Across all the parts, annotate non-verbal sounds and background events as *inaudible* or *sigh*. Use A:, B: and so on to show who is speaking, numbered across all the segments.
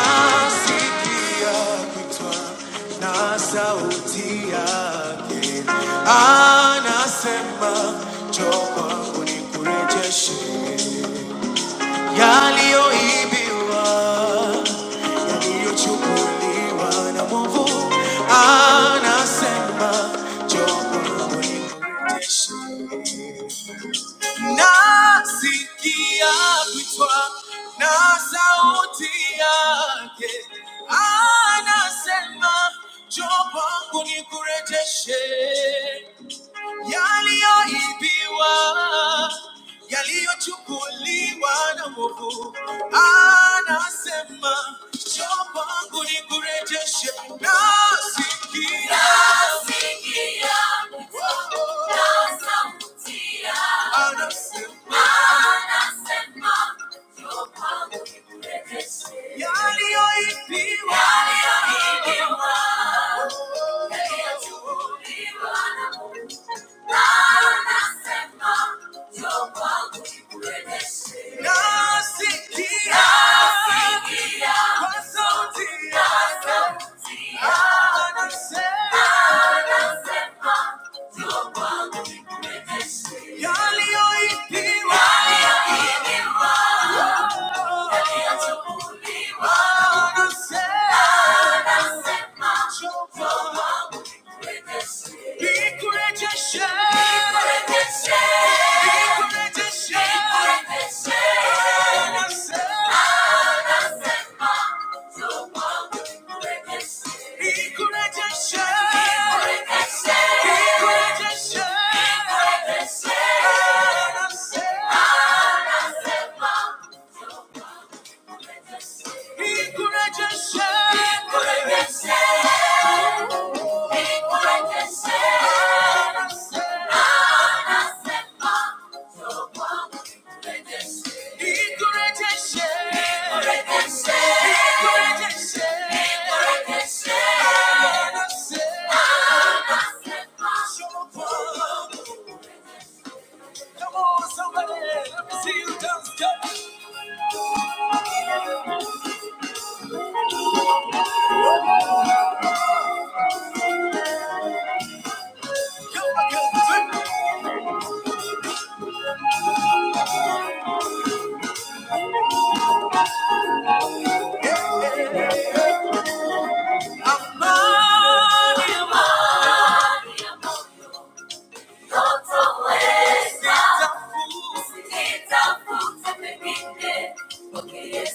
A: Nasikia kitwa na sauti yake anasema, njoo kwangu nikurejeshe yaliyoibiwa, yaliyochukuliwa na mwovu. Anasema, njoo kwangu Nasikia kuitwa na sauti yake anasema, njoo kwangu nikurejeshe yaliyoibiwa, yaliyochukuliwa na mwovu. Anasema, njoo kwangu nikurejeshe. Nasikia Nasikia kuitwa na sauti yake, anasema yaliyoibiwa Yaliyoibiwa. yaliyochukuliwa na Mungu. Anasema, njoo kwangu nikurejeshe. Nasikia Nasikia kwa sauti yake. Kwa sauti yake. Anasema, Anasema, Yaliyoipiwa. Encourager, Come on, somebody, let me see you dance. Come, come, come, come. I'm Yes,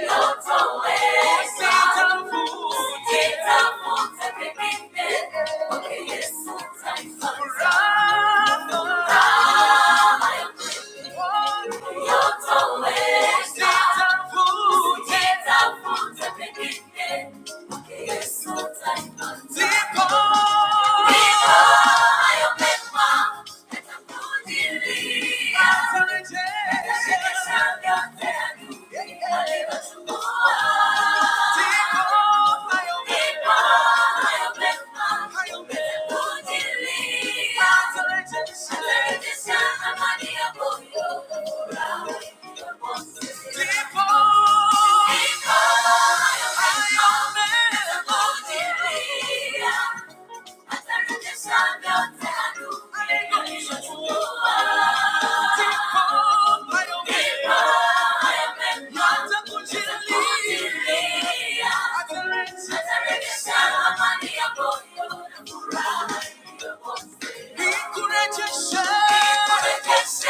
A: Yes, People, I Nikurejesha Encourageção!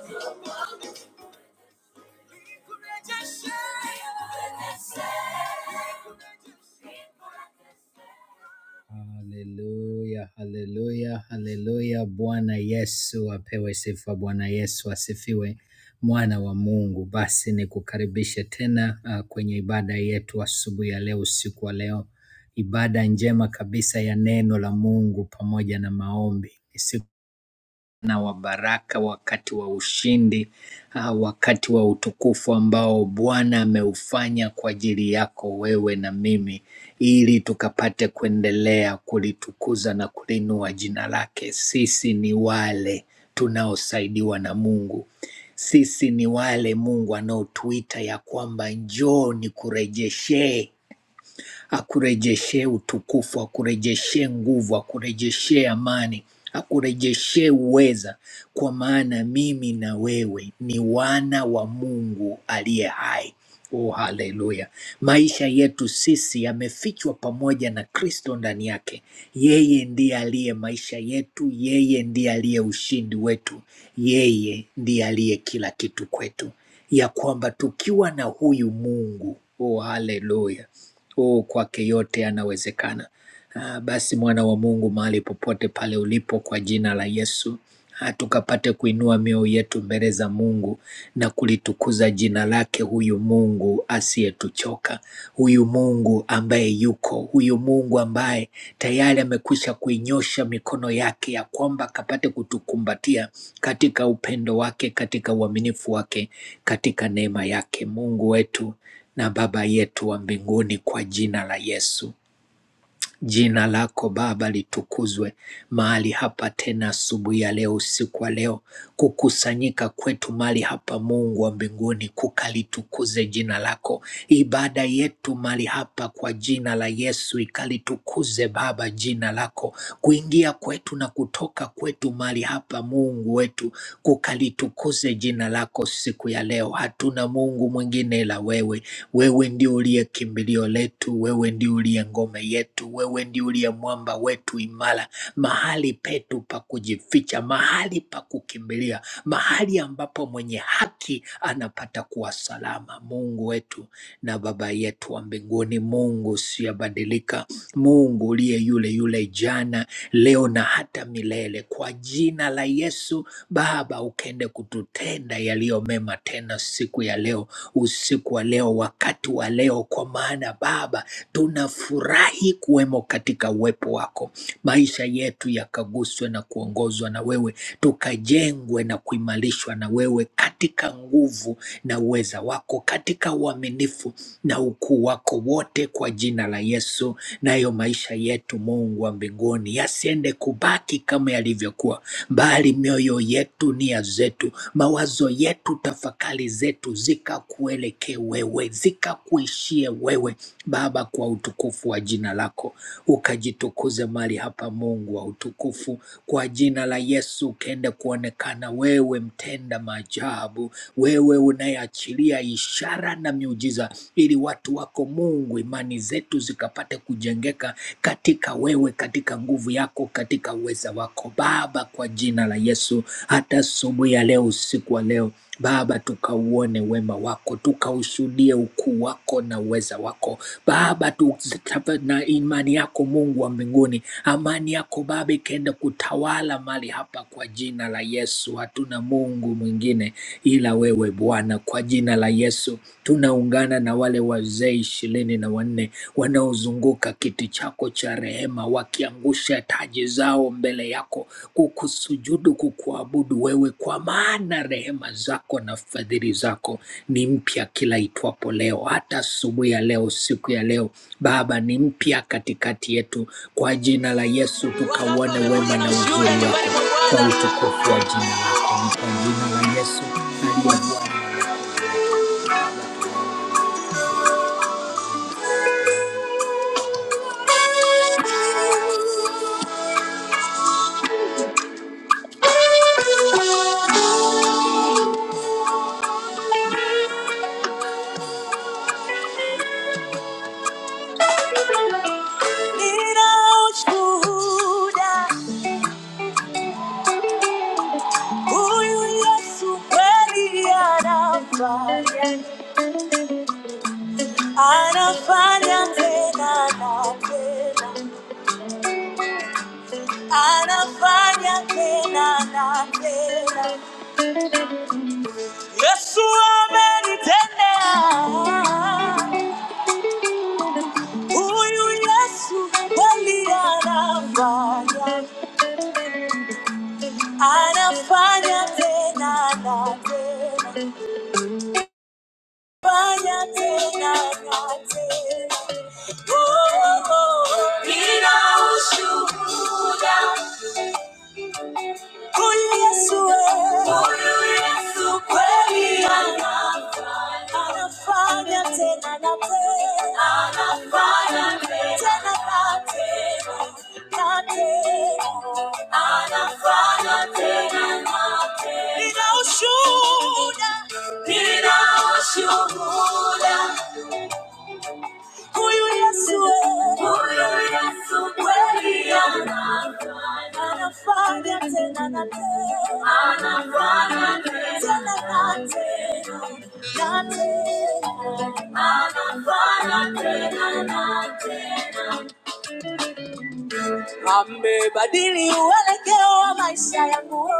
A: Thank you. Haleluya, haleluya, haleluya. Bwana Yesu apewe sifa, Bwana Yesu asifiwe, mwana wa Mungu. Basi nikukaribishe tena ah, kwenye ibada yetu asubuhi ya leo, usiku wa leo, ibada njema kabisa ya neno la Mungu pamoja na maombi. Na wa baraka wakati wa ushindi, ah, wakati wa utukufu ambao Bwana ameufanya kwa ajili yako wewe na mimi, ili tukapate kuendelea kulitukuza na kuliinua jina lake. Sisi ni wale tunaosaidiwa na Mungu. Sisi ni wale Mungu anaotuita ya kwamba njoo nikurejeshee akurejeshe utukufu, akurejeshe nguvu, akurejeshe amani, akurejeshe uweza, kwa maana mimi na wewe ni wana wa Mungu aliye hai. Oh, haleluya! Maisha yetu sisi yamefichwa pamoja na Kristo ndani yake. Yeye ndiye aliye maisha yetu, yeye ndiye aliye ushindi wetu, yeye ndiye aliye kila kitu kwetu, ya kwamba tukiwa na huyu Mungu, oh, haleluya Oh, kwake yote yanawezekana. Ah, Basi mwana wa Mungu, mahali popote pale ulipo, kwa jina la Yesu ah, tukapate kuinua mioyo yetu mbele za Mungu na kulitukuza jina lake, huyu Mungu asiyetuchoka, huyu Mungu ambaye yuko, huyu Mungu ambaye tayari amekwisha kuinyosha mikono yake ya kwamba akapate kutukumbatia katika upendo wake, katika uaminifu wake, katika neema yake. Mungu wetu na Baba yetu wa mbinguni, kwa jina la Yesu Jina lako Baba litukuzwe mahali hapa tena, asubuhi ya leo, usiku wa leo, kukusanyika kwetu mahali hapa, Mungu wa mbinguni, kukalitukuze jina lako. Ibada yetu mahali hapa kwa jina la Yesu ikalitukuze Baba jina lako, kuingia kwetu na kutoka kwetu mahali hapa, Mungu wetu, kukalitukuze jina lako siku ya leo. Hatuna Mungu mwingine ila wewe. Wewe ndio uliye kimbilio letu, wewe ndio uliye ngome yetu, wewe ndio uliye mwamba wetu imara, mahali petu pa kujificha, mahali pa kukimbilia, mahali ambapo mwenye haki anapata kuwa salama. Mungu wetu na Baba yetu wa mbinguni, Mungu usiyebadilika, Mungu uliye yule yule jana, leo na hata milele, kwa jina la Yesu Baba, ukende kututenda yaliyo mema tena siku ya leo usiku wa leo, wakati wa leo, kwa maana Baba tunafurahi kuwemo katika uwepo wako. Maisha yetu yakaguswe na kuongozwa na wewe, tukajengwe na kuimarishwa na wewe katika nguvu na uweza wako, katika uaminifu na ukuu wako wote kwa jina la Yesu. Nayo maisha yetu Mungu wa mbinguni yasiende kubaki kama yalivyokuwa, bali mioyo yetu, nia zetu, mawazo yetu, tafakari zetu zikakuelekee wewe, zikakuishie wewe Baba, kwa utukufu wa jina lako, ukajitukuze mali hapa, Mungu wa utukufu, kwa jina la Yesu, ukaende kuonekana wewe, mtenda maajabu, wewe unayeachilia ishara sana miujiza, ili watu wako Mungu, imani zetu zikapate kujengeka katika wewe, katika nguvu yako, katika uweza wako Baba, kwa jina la Yesu, hata asubuhi ya leo, usiku wa leo Baba, tukauone wema wako, tukaushuhudie ukuu wako na uweza wako Baba, tuzitape na imani yako Mungu wa mbinguni, amani yako Baba ikaenda kutawala mali hapa, kwa jina la Yesu. Hatuna Mungu mwingine ila wewe Bwana, kwa jina jina la Yesu. Tunaungana na wale wazee ishirini na wanne wanaozunguka kiti chako cha rehema, wakiangusha taji zao mbele yako, kukusujudu, kukuabudu wewe, kwa maana rehema zako na fadhili zako ni mpya kila itwapo leo, hata asubuhi ya leo, siku ya leo Baba ni mpya katikati yetu. Kwa jina la Yesu tukauone wema na uzuri wako kwa utukufu wa jina lako, kwa jina la Yesu aliye Anafanya tena na tena, anafanya tena na tena. Yesu amenitendea, huyu Yesu kweli anafanya, anafanya tena na tena. Oh, oh, oh. Nina ushuhuda Ninashuhuda huyu Yesu, wewe. huyu Yesu kweli anafanya, anafanya tena na tena, anafanya tena na tena. ili uelekeo wa maisha yangu,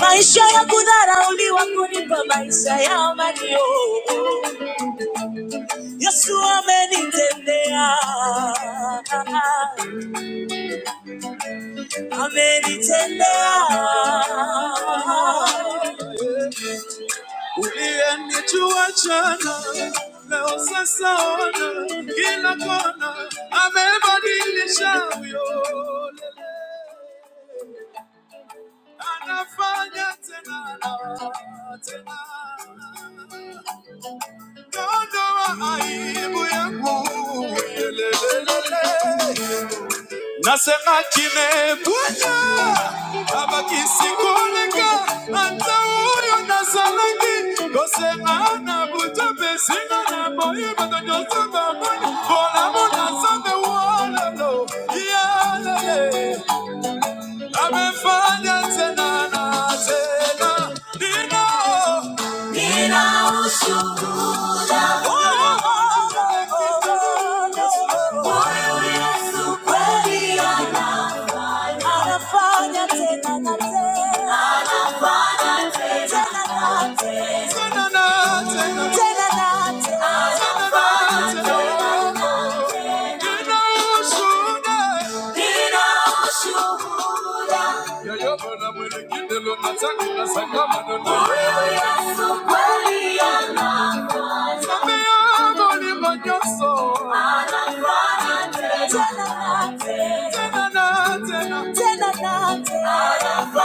A: maisha ya kudharauliwa kunipa maisha ya amani. oh. Yesu amenitendea, amenitendea. Uliyenichua jana leo sasa ona kila kona, amebadilisha huyo anafanya tena na tena. Ondoa aibu yangu Lelelelele. Nasema kime Bwana abaki sikuoneka hata huyo nazalaki kosema na butope singa na boye batonyoso babana kolamona nzambe wolelo yaleye amefanya tena na tena Dino, Anafanya tena na tena, tena na tena. Tena na tena. Nina ushuhuda. Nina ushuhuda. Yoyote na Tena na tena.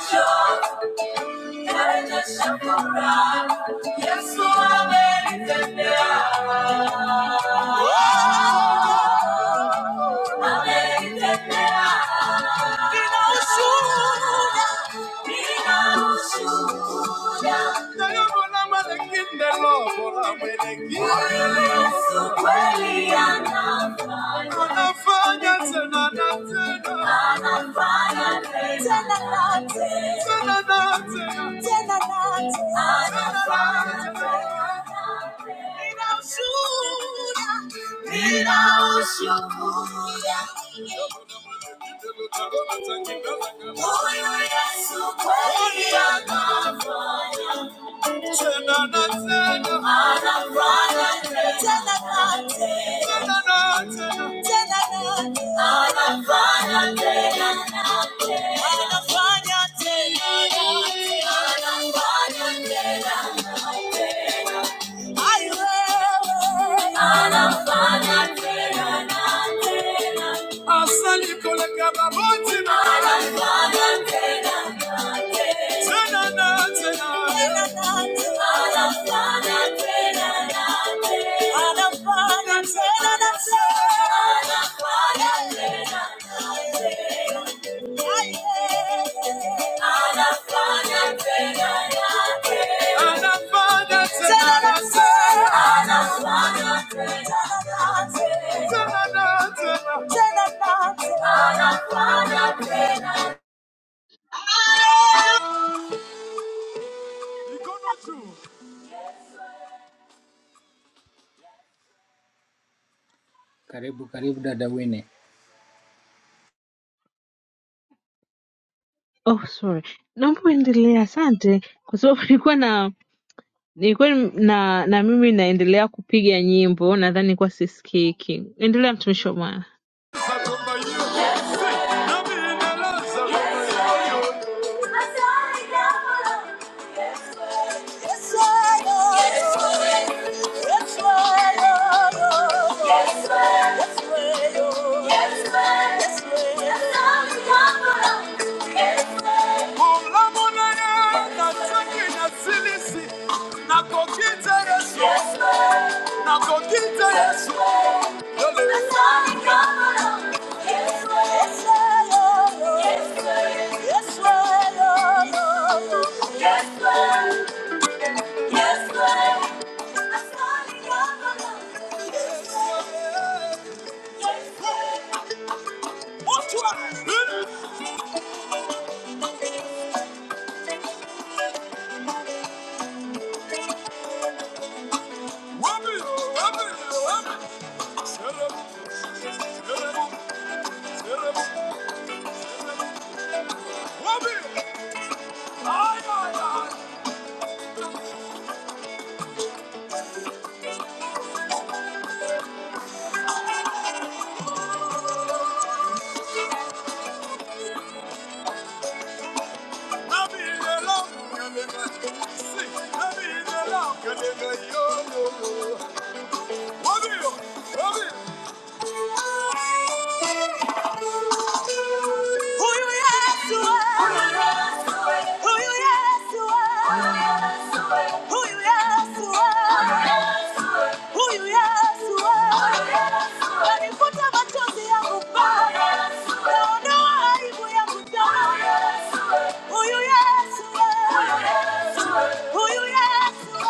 A: Thank you. Anafanya tena na tena. Anafanya tena na tena. Tena na tena tena nate. Ninaushuhuda. Ninaushuhuda. Huyu Yesu kweli anafanya. Tena na tena. anafanya Tena na tena. Asali kola kaba boti na. Tena na tena. Tena na tena. Karibu karibu dada Wine.
B: Oh, sorry. Naomba uendelee, asante, kwa sababu *laughs* nilikuwa na nilikuwa na na mimi naendelea kupiga nyimbo, nadhani nilikuwa sisikiki. Endelea, mtumishi wa Bwana.
A: Yes, Lord. Yes, Lord. Yes, Lord. Yes, Lord. Yes, Lord. Yes, Lord. Yes, Lord. Olamuna ya katuki na silisi, na kokita Yesu. Yes, Lord. Na kokita Yesu. Yole. Asali kaburo. Yes, Lord. Yes, Lord. Yes, Lord. Yes, Lord. Yes, Lord. I saw you all alone. Yes, Lord. Whoop it, whoop it, whoop it. Who you yes to Who you yes to Who you yes to Huyu Yesu wewe, Alifuta machozi yangu Baba, Kaondoa aibu yangu Baba. Huyu Yesu wewe, Huyu Yesu wewe.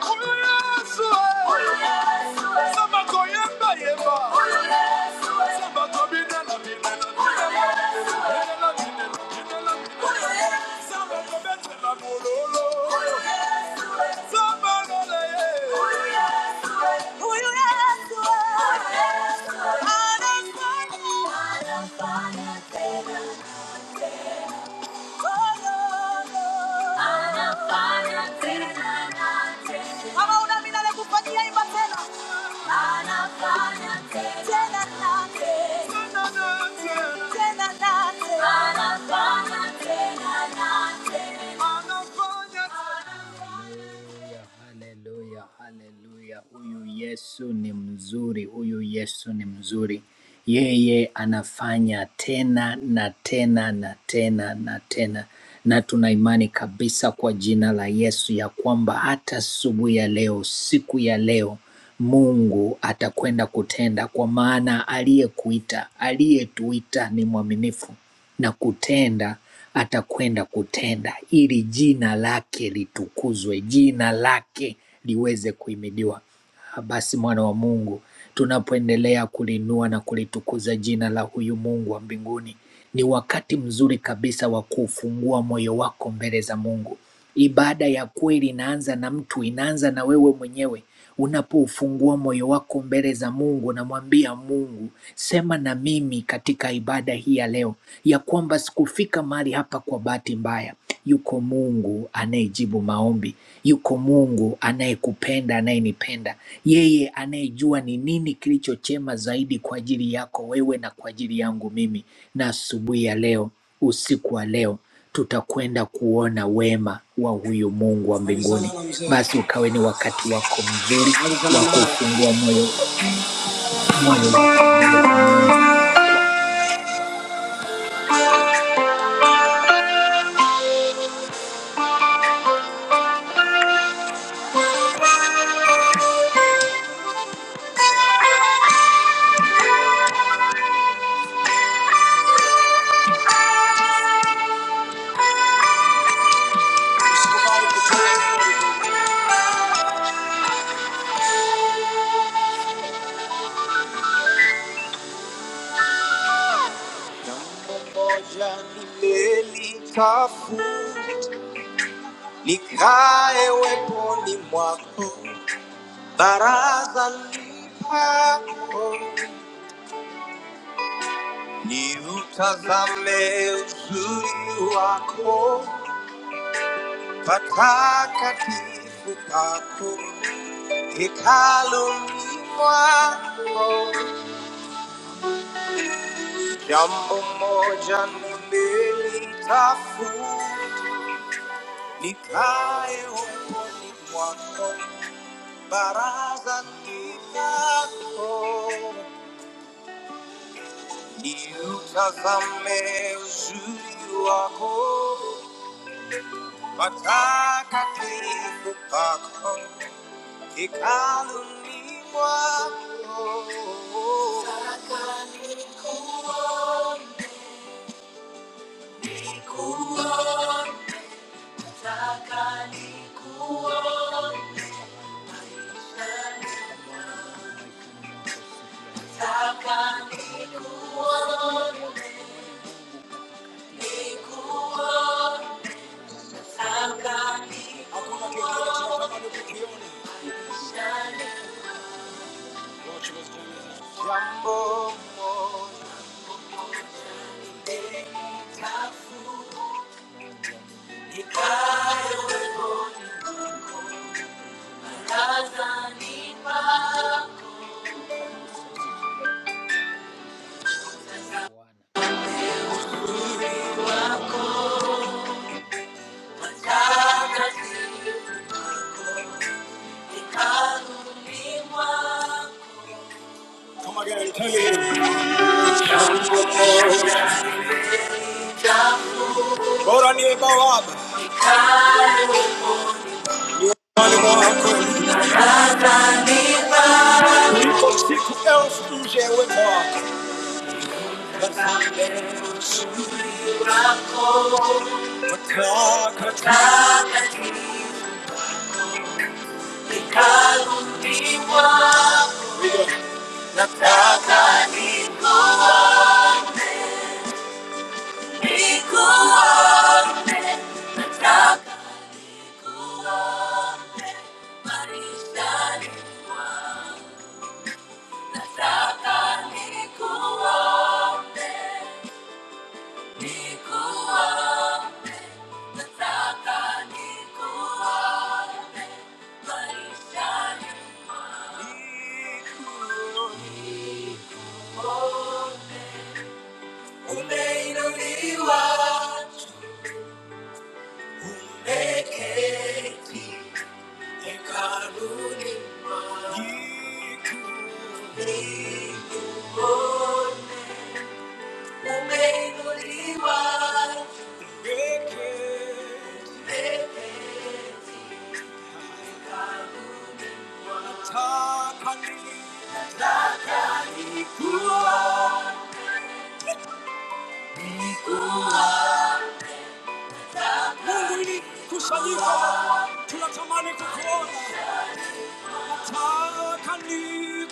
A: Huyu Yesu wewe. Sema kwa yemba yemba. Huyu Yesu wewe. Sema kwa binela binela binela. Binela binela binela binela. Anafanya, nate, tena nate, Haleluya, haleluya, haleluya. Huyu Yesu ni mzuri, huyu Yesu ni mzuri. Yeye anafanya tena na tena na tena na tena, na tuna imani kabisa kwa jina la Yesu ya kwamba hata asubuhi ya leo, siku ya leo, Mungu atakwenda kutenda, kwa maana aliyekuita, aliyetuita ni mwaminifu na kutenda, atakwenda kutenda ili jina lake litukuzwe, jina lake liweze kuhimidiwa. Ah, basi mwana wa Mungu, tunapoendelea kuliinua na kulitukuza jina la huyu Mungu wa mbinguni, ni wakati mzuri kabisa wa kufungua moyo wako mbele za Mungu. Ibada ya kweli inaanza na mtu, inaanza na wewe mwenyewe. Unapoufungua moyo wako mbele za Mungu, unamwambia Mungu, sema na mimi katika ibada hii ya leo, ya kwamba sikufika mahali hapa kwa bahati mbaya. Yuko Mungu anayejibu maombi, yuko Mungu anayekupenda, anayenipenda, yeye anayejua ni nini kilicho chema zaidi kwa ajili yako wewe na kwa ajili yangu mimi. Na asubuhi ya leo, usiku wa leo, tutakwenda kuona wema wa huyu Mungu wa mbinguni. Basi ukawe ni wakati wako mzuri wa kufungua moyo moyo wako mbele za Mungu. Come again, tell me. Go on your Bob. on, your bob. You go stick else to jail with bob. I'll be one. Go on. Bora ni bawaba. Mali mo ako. Niko siku elf tuje we mo ako. Niko. Niko. Umeinuliwa, tumeketi hekaluni mwako. Nikuone. Umeinuliwa, tumeketi. Natamani kukuona.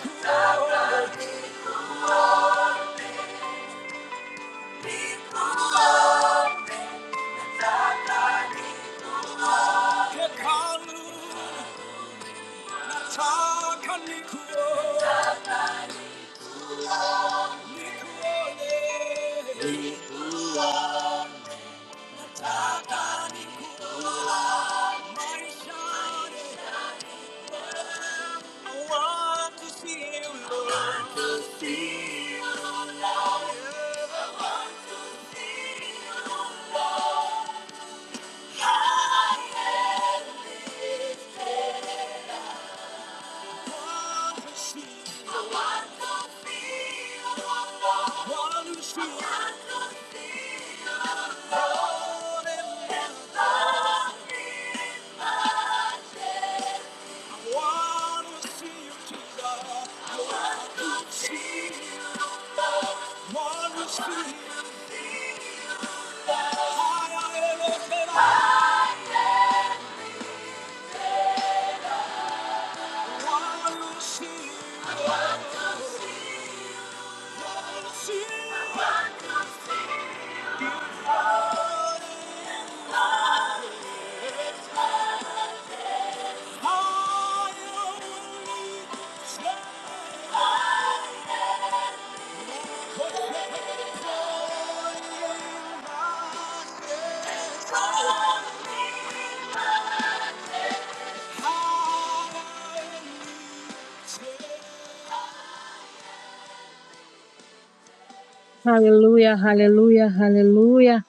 B: Haleluya, haleluya, haleluya.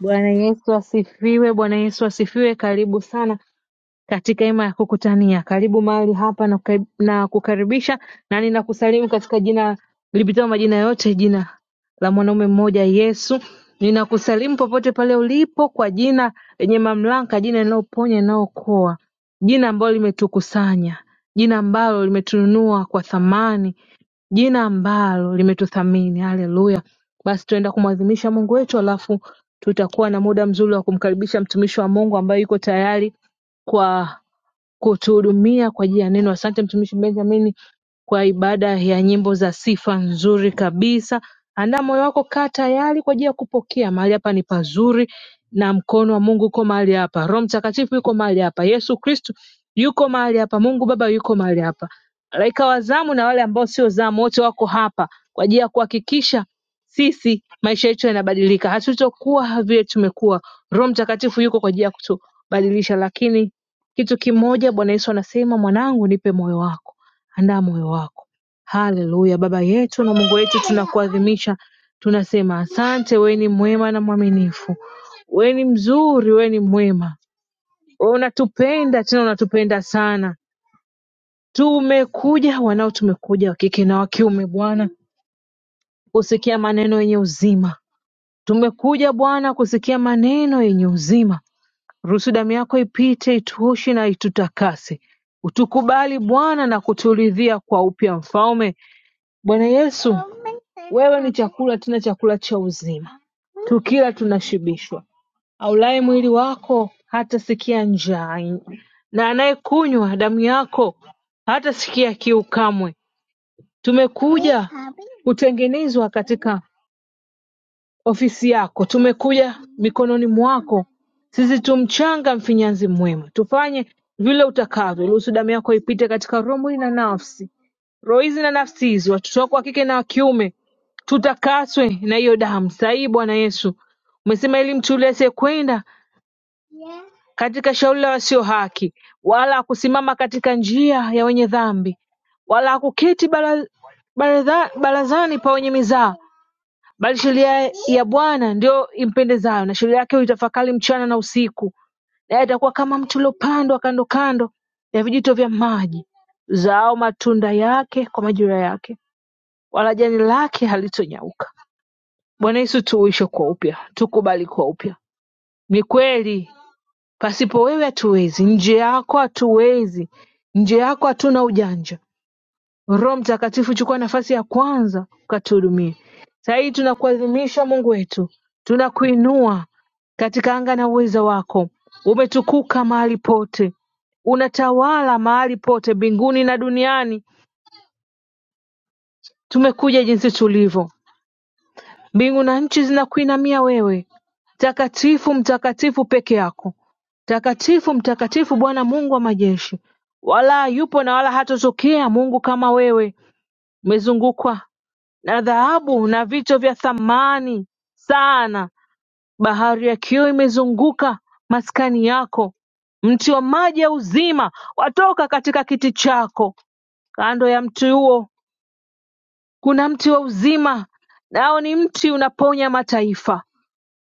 B: Bwana Yesu asifiwe, Bwana Yesu asifiwe. Karibu sana. katika hema ya kukutania. Karibu mahali hapa nakukaribisha na kukaribisha na ninakusalimu katika jina lipitalo majina yote, jina la mwanaume mmoja Yesu. Ninakusalimu popote pale ulipo kwa jina lenye mamlaka, jina linaloponya, linalookoa, jina ambalo limetukusanya, jina ambalo limetununua kwa thamani, jina ambalo limetuthamini. Haleluya! Basi tunaenda kumwadhimisha Mungu wetu, alafu tutakuwa na muda mzuri wa kumkaribisha mtumishi wa Mungu ambaye yuko tayari kwa kutuhudumia kwa ajili ya neno. Asante mtumishi Benjamin kwa ibada ya nyimbo za sifa nzuri kabisa. Andaa moyo wako, kaa tayari kwa ajili ya kupokea. Mahali hapa ni pazuri na mkono wa Mungu uko mahali hapa, Roho Mtakatifu yuko mahali hapa, Yesu Kristo yuko mahali hapa, Mungu Baba yuko mahali hapa, malaika wa zamu na wale ambao sio zamu wote wako hapa kwa ajili ya kuhakikisha sisi maisha yetu yanabadilika, hatutokuwa vile tumekuwa. Roho Mtakatifu yuko kwa ajili ya kutubadilisha, lakini kitu kimoja Bwana Yesu anasema mwanangu nipe moyo wako andaa moyo wako haleluya baba yetu na Mungu wetu tunakuadhimisha tunasema asante wewe ni mwema na mwaminifu wewe ni mzuri wewe ni mwema wewe unatupenda tena unatupenda sana tumekuja wanao tumekuja wa kike na wa kiume Bwana kusikia maneno yenye uzima tumekuja Bwana kusikia maneno yenye uzima Ruhusu damu yako ipite ituoshe na itutakase. Utukubali Bwana na kuturidhia kwa upya Mfalme. Bwana Yesu, wewe ni chakula tena chakula cha uzima. Tukila tunashibishwa. Aulaye mwili wako hatasikia njaa, na anayekunywa damu yako hatasikia kiu kamwe. Tumekuja kutengenezwa katika ofisi yako, tumekuja mikononi mwako, sisi tu mchanga, mfinyanzi mwema, tufanye vile utakavyo. Ruhusu damu yako ipite katika roho, mwili na nafsi, roho hizi na nafsi hizi, watoto wako wa kike na wa kiume, tutakaswe na hiyo damu sahihi. Bwana Yesu, umesema ili mtu yule asiyekwenda katika shauri la wasio haki, wala kusimama katika njia ya wenye dhambi, wala kuketi bara- baradha- barazani pa wenye mizaa bali sheria ya Bwana ndiyo impendezayo, na sheria yake huitafakari mchana na usiku, naye atakuwa kama mti uliopandwa kando kando ya vijito vya maji, zao matunda yake kwa majira yake, wala jani lake halitonyauka. Bwana Yesu, tuuishe kwa upya, tukubali kwa upya. Ni kweli pasipo wewe hatuwezi, nje yako hatuwezi, nje yako hatuna ujanja. Roho Mtakatifu chukua nafasi ya kwanza ukatuhudumie. Saa hii tunakuadhimisha Mungu wetu, tunakuinua katika anga na uweza wako. Umetukuka mahali pote, unatawala mahali pote, mbinguni na duniani. Tumekuja jinsi tulivyo, mbingu na nchi zinakuinamia wewe, mtakatifu, mtakatifu peke yako, mtakatifu, mtakatifu Bwana Mungu wa majeshi, wala yupo na wala hatotokea Mungu kama wewe. Umezungukwa na dhahabu na vito vya thamani sana Bahari ya kioo imezunguka maskani yako, mti wa maji ya uzima watoka katika kiti chako. Kando ya mti huo kuna mti wa uzima, nao ni mti unaponya mataifa.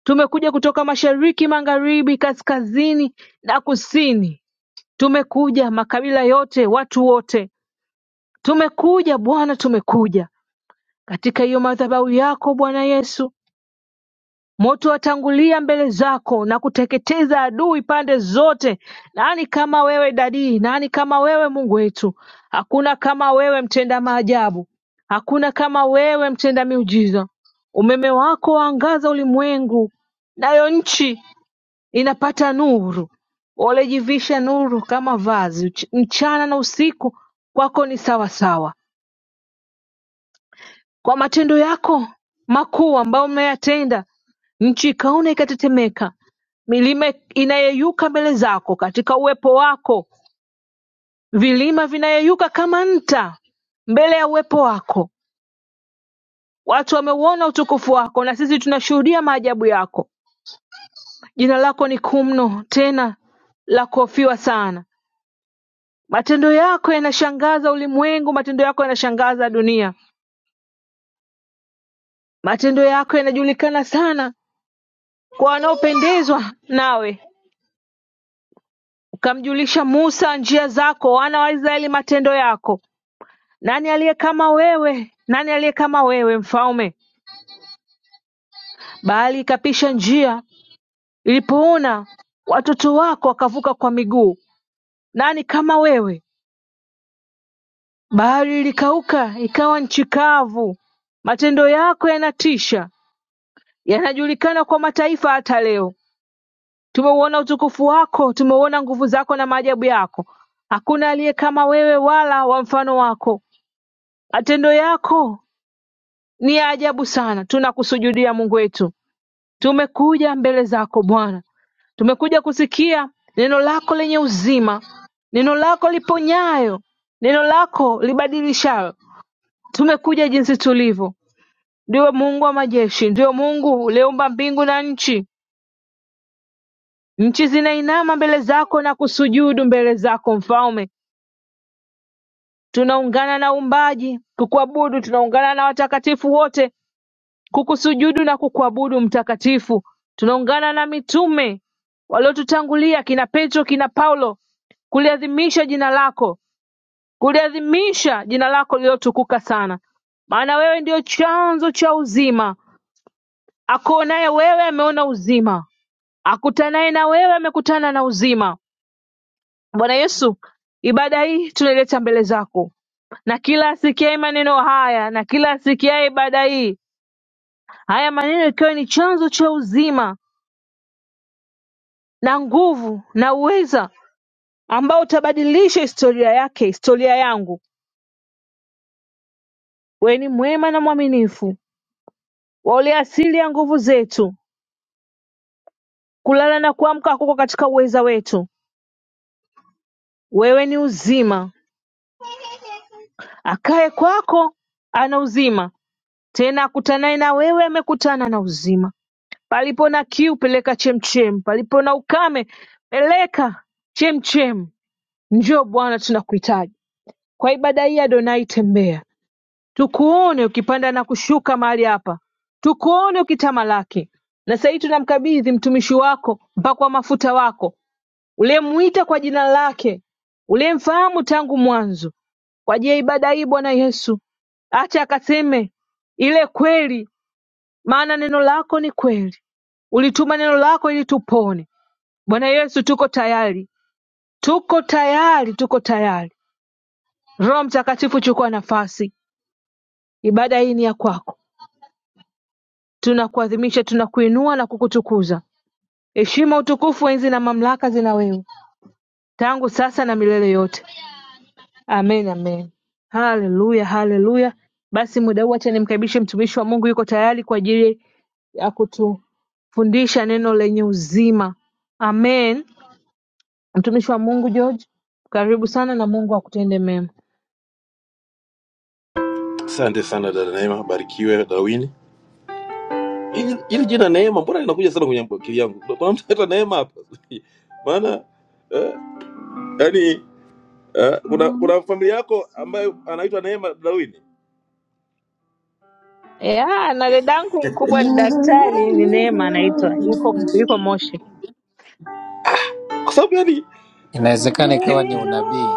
B: Tumekuja kutoka mashariki, magharibi, kaskazini na kusini. Tumekuja makabila yote, watu wote. Tumekuja Bwana, tumekuja katika hiyo madhabahu yako Bwana Yesu Moto watangulia mbele zako na kuteketeza adui pande zote. Nani kama wewe dadii? Nani kama wewe Mungu wetu? Hakuna kama wewe mtenda maajabu, hakuna kama wewe mtenda miujiza. Umeme wako waangaza ulimwengu, nayo nchi inapata nuru. Walijivisha nuru kama vazi, uchi- mchana na usiku kwako ni sawasawa kwa matendo yako makuu ambayo umeyatenda nchi ikaona ikatetemeka milima inayeyuka mbele zako katika uwepo wako vilima vinayeyuka kama nta mbele ya uwepo wako watu wameuona utukufu wako na sisi tunashuhudia maajabu yako jina lako ni kuu mno tena la kuhofiwa sana matendo yako yanashangaza ulimwengu matendo yako yanashangaza dunia matendo yako yanajulikana sana kwa wanaopendezwa nawe Ukamjulisha Musa njia zako, wana wa Israeli matendo yako. Nani aliye kama wewe? Nani aliye kama wewe, mfalme? Bahari ikapisha njia ilipoona, watoto wako wakavuka kwa miguu. Nani kama wewe? Bahari ilikauka, ikawa nchi kavu. Matendo yako yanatisha, yanajulikana kwa mataifa hata leo. Tumeuona utukufu wako, tumeuona nguvu zako na maajabu yako. Hakuna aliye kama wewe, wala wa mfano wako. Matendo yako Ni ya ajabu sana tunakusujudia Mungu wetu tumekuja mbele zako Bwana tumekuja kusikia neno lako lenye uzima neno lako liponyayo neno lako libadilishalo tumekuja jinsi tulivyo ndio Mungu wa majeshi ndio Mungu uliumba mbingu na nchi nchi zinainama mbele zako na kusujudu mbele zako mfalme tunaungana na uumbaji kukuabudu tunaungana na watakatifu wote kukusujudu na kukuabudu Mtakatifu Tunaungana na mitume waliotutangulia kina Petro kina Paulo kuliadhimisha jina lako kuliadhimisha jina lako lililotukuka sana maana wewe ndio chanzo cha uzima akuonaye wewe ameona uzima akutanaye na wewe amekutana na uzima Bwana Yesu ibada hii tunaileta mbele zako na kila asikiaye maneno haya na kila asikiaye ibada hii haya maneno ikiwa ni chanzo cha uzima na nguvu na uweza ambao utabadilisha historia yake historia yangu Weni mwema na mwaminifu waole asili ya nguvu zetu kulala na kuamka kuko katika uweza wetu wewe ni uzima akaye kwako ana uzima tena akutanaye na wewe amekutana na uzima palipo na kiu peleka chemchem palipo na ukame peleka chemchem njoo bwana tunakuhitaji kwa ibada hii adonai tembea Tukuone ukipanda na kushuka mahali hapa, tukuone ukitamalaki. Na sasa hivi tunamkabidhi mtumishi wako, mpakwa mafuta wako, uliyemwita kwa jina lake, uliyemfahamu tangu mwanzo, kwa ajili ya ibada hii Bwana Yesu, acha akaseme ile kweli, maana neno lako ni kweli. Ulituma neno lako ili tupone. Bwana Yesu, tuko tayari, tuko tayari, tuko tayari. Roho Mtakatifu, chukua nafasi. Ibada hii ni ya kwako. Tunakuadhimisha tunakuinua na kukutukuza heshima utukufu enzi na mamlaka zina wewe tangu sasa na milele yote amen amen haleluya haleluya basi muda huu hacha nimkaribishe mtumishi wa mungu yuko tayari kwa ajili ya kutufundisha neno lenye uzima amen mtumishi wa mungu george karibu sana na mungu akutende mema
C: Asante sana dada Neema, barikiwe Darwin. Hili hili jina Neema mbona linakuja sana kwenye akili yangu? Kuna mtu anaitwa Neema hapa. *laughs* Maana eh, yani eh, kuna kuna familia yako ambayo anaitwa Neema Darwin.
B: Ya, na dadangu mkubwa ni daktari, ni Neema anaitwa, yuko yuko Moshi.
C: Kwa sababu yani
A: Inawezekana ikawa
C: ki,
A: ni unabii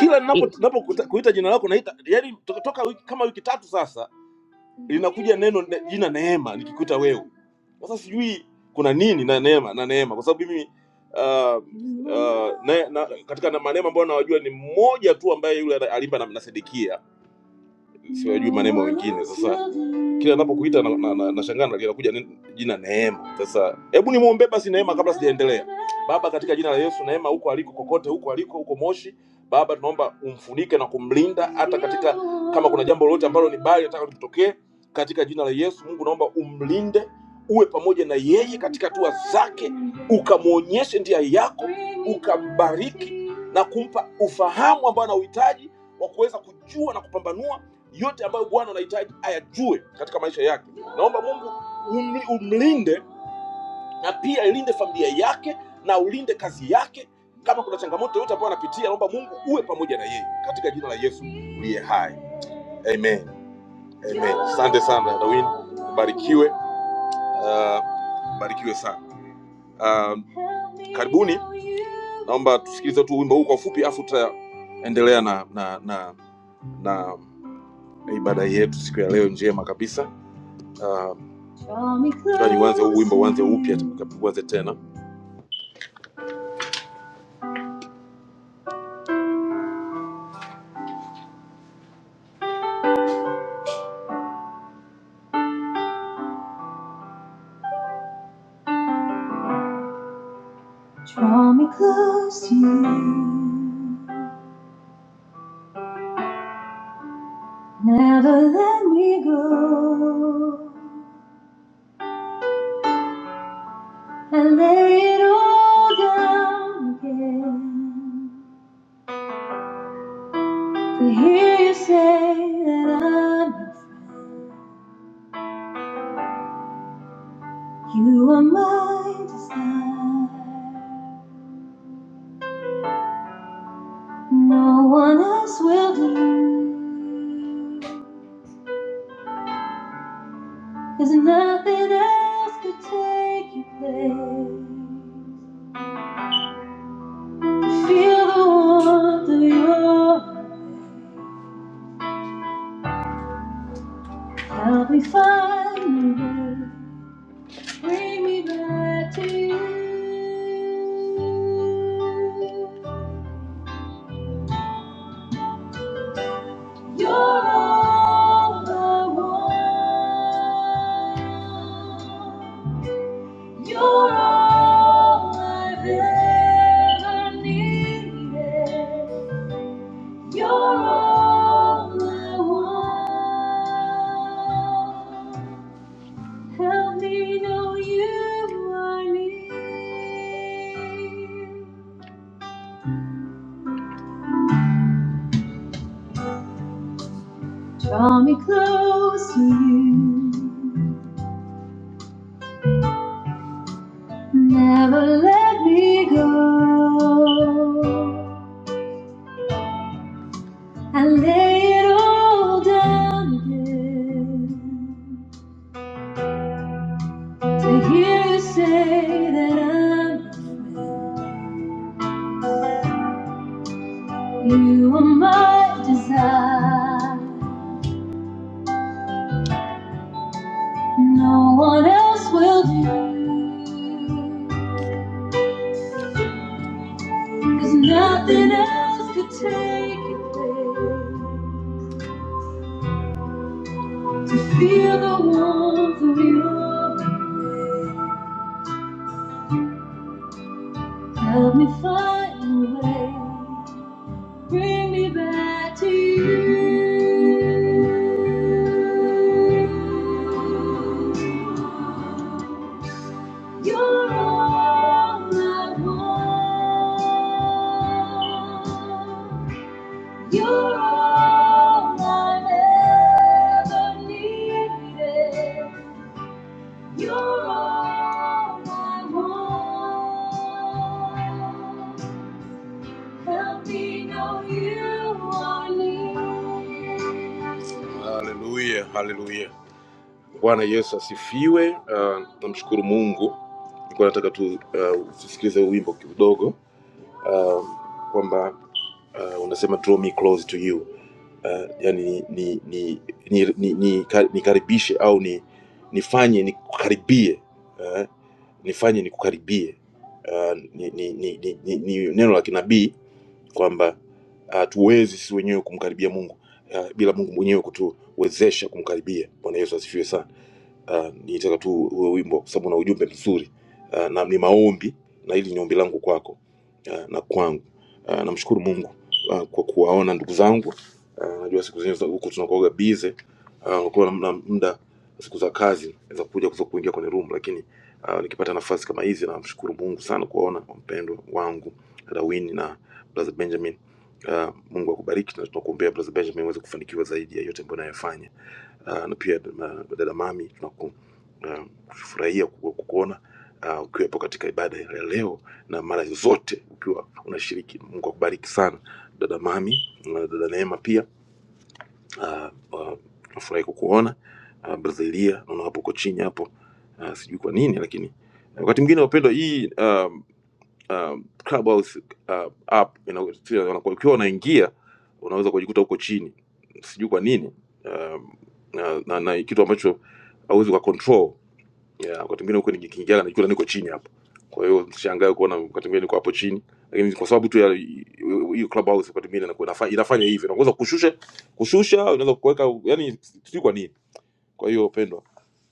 C: kila ninapo ninapokuita- kuita jina lako naita yani toka, toka wiki, kama wiki tatu sasa linakuja neno ne- jina neema likikuta wewe sasa sijui kuna nini na neema na neema kwa sababu mimi uh, uh, na, na, katika na- maneema ambayo nawajua ni mmoja tu ambaye yule alimba na, na sedekia siwajui maneno wengine. Sasa kila napokuita nashangaa na, na, nashangaa na linakuja nen- jina Neema. Sasa hebu nimwombee basi Neema kabla sijaendelea. Baba, katika jina la Yesu, Neema huko aliko kokote, huko aliko huko Moshi, Baba tunaomba umfunike na kumlinda, hata katika kama kuna jambo lolote ambalo ni baya nataka litokee, katika jina la Yesu Mungu naomba umlinde, uwe pamoja na yeye katika hatua zake, ukamwonyeshe njia yako, ukambariki na kumpa ufahamu ambao anauhitaji wa kuweza kujua na kupambanua yote ambayo bwana unahitaji ayajue katika maisha yake naomba mungu umli- umlinde na pia ilinde familia yake na ulinde kazi yake kama kuna changamoto yoyote ambayo anapitia naomba mungu uwe pamoja na yeye katika jina la yesu uliye hai amen amen asante sana dawin barikiwe uh, barikiwe sana uh, karibuni naomba tusikilize tu wimbo huu kwa ufupi afu tutaendelea na na na na ibada yetu siku ya leo njema kabisa um, yani uanze huu wimbo uanze upya you. tena Draw me close to you. Never let me go. I lay it all down again. To hear you say that I'm your friend. You are my desire. No one else will do. Cause nothing else could take your place. I Feel the warmth of your help me find the way. Bring me back to you. You're all I want. You're all I've ever needed. You're all I want. Help me know you are near. Draw me close to you. Never let me go. I lay it all down again. To hear you say that I'm afraid, you are my desire. No one else will do, 'cause nothing else could take it away. To feel the warmth of your embrace. Help me find a way. Bring me back to you. You're all I want. You're all I've ever needed. You're all I want. Help me know you are near. Haleluya, haleluya. Bwana Yesu asifiwe. Uh, namshukuru Mungu. Nilikuwa nataka tu usikilize uh, tusikilize huu wimbo kidogo uh, kwamba uh, unasema draw me close to you uh, yani ni ni ni ni, ni, ni nikaribishe au ni nifanye nikukaribie uh, nifanye nikukaribie uh, ni, ni, ni, ni, ni, ni neno la kinabii kwamba ah, hatuwezi sisi wenyewe kumkaribia mungu ah, bila mungu mwenyewe kutuwezesha kumkaribia bwana yesu asifiwe sana uh, nitaka tu uwe wimbo kwa sababu una ujumbe mzuri uh, na ni maombi na hili ni ombi langu kwako uh, na kwangu uh, namshukuru mungu uh, kwa kuwaona ndugu zangu uh, najua siku zingine za huku tunakuaga bize uh, ukiwa na na muda siku za kazi za kuja kuza kuingia kwenye room lakini uh, nikipata nafasi kama hizi namshukuru mungu sana kuwaona mpendwa wangu dawini brother benjamin uh, mungu akubariki na tunakuombea brother benjamin uweze kufanikiwa zaidi ya yote ambayo unayofanya uh, na pia ma- dada mami tunakufurahia uh, kuku, kukuona uh, ukiwepo katika ibada ya leo na mara zote ukiwa unashiriki mungu akubariki sana dada mami na dada neema pia uh, uh, tunafurahi kukuona uh, brazilia naona hapo uko chini hapo uh, sijui kwa nini lakini wakati mwingine wapendwa hii uh, um, Clubhouse uh, app ina- sio, wana- ukiwa unaingia unaweza kujikuta huko chini, sijui kwa nini um, na, na, na kitu ambacho hauwezi kwa control yeah, wakati mwingine huko nikiingia najikuta niko chini hapo. Kwa hiyo msishangae kuona wakati mwingine niko hapo chini, lakini kwa sababu tu ya hiyo Clubhouse wakati mwingine inakuwa inafa- inafanya hivyo, unaweza kushusha kushusha, unaweza kuweka, yani sijui kwa nini. Kwa hiyo pendwa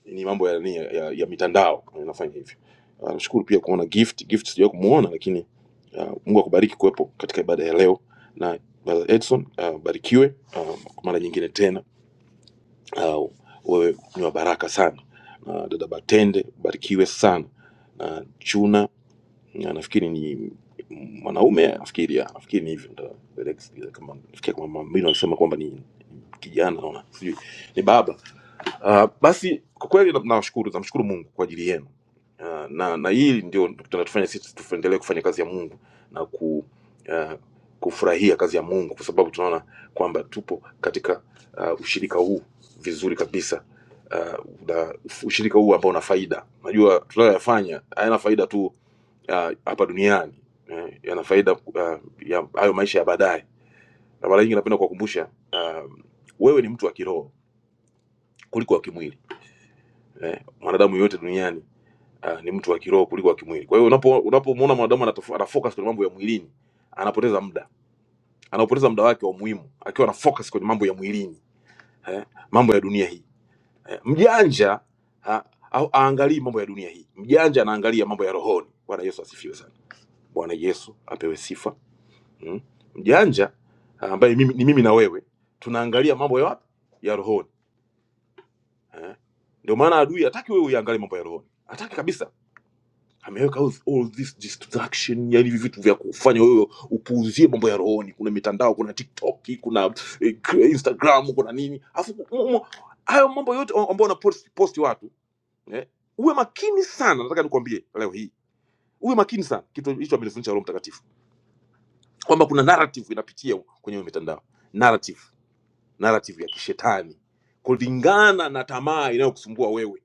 C: ni mambo ya, nini, ya, ya mitandao inafanya hivyo. Ah, Nashukuru pia kuona gift gift, sijawahi kumuona lakini ah, Mungu akubariki kuwepo katika ibada ya leo na Brother Edson ah, barikiwe ah, kwa mara nyingine tena. Ah, Wewe ni wa baraka sana. Ah, Dada Batende barikiwe sana na Chuna na nafikiri ni mwanaume nafikiri ya, nafikiri ni hivyo ndio, kama nafikiri kama mimi nasema kwamba ni kijana naona sijui ni baba Uh, basi kwa kweli na- nawashukuru, namshukuru Mungu kwa ajili yenu uh, na na hili ndio tunatufanya sisi tuendelee kufanya kazi ya Mungu na ku uh, kufurahia kazi ya Mungu kwa sababu tunaona kwamba tupo katika uh, ushirika huu vizuri kabisa uh, na ushirika huu ambao una faida. Najua tunayoyafanya hayana faida tu ah, hapa duniani eh, yana faida uh, ya hayo maisha ya baadaye, na mara nyingi napenda kuwakumbusha uh, wewe ni mtu wa kiroho kuliko wa kimwili eh, mwanadamu yoyote duniani uh, ni mtu wa kiroho kuliko wa kimwili. Kwa hiyo unapo unapomuona mwanadamu anatof- anafocus kwenye mambo ya mwilini, anapoteza muda, anaupoteza muda wake wa muhimu akiwa ana focus kwenye mambo ya mwilini eh, mambo ya dunia hii eh, mjanja ha, au aangalii mambo ya dunia hii, mjanja anaangalia mambo ya rohoni. Bwana Yesu asifiwe sana. Bwana Yesu apewe sifa mm. Mjanja ah, ambaye mimi, ni mimi na wewe tunaangalia mambo ya wapi? ya rohoni eh. Ndio maana adui hataki wewe uyaangalie mambo ya rohoni, hataki kabisa ameweka all all this distraction yani hivi vitu vya kufanya wewe upuuzie mambo ya rohoni kuna mitandao kuna tiktok kuna eh, k- instagram kuna nini afu m- m- hayo mambo yote ambayo una post, post watu eh, uwe makini sana nataka nikwambie leo hii uwe makini sana kitu hicho amenifundisha roho mtakatifu kwamba kuna narrative inapitia kwenye hiyo mitandao narrative narrative ya kishetani kulingana na tamaa inayokusumbua wewe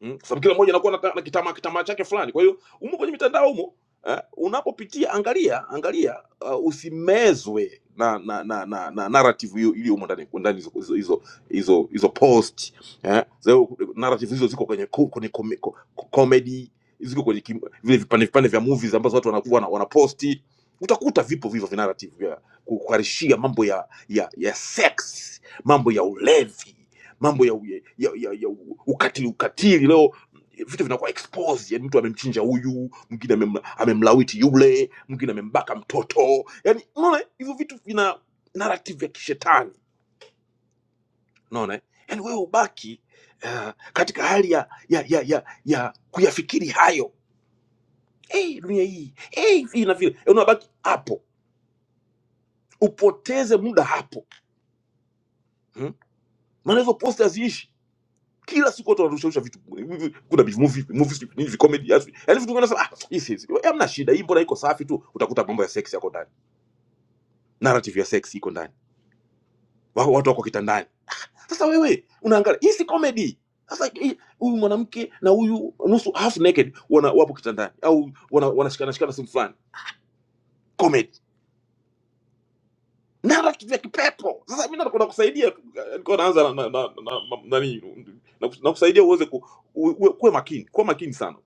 C: Mm, kwa sababu kila mmoja anakuwa na, na kitama kitama chake fulani. Kwa hiyo umo kwenye mitandao umo eh, unapopitia angalia angalia uh, usimezwe na na na, na, na narrative hiyo iliyo humo ndani ndani hizo hizo hizo hizo hizo post eh, zao narrative hizo ziko kwenye ku- kwenye kome- ko- ko- comedy ziko kwenye kim, vile vipande vipande vya movies ambazo watu wanakuwa wana, wanaposti utakuta vipo vivyo vinarrative vya kukarishia mambo ya ya ya sex mambo ya ulevi mambo ya, u- ya, ya, ya, ya u- ukatili ukatili leo eh, vitu vinakuwa exposed yani mtu amemchinja huyu mwingine amemla- amemlawiti yule mwingine amembaka mtoto yani unaona hivyo vitu vina narrative ya kishetani unaona eh? yani wewe ubaki uh, katika hali ya ya ya ya, ya kuyafikiri hayo hey, dunia hii hey, hivi na vile Eh, unabaki hapo upoteze muda hapo hmm? maana hizo posta haziishi kila siku watu wanarusharusha vitu hivi, kuna bi- movie vipi movie vipi nini vicomedy yaani si, yaani vitu vingi nasema ah hii si si- hamna shida hii mbona iko safi tu utakuta mambo ya sex yako ndani narrative ya sex iko ndani Wa- watu wako kitandani sasa wewe unaangalia hii si comedy sasa hii- huyu mwanamke na huyu nusu half naked wana wapo kitandani au wanashikana wana wanashikana- shikana sehemu fulani comedy naraki vya kipepo. Sasa mimi nakwenda kusaidia, nilikuwa naanza na, na, na, na, na, nani, na, kus- na kusaidia uweze ku, uwe, kuwe makini, kuwa makini sana,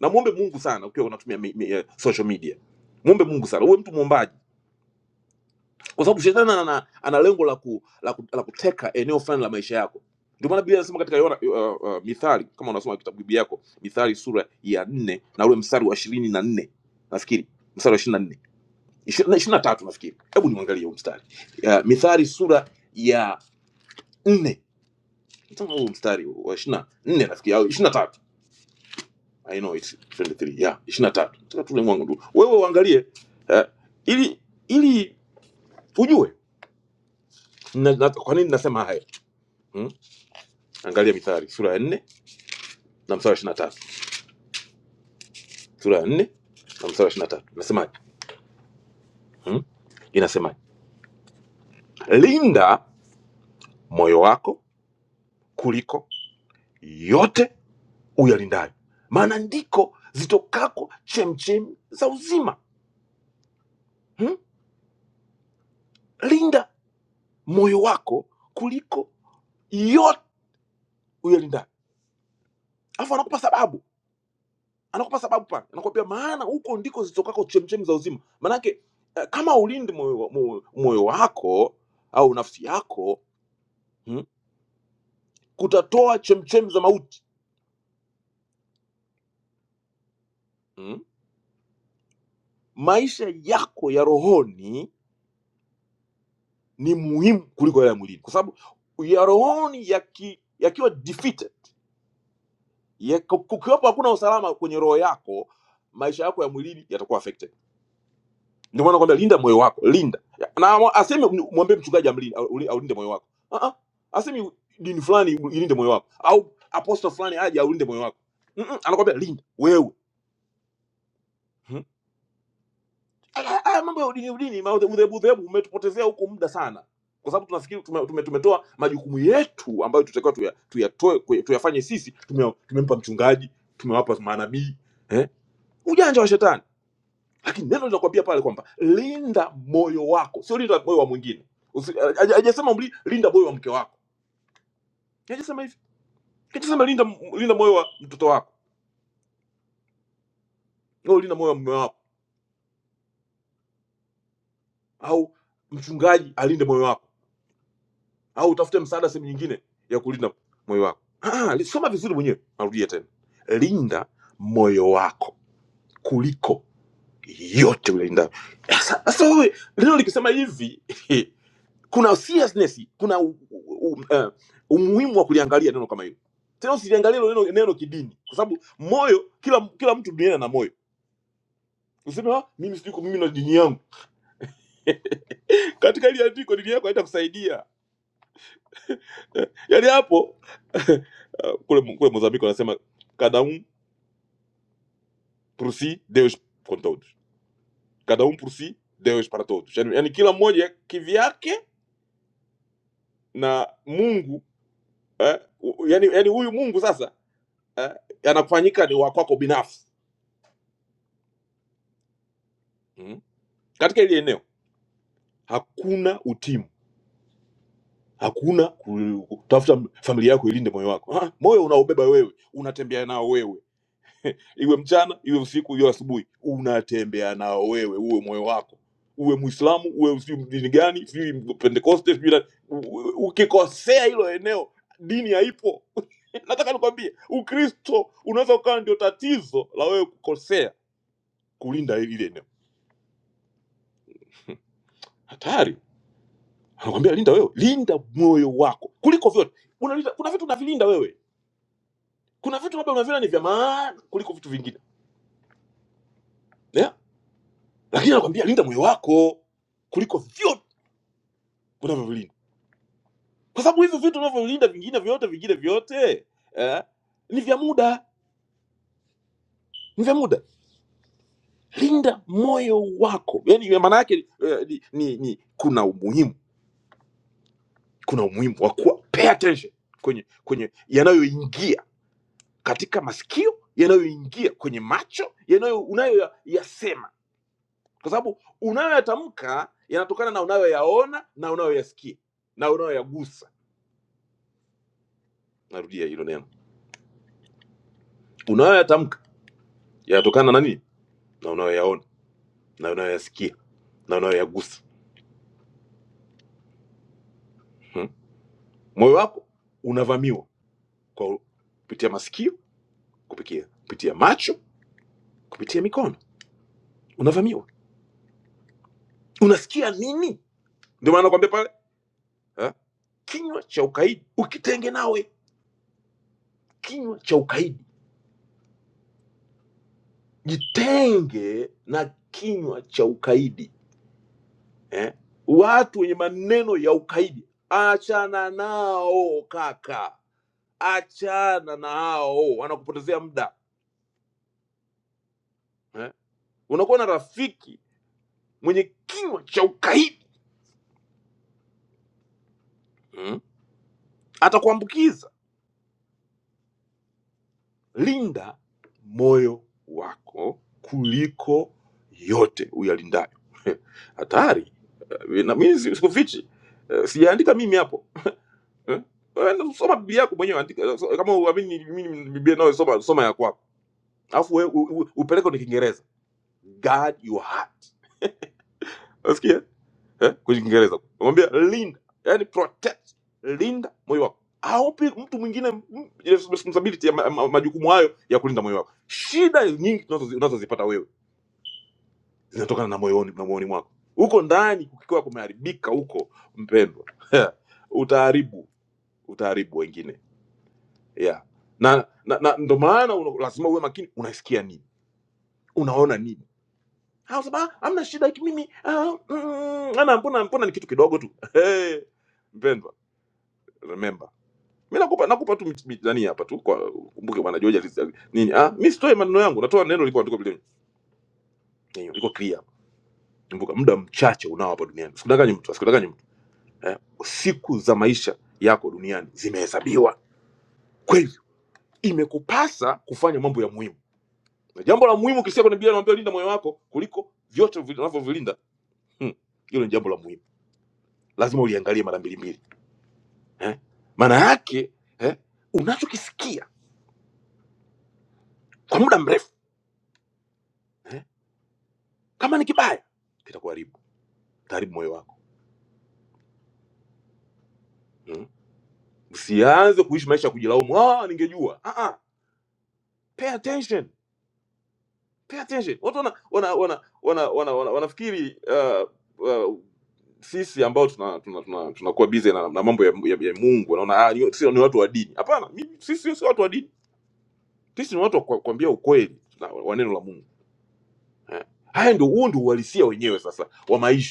C: na muombe Mungu sana ukiwa unatumia mi, mi, eh, social media. Muombe Mungu sana, uwe mtu muombaji, kwa sababu shetani ana, ana lengo la, ku, la, ku, la kuteka eneo fulani la maisha yako. Ndio maana Biblia inasema katika Yohana uh, uh, Mithali, kama unasoma kitabu Biblia yako, Mithali sura ya nne na ule mstari wa ishirini na nne nafikiri mstari wa 24 ishirini na tatu nafikiri hebu niangalie huu mstari uh, mithali sura ya nne Nataka huu mstari wa ishirini na nne nafikiri au ishirini na tatu i know it's 23 yeah ishirini na tatu nataka tule mwangu tu wewe uangalie uh, ili ili ujue na, na, kwa nini nasema haya hmm? angalia mithali sura ya nne na mstari wa ishirini na tatu sura ya nne na mstari wa ishirini na tatu nasemaje hmm? inasemaje linda moyo wako kuliko yote uyalindayo, maana ndiko zitokako chemchemi za uzima. Hmm? Linda moyo wako kuliko yote uyalindayo. Alafu anakupa sababu, anakupa sababu pale, anakuambia maana huko ndiko zitokako chemchemi za uzima. Maanake eh, kama ulindi moyo, wa- moyo, moyo wako au nafsi yako hmm? kutatoa chemchemi za mauti hmm? Maisha yako ya rohoni ni muhimu kuliko yale ya mwilini, kwa sababu ya rohoni yaki- yakiwa ya defeated Ye- ku- Kukiwepo hakuna usalama kwenye roho yako, maisha yako ya mwilini yatakuwa affected. Ndio maana nakwambia linda moyo wako, linda na ama- aseme mwambie mchungaji amlinde au uli- aulinde moyo wako uh -uh. Asemi dini fulani ilinde moyo wako au apostle fulani aje aulinde moyo wako mm -mm. Anakwambia linda wewe hmm. Haya haya mambo ya udini udini ma- udhebu udhebu umezea huko muda sana, kwa sababu tunafikiri tume, tume, tumetoa majukumu yetu ambayo tutakiwa tuya- tuyatoe kwe- tuyafanye sisi, tume, tumempa mchungaji, tumewapa manabii eh? Ujanja wa shetani lakini neno linakwambia pale kwamba linda moyo wako sio linda moyo wa mwingine Usi- eh, haja- hajasema mli- linda moyo wa mke wako hajasema hivi hajasema linda, linda moyo wa mtoto wako au linda moyo wa mume wako au mchungaji alinde moyo wako au utafute msaada sehemu nyingine ya kulinda moyo wako ah, li- soma vizuri mwenyewe narudia tena linda moyo wako kuliko yote ulinda sasa wewe neno likisema hivi *laughs* kuna seriousness kuna u, u, u, uh, umuhimu wa kuliangalia neno kama hilo tena usiliangalie hilo neno, neno kidini kwa sababu moyo kila kila mtu duniani ana moyo useme "Ah, mimi siko mimi na dini yangu katika ile andiko dini yako haitakusaidia yaani hapo *laughs* uh, kule kule Mozambique wanasema cada um por si Deus com todos cada um por si Deus para todos yaani, yaani kila mmoja kivyake na Mungu eh, u- yaani yaani huyu Mungu sasa eh, anakufanyika ni wa kwako binafsi mm. katika ile eneo hakuna utimu hakuna ku- kutafuta familia yako ilinde moyo wako ha? moyo unaobeba wewe unatembea nao wewe iwe mchana iwe usiku iwe asubuhi unatembea nao wewe uwe moyo wako uwe mwislamu uwe sijui dini gani sijui pentekoste sijui na- u- u- ukikosea hilo eneo dini haipo *laughs* nataka nikwambie ukristo unaweza ukawa ndio tatizo la wewe kukosea kulinda ile eneo hatari anakwambia linda wewe linda moyo wako kuliko vyote unalinda, kuna vitu unavilinda wewe kuna vitu labda unaviona ni vya maana kuliko vitu vingine yeah? lakini anakwambia linda moyo wako kuliko vyote unavyovilinda kwa sababu hivyo vitu unavyolinda vingine vyote vingine vyote eh, ni vya muda ni vya muda linda moyo wako yani maana yake eh, ni, ni, ni kuna umuhimu kuna umuhimu wa kuwa pay attention kwenye kwenye yanayoingia katika masikio yanayoingia kwenye macho yanayo unayoyasema kwa sababu unayoyatamka yanatokana na unayoyaona na unayoyasikia na unayoyagusa Narudi neno. unayoyatamka yanatokana na nini na unayoyaona na unayoyasikia na unayoyagusa hmm? moyo wako unavamiwa kwa kupitia masikio kupitia kupitia macho kupitia mikono unavamiwa unasikia nini ndio maana nakwambia pale ha? kinywa cha ukaidi ukitenge nawe kinywa cha ukaidi jitenge na kinywa cha ukaidi eh? Watu wenye maneno ya ukaidi, achana nao kaka, achana nao, wanakupotezea muda eh? Unakuwa na rafiki mwenye kinywa cha ukaidi mm? Atakuambukiza. Linda moyo wako kuliko yote uyalindayo. *laughs* Hatari Eh, na mimi si- sikufichi, Eh, sijaandika mimi hapo eh? Wewe Soma Biblia yako mwenyewe, andika so- kama uamini mimi Biblia nayo soma, soma ya kwako alafu wewe u- u- upeleke kwenye kiingereza guard your heart unasikia eh kwenye kiingereza namwambia linda yani protect linda moyo wako aupi mtu mwingine mm, ile responsibility ya ma, ma, majukumu hayo ya kulinda moyo wako shida nyingi tunazozi- unazozipata wewe zinatokana na moyoni na moyoni mwako huko ndani kukiwa kumeharibika huko mpendwa *laughs* utaharibu utaharibu wengine yeah na na, na ndo maana uno- lazima uwe makini unasikia nini unaona nini Au sababu hamna shida ki- mimi ah, mm, ana mbona mbona ni kitu kidogo tu. *laughs* Hey, mpendwa, remember. Mimi nakupa nakupa tu mit- mit- nani hapa tu kwa kumbuke bwana George alis- nini? Ah, mimi sitoi maneno yangu, natoa neno liko andiko bila hiyo liko clear. Kumbuka muda mchache unao hapa duniani. Usikudanganye mtu, usikudanganye mtu. Eh, siku za maisha yako duniani zimehesabiwa. Kweli imekupasa kufanya mambo ya muhimu. Na jambo la muhimu ukisikia kwenye Biblia inaambia linda moyo wako kuliko vyote vinavyovilinda. Hmm, hilo ni jambo la muhimu. Lazima uliangalie mara mbili mbili eh? maana yake eh? unachokisikia kwa muda mrefu eh? kama ni kibaya kitakuharibu taharibu moyo wako mm? usianze kuishi maisha ya kujilaumu ah, ningejua ah, ah. pay attention pay attention watu wana wana wana wana wana, wana, wanafikiri uh, uh, sisi ambao tuna tuna tuna, tunakuwa busy na, na mambo ya, ya, ya Mungu naona ah, ni, sio ni watu wa dini hapana mimi- sisi sio watu wa dini sisi ni watu wa kwa- kuambia ukweli na- wa neno la Mungu eh? haya ndio huo ndio uhalisia wenyewe sasa wa maisha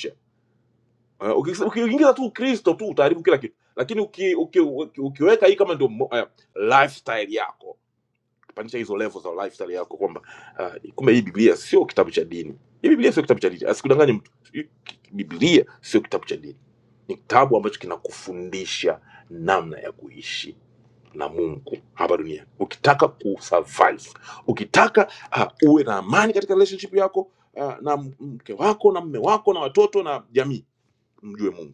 C: Eh, ukis- uki- Ukiingiza tu Ukristo tu utaharibu kila kitu, lakini uki, uki, uki, ukiweka hii kama ndio mo- eh, lifestyle yako, kupandisha hizo level za lifestyle yako kwamba uh, kumbe hii Biblia sio kitabu cha dini. Hii Biblia sio kitabu cha dini, asikudanganye mtu. Hii ki- Biblia sio kitabu cha dini, ni kitabu ambacho kinakufundisha namna ya kuishi na Mungu hapa duniani. Ukitaka kusurvive, ukitaka uh, uwe na amani katika relationship yako uh, na m- mke wako na mme wako na watoto na jamii, mjue Mungu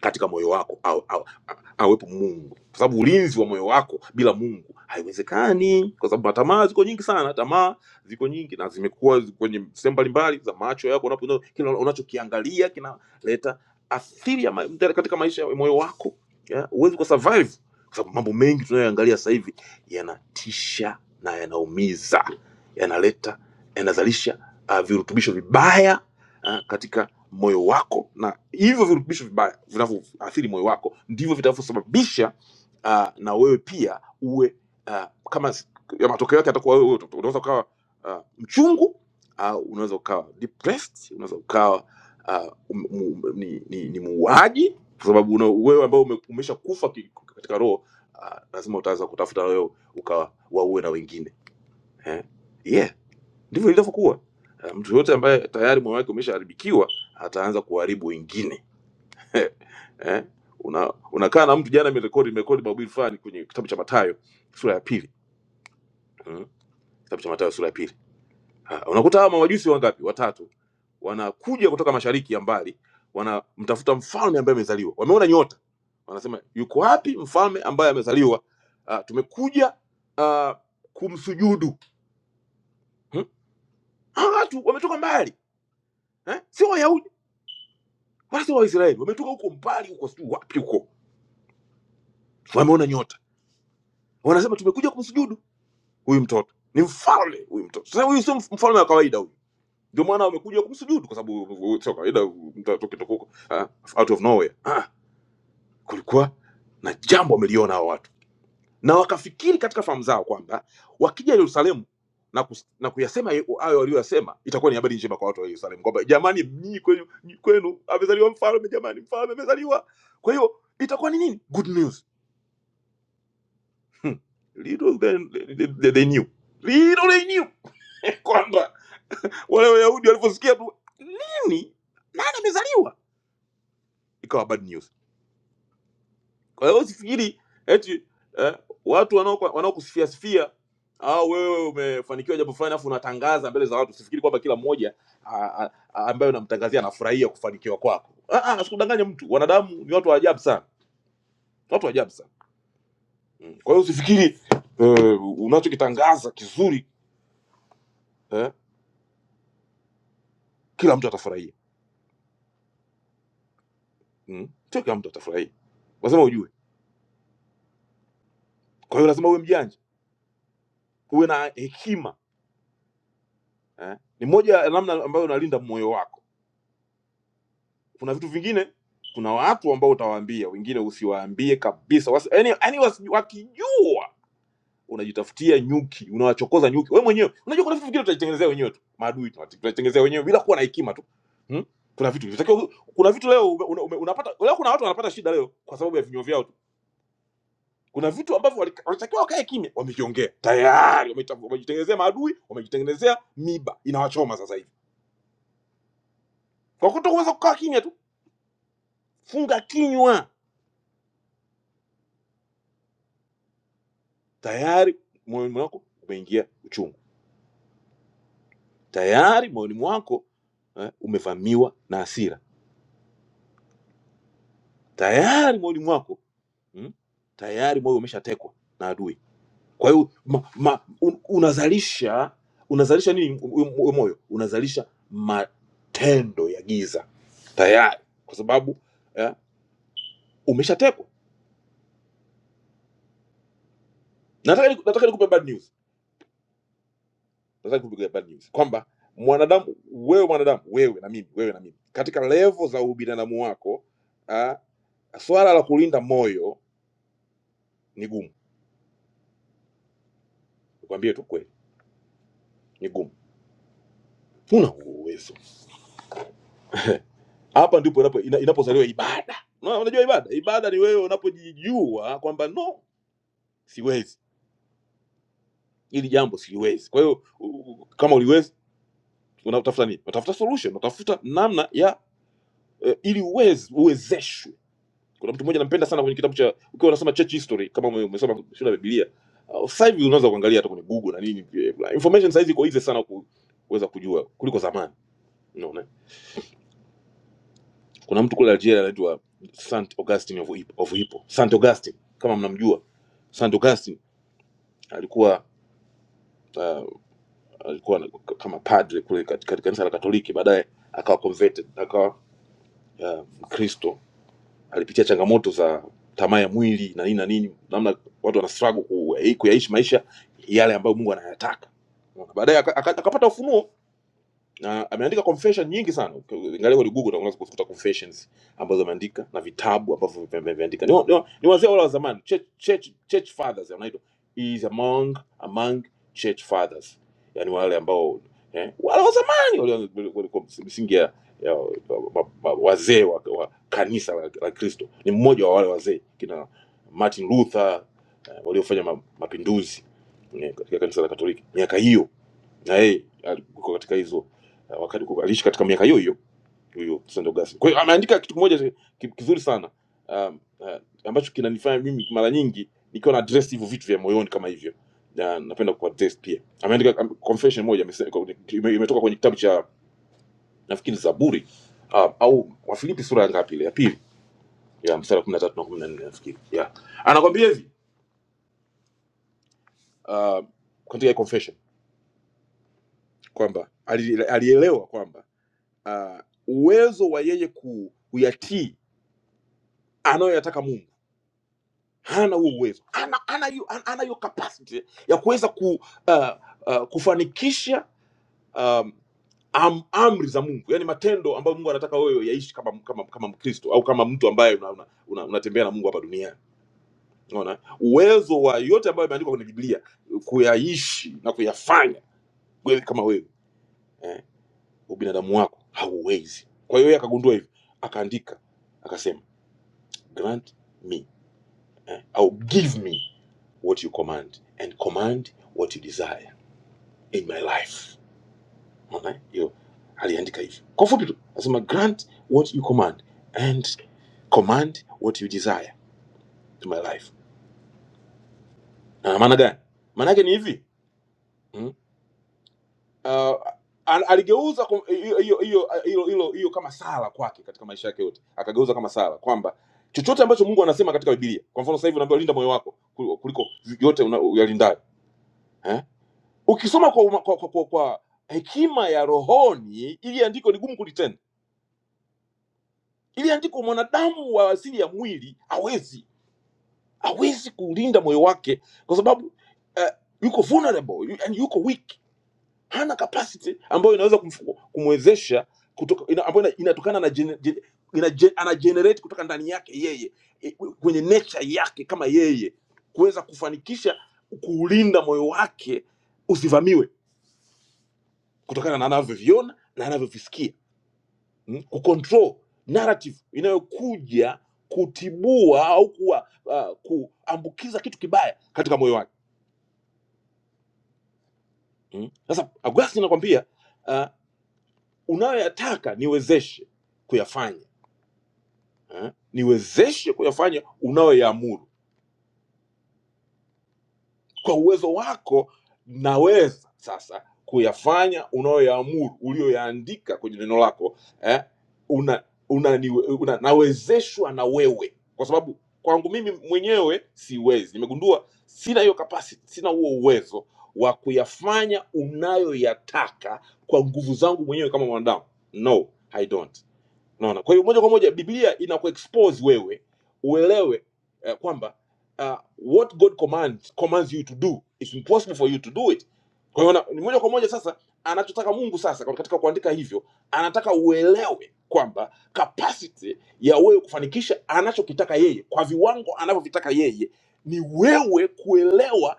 C: katika moyo wako au, au, a- awepo Mungu, kwa sababu ulinzi wa moyo wako bila Mungu haiwezekani, kwa sababu matamaa ziko nyingi sana. Tamaa ziko nyingi na zimekuwa zi- kwenye sehemu mbalimbali za macho yako, unapo kila unachokiangalia kinaleta athiri ya ma, katika maisha ya moyo wako ya, huwezi kwa survive kwa sababu mambo mengi tunayoangalia sasa hivi yanatisha na yanaumiza, yanaleta yanazalisha uh, virutubisho vibaya uh, katika moyo wako na hivyo virutubisho vibaya vinavyoathiri moyo wako ndivyo vitavyosababisha uh, na wewe pia uwe uh, kama s- ya matokeo yake atakuwa wewe uta- unaweza ukawa uh, mchungu au uh, unaweza ukawa depressed unaweza ukawa uh, um, um, um, ni, ni, ni muuaji kwa sababu una, wewe ambao ume, umesha kufa ki- katika roho uh, lazima utaweza kutafuta wewe ukawaue na wengine eh? yeah Ndivyo ilivyokuwa. Eh, Mtu yote ambaye tayari moyo wake umeshaharibikiwa ataanza kuharibu wengine. *laughs* eh? Una, unakaa na mtu jana nimerekodi nimerekodi mahubiri fulani kwenye kitabu cha Mathayo sura ya pili. Mm? Kitabu cha Mathayo sura ya pili. Ha, unakuta hawa mawajusi wangapi? Watatu. Wanakuja kutoka mashariki ya mbali, wanamtafuta mfalme ambaye amezaliwa. Wameona nyota. Wanasema yuko wapi mfalme ambaye amezaliwa? Ah, tumekuja ah, kumsujudu. Hmm? Hawa watu wametoka mbali. Eh? Sio Wayahudi wala sio Waisraeli, wametoka huko mbali huko, sijui wapi huko, wameona nyota, wanasema tumekuja kumsujudu huyu mtoto. Ni mfalme huyu mtoto. Sasa huyu sio mf- mfalme wa kawaida huyu, ndio maana wamekuja kumsujudu, kwa sababu uh, sio kawaida uh, mtu atoke huko ah, out of nowhere. Ah, kulikuwa na jambo wameliona hao watu, na wakafikiri katika fahamu zao kwamba wakija Yerusalemu na, kus, na kuyasema hayo hayo walioyasema itakuwa ni habari njema kwa watu wa Yerusalemu kwamba jamani, nyinyi kwenu, nyinyi kwenu amezaliwa mfalme, jamani, mfalme amezaliwa. Kwa hiyo itakuwa ni nini? Good news Hmm. little then they, they, they knew little they knew *laughs* kwamba wale wayahudi walivyosikia tu nini nani amezaliwa ikawa bad news kwa hiyo usifikiri eti eh, watu wanaoku- wanaokusifia sifia au wewe umefanikiwa jambo fulani afu unatangaza mbele za watu usifikiri kwamba kila mmoja a- a- a- ambaye unamtangazia anafurahia kufanikiwa kwako Ah, ah, asikudanganye mtu wanadamu ni watu wa ajabu sana watu wa ajabu sana kwa hiyo usifikiri eh, unachokitangaza kizuri eh, kila mtu atafurahia mm, sio kila mtu atafurahia, lazima ujue. Kwa hiyo lazima uwe mjanja, uwe na hekima eh. Ni moja ya namna ambayo unalinda moyo wako. Kuna vitu vingine, kuna watu ambao utawaambia, wengine usiwaambie kabisa, wasi, yani, yani wasi, wakijua unajitafutia nyuki, unawachokoza nyuki wewe mwenyewe. Unajua kuna vitu vingine tunajitengenezea wenyewe tu, maadui tunati- tunajitengenezea wenyewe bila kuwa na hekima tu hmm? Kuna vitu vinatakiwa, kuna vitu leo ume, ume, unapata leo, kuna watu wanapata shida leo kwa sababu ya vinywa vyao tu. kuna vitu ambavyo wali- walitakiwa wakae kimya, wameviongea tayari, wameta- wamejitengenezea maadui, wamejitengenezea miba inawachoma sasa hivi kwa kutokuweza kukaa kimya tu. Funga kinywa, tayari moyoni mwako umeingia uchungu, tayari moyoni mwako eh, umevamiwa na hasira, tayari moyoni mwako mm, tayari moyo umeshatekwa na adui. Kwa hiyo ma- ma- un- unazalisha unazalisha nini? Huyo moyo unazalisha matendo ya giza tayari, kwa sababu ya, umeshatekwa nataka ni- nataka nikupe bad news nataka nikupe bad news kwamba mwanadamu wewe mwanadamu wewe na mimi wewe na mimi katika levo za ubinadamu wako ah, swala la kulinda moyo ni gumu nikwambie tu kweli ni gumu huna huo uwezo hapa ndipo inapo- ina- inapozaliwa ibada Una- unajua ibada ibada ni wewe unapojijua kwamba no siwezi hili jambo siwezi kwa hiyo u- u- kama uliwezi unatafuta nini unatafuta solution unatafuta namna ya eh, ili uwezi uwezeshwe kuna mtu mmoja nampenda sana kwenye kitabu cha ukiwa unasoma church history kama ume- umesoma shule ya Biblia uh, sasa hivi unaweza kuangalia hata kwenye Google na nini eh, information saizi iko easy sana ku, kuweza kujua kuliko zamani unaona kuna mtu kule Algeria anaitwa Saint Augustine of Hippo, of Hippo Saint Augustine kama mnamjua Saint Augustine alikuwa uh, alikuwa na- kama padre kule katika katika kanisa la Katoliki baadaye akawa converted akawa uh, Mkristo alipitia changamoto za tamaa ya mwili na nini na nini namna watu wana struggle ku- kuyaishi maisha yale ambayo mungu anayataka Unaona? baadaye aka- aka- akapata ufunuo na ameandika confession nyingi sana ingalia kwenye google unaweza kukuta confessions ambazo ameandika na vitabu ambavyo vime- vimeandika ni, wa- ni, wa- ni wazee wale wa zamani church, church, church fathers wanaitwa He is among among church fathers yani wale ambao eh, wale wa zamani wale wale- wale kwa misingi ya, ya wa- wa- wazee wa, wa kanisa la, la Kristo ni mmoja wa wale wazee kina Martin Luther eh, waliofanya ma, mapinduzi eh, katika kanisa la Katoliki miaka hiyo na yeye alikuwa katika hizo eh, wakati kuko- aliishi katika miaka hiyo hiyo huyo Sandro Augustine. Kwa hiyo ameandika kitu kimoja cha- ki- kizuri sana um, uh, ambacho kinanifanya mimi mara nyingi nikiwa na address hivyo vitu vya moyoni kama hivyo na napenda ku address pia. Ameandika um, confession moja amesema- kwa- ime- imetoka kwenye kitabu cha nafikiri Zaburi um, au Wafilipi sura ya ngapi ile ya pili ya mstari wa 13 na 14 nafikiri. Yeah. Anakwambia hivi uh, katika hii confession kwamba ali- alielewa kwamba uh, uwezo wa yeye ku, kuyatii anayoyataka Mungu hana huo uwezo, ana ana hiyo ana ana hiyo capacity ya kuweza ku, uh, uh, kufanikisha um, am, amri za Mungu, yani matendo ambayo Mungu anataka wewe yaishi kama kama kama Mkristo au kama mtu ambaye unatembea una, una, una unatembea na Mungu hapa duniani. Unaona, uwezo wa yote ambayo imeandikwa kwenye Biblia kuyaishi na kuyafanya wewe kama wewe eh, ubinadamu wako hauwezi. Kwa hiyo yeye akagundua hivyo, akaandika akasema grant me eh, au give me what you command and command what you desire in my life Unaona, eh? hiyo aliandika hivyo kwa ufupi tu anasema grant what you command and command what you desire to my life na maana gani maana yake ni hivi mm? uh, al- aligeuza kum- hiyo hiyo hiyo hilo- hilo- hiyo kama sala kwake katika maisha yake yote akageuza kama sala kwamba chochote ambacho mungu anasema katika bibilia kwa mfano sasa hivi unaambiwa linda moyo wako kuliko kuliko yote una- uyalindayo Eh? ukisoma kwa, uma- kwa, kwa, kwa, kwa hekima ya rohoni ili andiko ni gumu kulitenda ili andiko mwanadamu wa asili ya mwili hawezi hawezi kulinda moyo wake kwa sababu uh, yuko vulnerable yu, yani yuko weak hana capacity ambayo inaweza kumfu- kumwezesha kutoka ina, ambayo ina- inatokana na gene, gene, ina, gen- ana generate kutoka ndani yake yeye e, kwenye nature yake kama yeye kuweza kufanikisha kuulinda moyo wake usivamiwe kutokana na anavyoviona na anavyovisikia mm, kucontrol narrative inayokuja kutibua au kuwa, uh, kuambukiza kitu kibaya katika moyo wake mm. Sasa mm. Augustine anakwambia uh, unayoyataka niwezeshe kuyafanya eh? niwezeshe kuyafanya unayoyaamuru kwa uwezo wako naweza sasa kuyafanya unayoyaamuru ulioyaandika kwenye neno lako eh, una, una, una, nawezeshwa na wewe kwa sababu kwangu mimi mwenyewe siwezi nimegundua sina hiyo capacity sina huo uwezo wa kuyafanya unayoyataka kwa nguvu zangu mwenyewe kama mwanadamu no i don't Unaona? Kwa hiyo moja kwa moja Biblia inakuexpose wewe uelewe eh, kwamba uh, what God commands commands you to do it's impossible for you to do it. Kwa hiyo na- ni moja kwa moja sasa anachotaka Mungu sasa kwa- katika kuandika hivyo, anataka uelewe kwamba capacity ya wewe kufanikisha anachokitaka yeye kwa viwango anavyovitaka yeye ni wewe kuelewa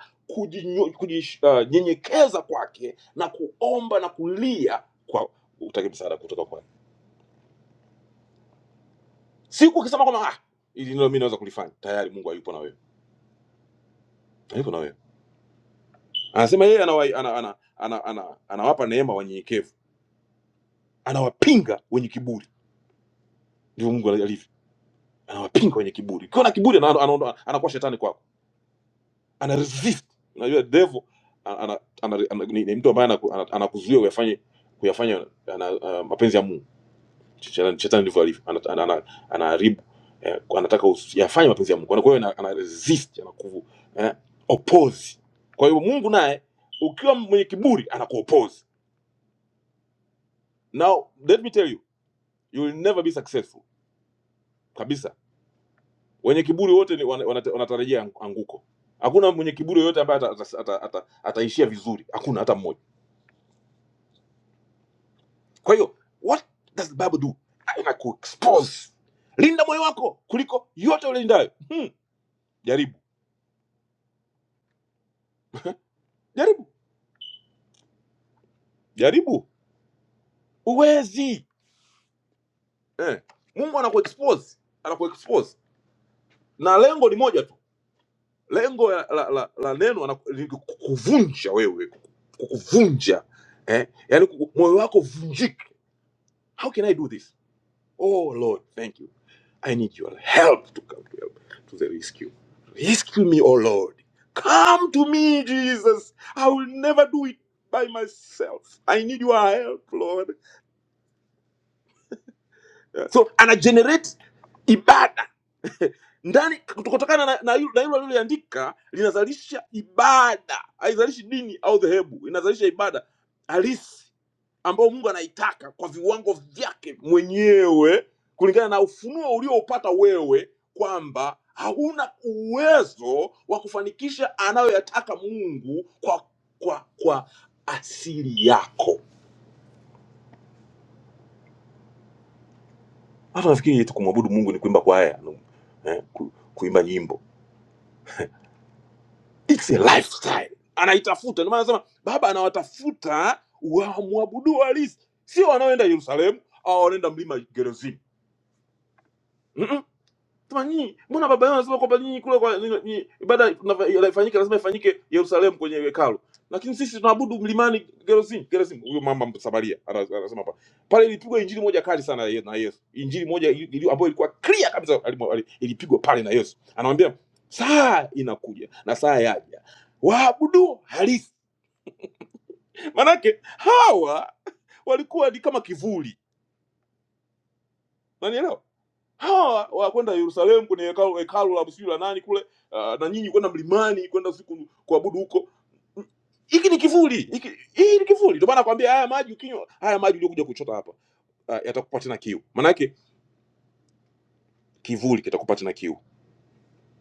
C: kujinyenyekeza uh, kwake na kuomba na kulia kwa utake msaada kutoka kwake. siku akisema kwamba ah, ili nilo mimi naweza kulifanya tayari mungu hayupo na wewe hayupo na wewe anasema yeye anawa, ana, ana, ana, ana, anawapa neema wanyenyekevu anawapinga wenye kiburi ndivyo mungu alivyo anawapinga wenye kiburi ukiwa na kiburi ana- anaondoa- anakuwa shetani kwako ana resist unajua devil ana, ana, ana, ana, ni, ni mtu ambaye anaku- ana- anakuzuia kuyafanye kuyafanya kuyafanya ana, uh, mapenzi ya mungu Shetani shetani ndivyo alivyo, anaharibu ana, ana, ana, anaharibu, eh, anataka usi- yafanye mapenzi ya Mungu. Kwa hiyo ana, ana resist anakuvu eh, oppose. Kwa hiyo Mungu naye ukiwa mwenye kiburi anakuoppose. Now let me tell you, you will never be successful kabisa. Wenye kiburi wote ni wana- wanata- wanatarajia ang- anguko. Hakuna mwenye kiburi yoyote ambaye ataishia ata, ata, ata, ataishia vizuri, hakuna hata mmoja. Kwa hiyo what does the Bible do? Inakuexpose. Linda moyo wako kuliko yote ulindayo. Hmm, jaribu jaribu jaribu huwezi eh. mungu anakuexpose anakuexpose na lengo ni moja tu lengo ya- la, la, la neno anaku- ni kukuvunja wewe kukuvunja eh? yani moyo wako vunjike how can i do this oh lord thank you i need your help to come to help to the rescue rescue me oh lord come to me jesus i will never do it by myself i need your help lord Yeah. so ana generate ibada ndani kutokana na, na, hilo- na hilo aliloliandika linazalisha ibada haizalishi dini au dhehebu inazalisha ibada halisi ambayo mungu anaitaka kwa viwango vyake mwenyewe kulingana na ufunuo ulioupata wewe kwamba hauna uwezo wa kufanikisha anayoyataka mungu kwa kwa kwa asili yako hata nafikiri ni kuimba kwaya no, eh, ku, kuimba nyimbo it's a lifestyle anaitafuta ndio maana anasema baba anawatafuta wamwabudu halisi sio wanaoenda yerusalemu au wanaenda mlima gerezini Sema nyinyi, mbona baba yenu anasema kwamba nyinyi kule kwa nyinyi- nyinyi- ibada tunava- inafanyika lazima ifanyike Yerusalemu kwenye hekalu. Lakini sisi tunaabudu mlimani Gerizim, Gerizim huyo mama Samaria ana- anasema hapa. Pale ilipigwa injili moja kali sana ya Yesu- na Yesu. Injili moja ili- ili- ambayo ilikuwa clear kabisa alimo- ali- ilipigwa pale na Yesu. Anamwambia saa inakuja na saa yaja. Waabudu halisi. Manake hawa walikuwa ni kama kivuli. Unanielewa? hawa wa- kwenda Yerusalemu kwenye hekalu hekalu la sijui la nani kule uh, na nyinyi kwenda mlimani kwenda siku kuabudu huko. Hiki ni kivuli, hiki hii ni kivuli. Ndio maana nakwambia haya maji ukinywa, haya maji uliokuja kuchota hapa uh, yatakupa tena kiu. Maanake kivuli kitakupa tena kiu.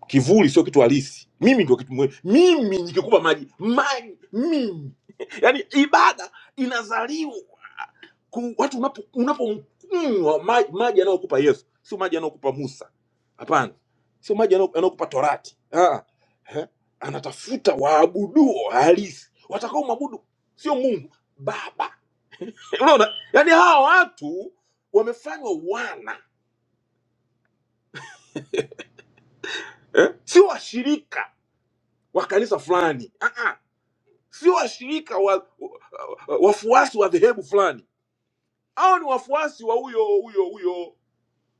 C: Kivuli sio kitu halisi. Mimi ndio kitu muhimu. Mimi nikikupa maji, maji mimi. *laughs* Yaani ibada inazaliwa Ku- watu unapo- unapokunywa maji, maji anayokupa Yesu sio maji anayokupa Musa, hapana, sio maji anayo- anayokupa Torati. Ah, eh, anatafuta waabuduo halisi watakao mwabudu sio Mungu Baba. Unaona, yaani hawa watu wamefanywa wana eh? sio washirika wa kanisa fulani ah -ah. sio washirika wa, wa, wa- wafuasi wa dhehebu fulani. Hao ni wafuasi wa huyo huyo huyo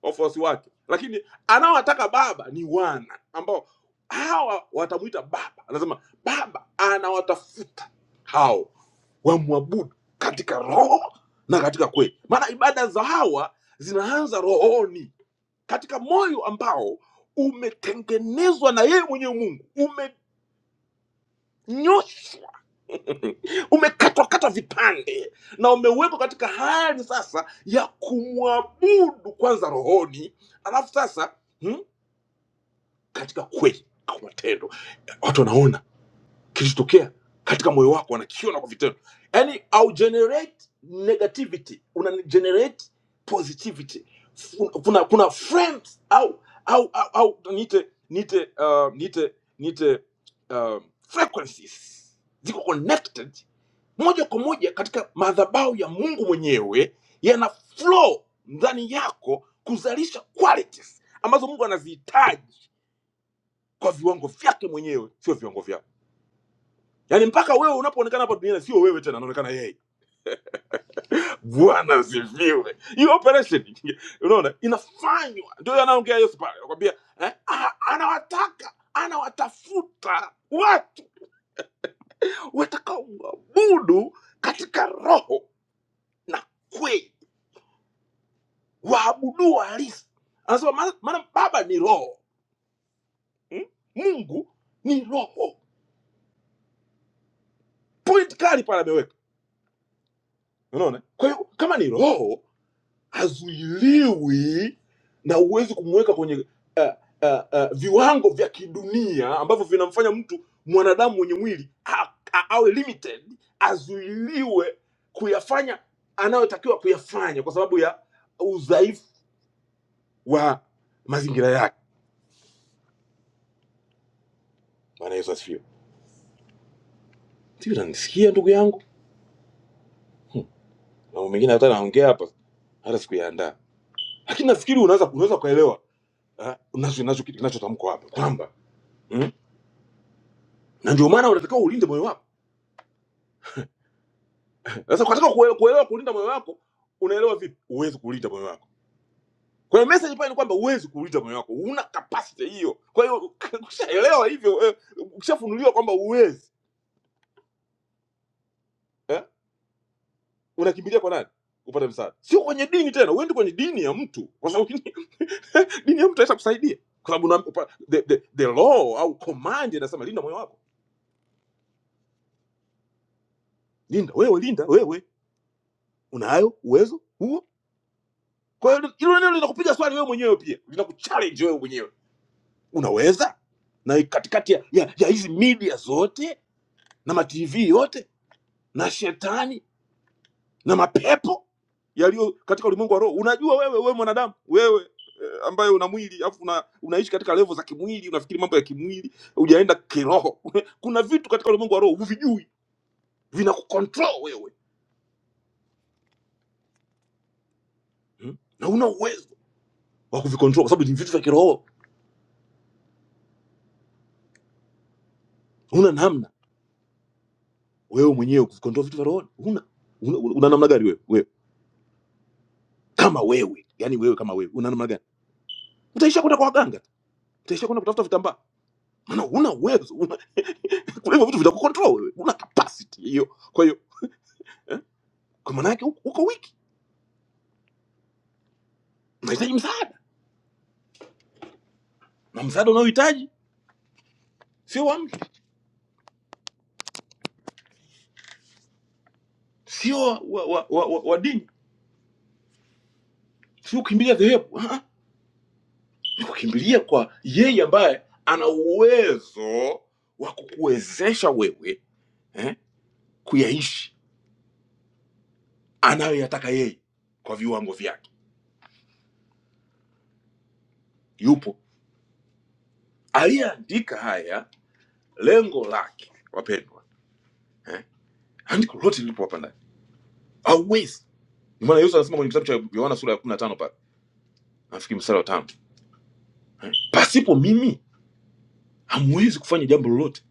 C: wafuasi wake, lakini anaowataka baba ni wana ambao hawa watamwita baba. Anasema baba anawatafuta hao wamwabudu katika roho na katika kweli, maana ibada za hawa zinaanza rohoni, katika moyo ambao umetengenezwa na yeye mwenyewe Mungu, umenyosha, *laughs* umekatwakata vipande na umewekwa katika hali sasa ya kumwabudu kwanza rohoni, alafu sasa hmm, katika kweli au matendo watu wanaona kilichotokea katika moyo wako wanakiona kwa vitendo yani au generate negativity una generate positivity Fu- kuna kuna frames au au au, au niite niite uh, niite niite um, frequencies ziko connected moja kwa moja katika madhabahu ya mungu mwenyewe yana flow ndani yako kuzalisha qualities ambazo mungu anazihitaji kwa viwango vyake mwenyewe, sio viwango vyao. Yaani mpaka wewe unapoonekana hapa duniani sio wewe tena, anaonekana yeye. Bwana asifiwe. Hiyo operation *laughs* unaona inafanywa, ndio anaongea Yesu pale, anakwambia eh, a- anawataka anawatafuta watu watakaomwabudu katika roho na kweli, waabudu halisi. Anasema maana maana Baba ni roho hmm? Mungu ni roho, point kali pale ameweka, unaona. Kwa hiyo kama ni roho hazuiliwi na huwezi kumweka kwenye uh, uh, uh, viwango vya kidunia ambavyo vinamfanya mtu mwanadamu mwenye mwili a, a, awe limited azuiliwe kuyafanya anayotakiwa kuyafanya kwa sababu ya udhaifu wa mazingira yake bwana yesu asifiwe sijui unanisikia ndugu yangu mambo mengine hata naongea hapa hata sikuyaandaa lakini nafikiri unaweza unaweza ukaelewa ah, unacho- nacho- kinachotamkwa hapa kwamba mm? na ndio maana unatakiwa ulinde moyo wako Sasa ukataka kuelewa, kuelewa kulinda moyo wako, unaelewa vipi? Huwezi kulinda moyo wako. Kwa hiyo message pale ni kwamba huwezi kulinda moyo wako, huna capacity hiyo. Kwa hiyo *laughs* ukishaelewa hivyo, eh, ukishafunuliwa kwamba huwezi eh, unakimbilia kwa nani upate msaada? Sio kwenye dini tena, uende kwenye dini ya mtu, kwa sababu *laughs* dini ya mtu haisha kusaidia, kwa sababu una- upa- the, the, the law au command inasema linda moyo wako, linda wewe, linda wewe. Unayo uwezo huo? Kwa hiyo hilo neno linakupiga swali wewe mwenyewe, pia linakuchallenge wewe mwenyewe unaweza na katikati ya ya- ya hizi media zote na matv yote na shetani na mapepo yaliyo katika ulimwengu wa roho unajua wewe wewe mwanadamu wewe eh, ambaye una mwili afu una, unaishi katika levo za kimwili unafikiri mambo ya kimwili hujaenda kiroho *laughs* kuna vitu katika ulimwengu wa roho huvijui vinakucontrol wewe hmm? na una uwezo wa kuvicontrol kwa sababu ni vitu vya kiroho huna namna wewe mwenyewe kuvicontrol vitu vya roho una, una, una namna gani wewe wewe kama wewe yani wewe kama wewe una namna gani utaishia kwenda kwa waganga tu. utaishia kwenda kutafuta vitambaa maana huna uwezo una, kuna hivyo vitu vitakucontrol wewe una capacity hiyo kwa hiyo kwa maana yake uko uko weak unahitaji msaada na msaada unaohitaji sio wa mtu sio wa, wa, wa, wa, wa, wa dini sio kukimbilia dhehebu ah, ah. ni kukimbilia kwa yeye ambaye ana uwezo wa kukuwezesha wewe eh, kuyaishi anayoyataka yeye kwa viwango vyake yupo aliyeandika haya lengo lake wapendwa eh, andiko lote lilipo hapa ndani hauwezi maana yesu anasema kwenye kitabu cha yohana sura ya kumi na tano pale nafikiri mstari wa tano pasipo mimi hamwezi kufanya jambo lolote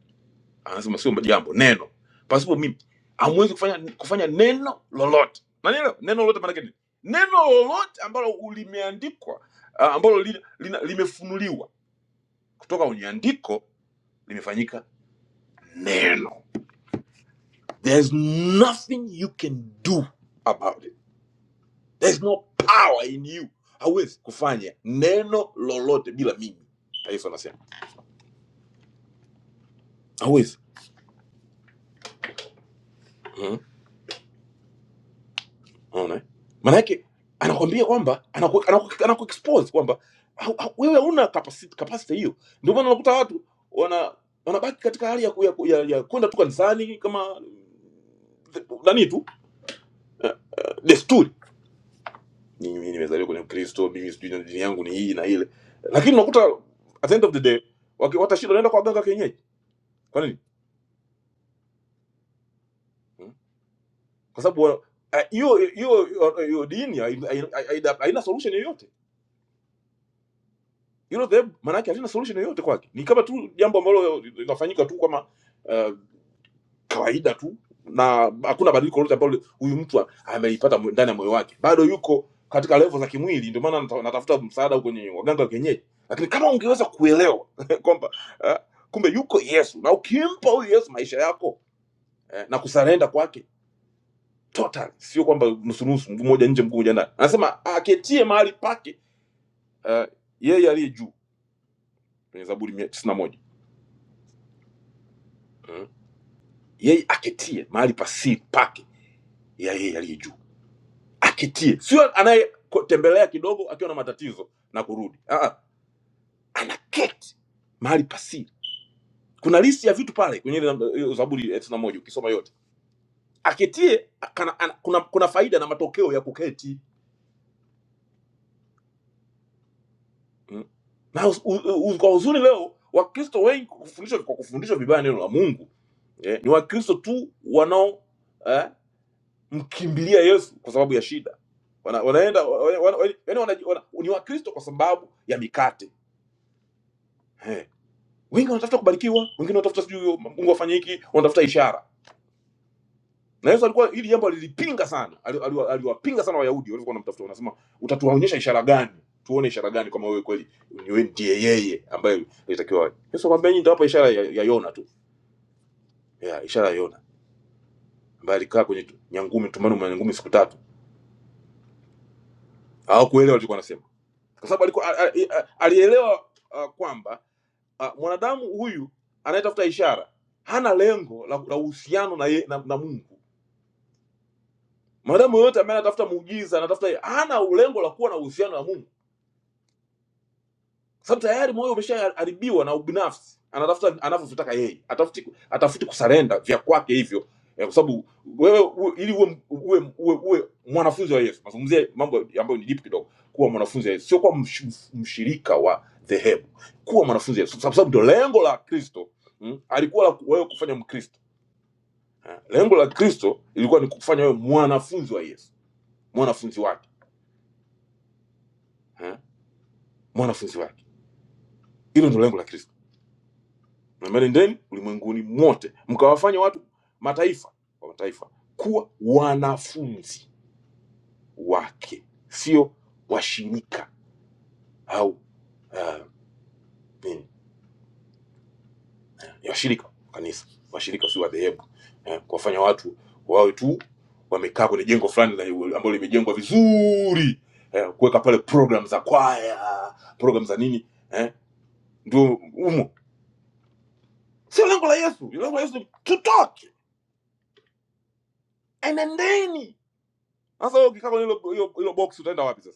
C: anasema sio jambo neno pasipo mimi hamwezi kufanya kufanya neno lolote nanielewa neno neno lolote maanake nini neno lolote ambalo limeandikwa ah, ambalo li, lina, limefunuliwa kutoka kwenye andiko limefanyika neno there's nothing you can do about it there's no power in you hawezi kufanya neno lolote bila mimi yesu anasema hawezi Mhm. unaona eh? maanake anakwambia kwamba anaku anaku- anaku-expose kwamba hau- hau- wewe hauna capacity capacity hiyo ndio maana unakuta watu wana wanabaki katika hali ya ku- ya ku- ya- ya kwenda tu kanisani kama nani tu desturi mimi mimi nimezaliwa kwenye ukristo mimi sijui na dini yangu ni hii na ile lakini unakuta at the end of the day waki- watashinda wanaenda kwa waganga wa kienyeji kwa nini kwa sababu wa- eh, hiyo hiyo hiyo dini haina haina- haina solution yoyote. Hilo dhehebu maanake halina solution yoyote kwake, ni kama tu jambo ambalo linafanyika tu kama uh, kawaida tu, na hakuna badiliko lolote ambalo huyu mtu amelipata mwe- ndani ya moyo wake, bado yuko katika level za kimwili. Ndio maana nata- natafuta msaada huko kwenye waganga wa kienyeji, lakini kama ungeweza kuelewa *laughs* kwamba eh, kumbe yuko Yesu na ukimpa huyu Yesu maisha yako eh, na kusarenda kwake total, sio kwamba nusunusu, mguu mmoja nje mguu mmoja ndani. Anasema "Ah, aketie mahali pake uh, yeye aliye juu kwenye Zaburi mia tisini na moja mm. yeye aketie mahali pa siri pake ya yeye aliye juu, aketie, sio anayetembelea kidogo akiwa na matatizo na kurudi. Ah, ah, anaketi mahali pa siri. Kuna listi ya vitu pale kwenye ile namba- hiyo Zaburi ya tisini na moja ukisoma yote, aketie kana, ana, kuna, kuna faida na matokeo ya kuketi Mm. na uz, uz, uz, kwa uzuri leo wakristo wengi kwa kufundishwa kwa kufundishwa vibaya neno la mungu eh, ni wakristo tu wanao eh, mkimbilia yesu kwa sababu ya shida wana, wanaenda wana, wana, yani wana, wana, ni wakristo kwa sababu ya mikate eh. wengi wanatafuta kubarikiwa wengine wanatafuta sijui mungu afanye hiki wanatafuta ishara na yesu alikuwa hili jambo alilipinga sana Ali- ali- aliwapinga sana wayahudi walivyokuwa wanamtafuta wanasema utatuonyesha ishara gani tuone ishara gani kama wewe kweli ni wewe ndiye yeye ambaye alitakiwa awe." yesu akamwambia nyinyi nitawapa ishara ya, ya yona tu ya, ishara ya yona ambaye alikaa kwenye tu- nyangumi tumbani mwa nyangumi siku tatu hawakuelewa alichokuwa anasema kwa sababu alikuwa a- a- a- alielewa uh, kwamba uh, mwanadamu huyu anayetafuta ishara hana lengo la la uhusiano na, ye- na, na mungu mwanadamu yoyote ambaye anatafuta muujiza anatafuta hana lengo la kuwa na uhusiano na mungu sababu tayari moyo umeshaharibiwa na ubinafsi anatafuta anavyovitaka yeye atafuti atafuti kusarenda vya kwake hivyo Eh, kwa sababu wewe uwe- ili uwe, uwe, uwe, uwe mwanafunzi wa yesu nazungumzia mambo ambayo ni deep kidogo kuwa mwanafunzi wa yesu sio kuwa msh, mshirika wa dhehebu kuwa mwanafunzi wa yesu kwa sababu ndio lengo la kristo mm, alikuwa la wewe kufanya mkristo Eh, lengo la kristo ilikuwa ni kufanya wewe mwanafunzi wa yesu mwanafunzi wake eh, mwanafunzi wake hilo ndio lengo la kristo nendeni ulimwenguni mote mkawafanya watu mataifa wa mataifa kuwa wanafunzi wake sio washirika au uh, nini? Ni washirika wa kanisa washirika sio wadhehebu eh, kuwafanya watu wawe tu wamekaa kwenye jengo fulani la- ambalo limejengwa vizuri eh, kuweka pale program za kwaya program za nini eh, ndio umo sio lengo la yesu lengo la yesu ni tutoke enendeni sasa wewe ukikaa kwenye hilo hilo- hilo box utaenda wapi sasa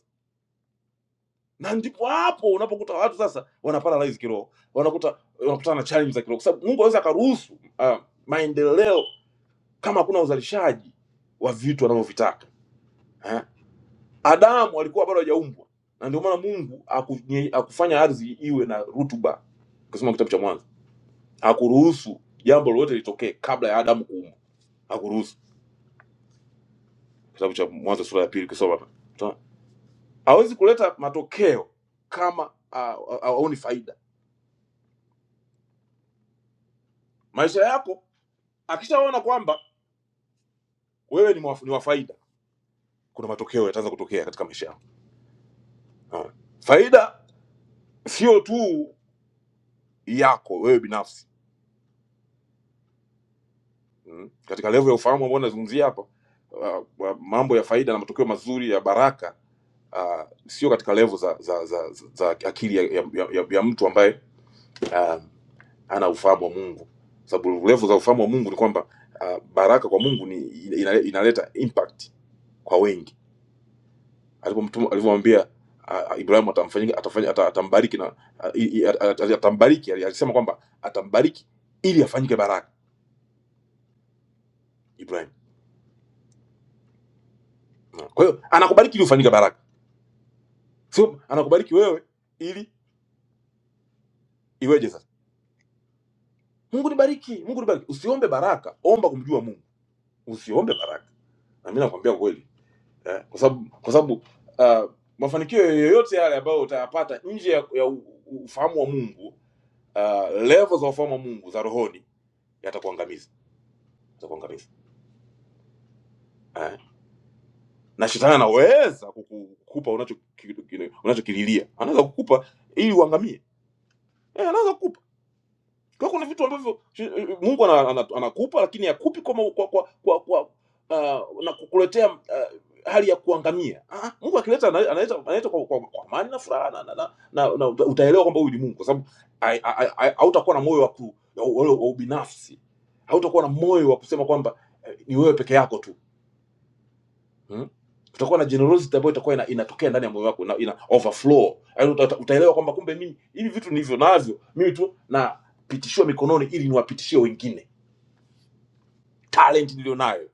C: na ndipo hapo unapokuta watu sasa wanaparalyze kiroho, wanakuta wanakutana na challenge za kiroho, kwa sababu Mungu anaweza akaruhusu ah, maendeleo kama hakuna uzalishaji wa vitu wanavyovitaka. eh. Adamu alikuwa bado hajaumbwa, na ndio maana Mungu akunye- akufanya ardhi iwe na rutuba, ukisoma kitabu cha Mwanzo, hakuruhusu jambo lolote litokee kabla ya Adamu kuumbwa, hakuruhusu. Kitabu cha Mwanzo sura ya pili, ukisoma pale, utaona. hawezi kuleta matokeo kama ah, ah, haoni faida maisha yako akishaona kwamba wewe ni, mwaf- ni wa faida, kuna matokeo yataanza kutokea katika maisha yako. Naona. Faida sio tu yako wewe binafsi mm. Katika level ya ufahamu ambao nazungumzia hapa uh, wa- mambo ya faida na matokeo mazuri ya baraka uh, sio katika level za za, za, za, za akili ya, ya, ya, ya ya mtu ambaye uh, ana ufahamu wa Mungu, sababu level za ufahamu wa Mungu ni kwamba uh, baraka kwa Mungu ni ina- inaleta impact kwa wengi alipomtuma alivyomwambia ah, ah, Ibrahim atamfanyia atafanya ata- atambariki na ah, i- i- at- at- atambariki ali- alisema kwamba atambariki ili afanyike baraka Ibrahim. Na, Kwa hiyo anakubariki ili ufanyike baraka. Sio anakubariki wewe ili iweje sasa? Mungu nibariki, Mungu nibariki. Usiombe baraka, omba kumjua Mungu. Usiombe baraka. Na mimi nakwambia kweli. Eh, kwa sababu kwa sababu ah, mafanikio yoyote yale ambayo utayapata nje ya, ya u- u- ufahamu wa Mungu, uh, level za ufahamu wa Mungu za rohoni yatakuangamiza, yatakuangamiza. Eh, na shetani anaweza kukupa unachokililia unachokililia anaweza kukupa ili uangamie eh, anaweza kukupa kwa hiyo kuna vitu ambavyo shi- eh, mungu ana- ana- anakupa lakini akupi kwa, ma- kwa, kwa, kwa, kwa uh, na kukuletea uh, hali ya kuangamia ah, mungu akileta ana- analeta analeta kwa, kwa, kwa amani na furaha na, na, na, na, na uta- utaelewa kwamba huyu ni mungu kwa sababu ai- ai- ai- hautakuwa na moyo wa ku- wa- wa- wa ubinafsi hautakuwa na moyo wa kusema kwamba ni wewe peke yako tu hmm? utakuwa na generosity ambayo itakuwa ina, inatokea ndani ya moyo wako na ina overflow yaani uta, uta- utaelewa kwamba kumbe mimi hivi vitu nilivyo navyo mimi tu napitishiwa mikononi ili niwapitishie wengine talent nilionayo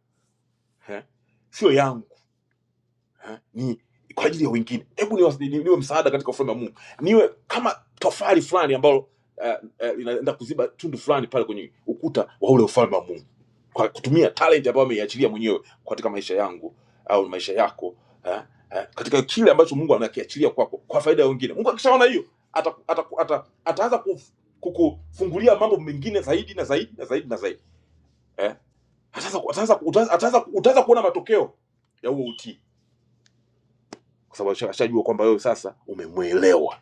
C: eh? sio yangu ni kwa ajili ya wengine hebu niwa- ni- niwe msaada katika ufalme wa mungu niwe kama tofali fulani ambalo uh, uh, inaenda kuziba tundu fulani pale kwenye ukuta wa ule ufalme wa mungu kwa kutumia talent ambayo ameiachilia mwenyewe katika maisha yangu au maisha yako eh, eh, katika kile ambacho mungu anakiachilia kwako kwa faida ya wengine mungu akishaona hiyo ata- ata- ata- ataanza kuf- kukufungulia mambo mengine zaidi na zaidi na zaidi na zaidi eh. ataanza ku- ataanza ku- utaanza ataanza- utaanza kuona matokeo ya huo utii kwa sababu asha- ashajua kwamba wewe sasa umemwelewa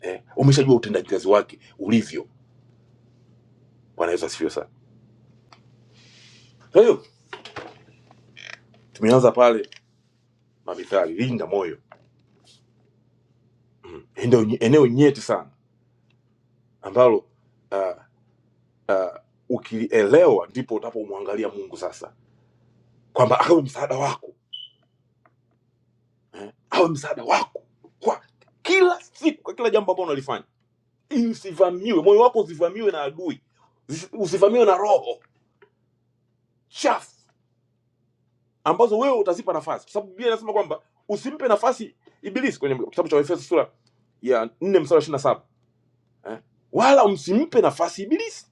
C: eh. umeshajua utendaji kazi wake ulivyo bwana yesu asifiwe sana kwa hiyo tumeanza pale mamithali linda moyo mm. eneo eneo nyeti sana ambalo uh, uh, ukilielewa ndipo unapomwangalia Mungu sasa, kwamba awe msaada wako, awe msaada wako kwa kila siku, kwa kila jambo ambalo unalifanya, ili usivamiwe moyo wako, usivamiwe na adui, usi- usivamiwe na roho chafu ambazo wewe utazipa nafasi, kwa sababu Biblia inasema kwamba usimpe nafasi Ibilisi kwenye kitabu cha Waefeso sura ya 4 mstari wa 27 eh? wala msimpe nafasi Ibilisi.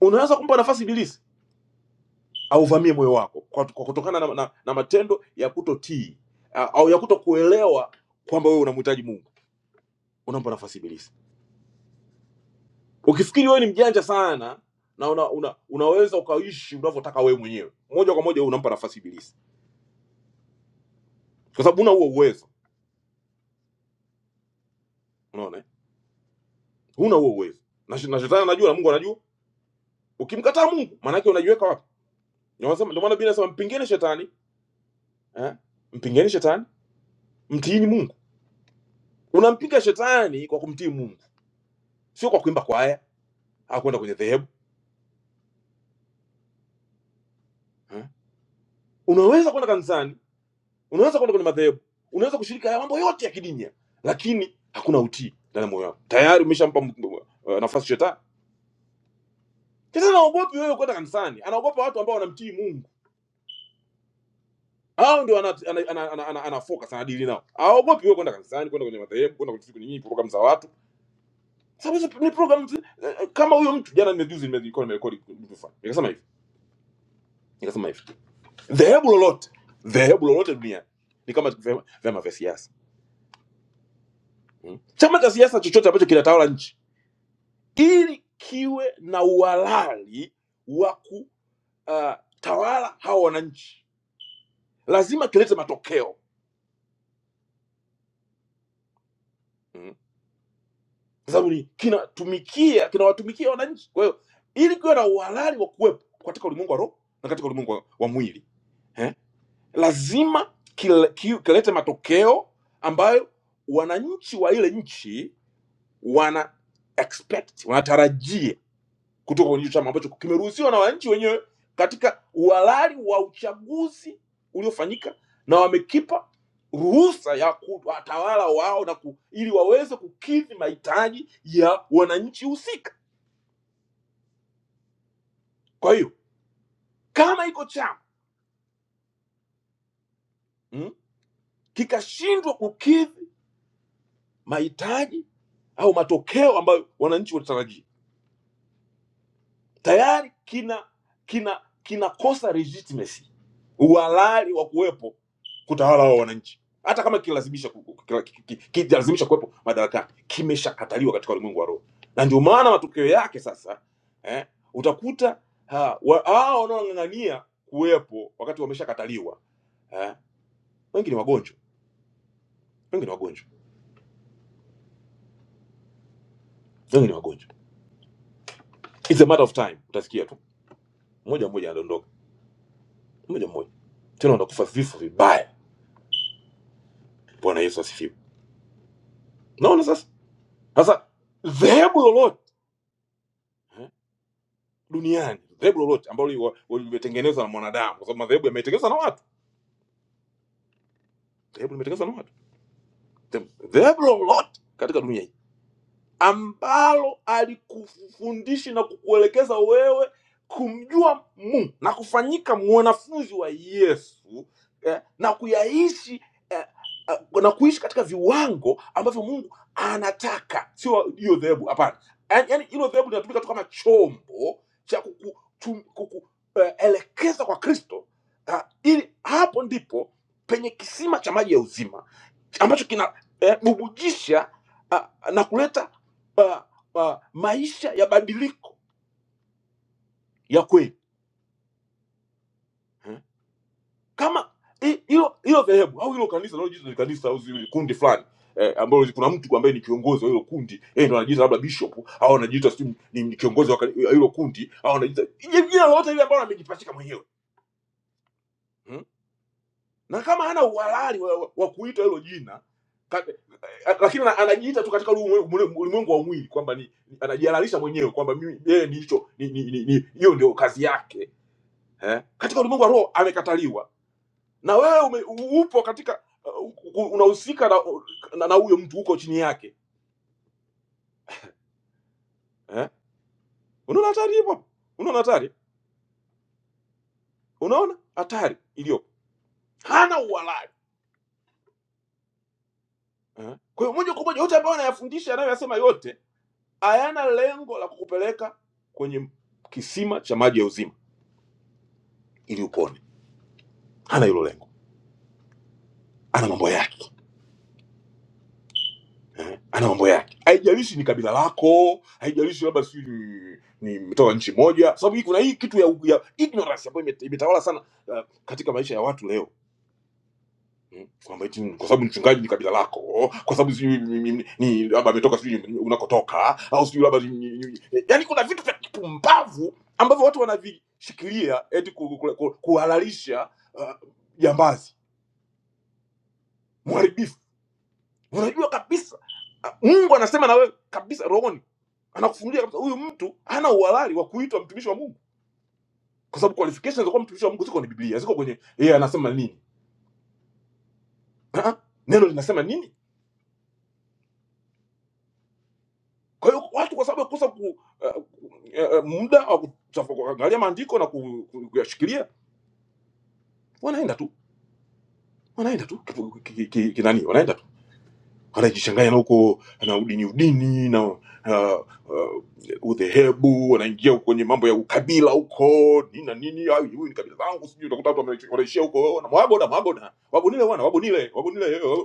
C: Unaweza kumpa nafasi Ibilisi auvamie moyo wako kwa, kwa kutokana na, na, na matendo ya kutotii a- au ya kutokuelewa kwamba wewe unamhitaji Mungu. Unampa nafasi Ibilisi. Ukifikiri wewe ni mjanja sana na una, una, unaweza ukaishi unavyotaka wewe mwenyewe, moja kwa moja wewe unampa nafasi Ibilisi, kwa sababu huna huo uwezo. Unaona, eh? huna huo uwezo na, shi- na shetani anajua na Mungu anajua. Ukimkataa Mungu, maana yake unajiweka wapi? Ndio wanasema- ndio maana Biblia inasema mpingeni shetani eh? Mpingeni shetani, mtiini Mungu. Unampinga shetani kwa kumtii Mungu, sio kwa kuimba kwaya au kwenda kwenye dhehebu. unaweza kwenda kanisani unaweza kwenda kwenye madhehebu unaweza kushiriki haya mambo yote ya kidini lakini hakuna utii ndani ya moyo wako tayari umeshampa m- m- uh, nafasi shetani shetani anaogopi wewe kwenda kanisani anaogopa watu ambao wanamtii mungu hao ndio ana, ana, ana, ana, ana, ana focus anadili nao aogopi wewe kwenda kanisani kwenda kwenye madhehebu kwenda kwenye kwenye programu za watu sababu hizo ni programu zi- eh, eh, kama huyo mtu jana nimejuzi nimerekodi nimerekodi kitu fulani nikasema hivi nikasema hivi dhehebu lolote dhehebu lolote duniani ni kama vyama vyama vya siasa hmm? chama cha siasa chochote ambacho kinatawala nchi ili kiwe na uhalali wa kutawala hawa wananchi, lazima kilete matokeo mm. kwa sababu ni kinatumikia kinawatumikia wananchi. Kwa hiyo ili kiwe na uhalali wa kuwepo katika ulimwengu wa roho na katika ulimwengu wa wa mwili eh, lazima kile- ki- kilete matokeo ambayo wananchi wa ile nchi wana expect, wanatarajia kutoka kwenye hicho chama ambacho kimeruhusiwa na wananchi wenyewe katika uhalali wa uchaguzi uliofanyika na wamekipa ruhusa ya kuwatawala wao na ku, ili waweze kukidhi mahitaji ya wananchi husika. Kwa hiyo kama iko chama mm, kikashindwa kukidhi mahitaji au matokeo ambayo wananchi walitarajia, tayari kina kina kinakosa legitimacy, uhalali wa kuwepo kutawala wao wananchi, hata kama kilazimisha ku- ku- kila- ki- ki- kilazimisha kuwepo madarakani, kimeshakataliwa katika ulimwengu wa roho, na ndio maana matokeo yake sasa eh, utakuta ha, wa- hao wanaong'ang'ania kuwepo shakataliwa eh, wengi ni wagonjwa, wengi ni wagonjwa, wengi ni wagonjwa. It's a matter of time, utasikia tu mmoja mmoja anadondoka, mmoja mmoja tena wanakufa vifo vibaya. Bwana Yesu asifiwe. Naona sasa sasa dhehebu lolote duniani dhehebu lolote ambalo liwa- limetengenezwa na mwanadamu, kwa sababu madhehebu yametengenezwa na watu, dhehebu limetengenezwa na watu the- the- lolote katika dunia ambalo alikufundisha na kukuelekeza wewe kumjua Mungu na kufanyika mwanafunzi wa Yesu eh, na kuyaishi eh, eh, na kuishi katika viwango ambavyo Mungu anataka, sio hiyo dhehebu. Hapana, yaani yaani hilo dhehebu linatumika tu kama chombo cha kukuelekeza eh, kwa Kristo ah, ili hapo ndipo penye kisima cha maji ya uzima ambacho kinabubujisha eh, na kuleta uh, uh, maisha ya badiliko ya kweli eh? kama hi- hilo hilo dhehebu au hilo kanisa linalojiita ni kanisa au zile kundi fulani eh, ambalo kuna mtu ambaye ni kiongozi wa hilo kundi yeye ndo anajiita labda bishop au anajiita si ni ni kiongozi wa kani- wa hilo kundi au anajiita jina jina lolote ile ambalo amejipachika mwenyewe hmm? na kama hana uhalali wa, wa, wa kuita hilo jina ka, eh, lakini ana- anajiita tu katika ulimwengu ulimwengu wa mwili kwamba ni anajihalalisha mwenyewe kwamba mimi yeye ni hicho ni- ni- ni- ni- hiyo ndio kazi yake eh? katika ulimwengu wa roho amekataliwa na wewe ume, upo katika uh, unahusika na na na huyo mtu huko chini yake eh? unaona hatari ipo hapo? unaona hatari unaona hatari iliyopo hana uhalali eh? kwa hiyo moja kwa moja yote ambayo anayafundisha anayoyasema yote hayana lengo la kukupeleka kwenye kisima cha maji ya uzima ili upone hana hilo lengo ana mambo yake ana mambo yake, haijalishi ni kabila lako, haijalishi labda sijui ni ni mtoka nchi moja, sababu hii kuna hii kitu ya, ya ignorance ambayo ime- imetawala sana uh, katika maisha ya watu leo Mm, kwamba eti kwa sababu mchungaji ni kabila lako, kwa sababu sijui ni ni- ni- labda ametoka sijui unakotoka, au sijui labda ni- ni- ni- yaani kuna vitu vya kipumbavu ambavyo watu wanavishikilia eti ku, ku, ku, kuhalalisha uh, jambazi mharibifu. Unajua kabisa ah, Mungu anasema na wewe kabisa rohoni anakufunulia kabisa huyu mtu hana uhalali wa kuitwa mtumishi wa Mungu, kwa sababu qualifications za kuwa mtumishi wa Mungu ziko kwenye Biblia, ziko kwenye yeye anasema nini, Ah, neno linasema nini. Kwa hiyo watu kwa sababu ya kukosa ku, uh, uh, uh, muda wa kutafa- kuangalia maandiko na ku- ku- kuyashikilia, wanaenda tu wanaenda tu kinani, wanaenda anajichanganya na huko na udini udini na uh, uh, udhehebu anaingia huko kwenye mambo ya ukabila huko nini na nini "Ah, huyu ni kabila langu sijui utakuta watu wanaishia huko "Oh, na mwagoda mwagoda wabonile wana wabonile wabonile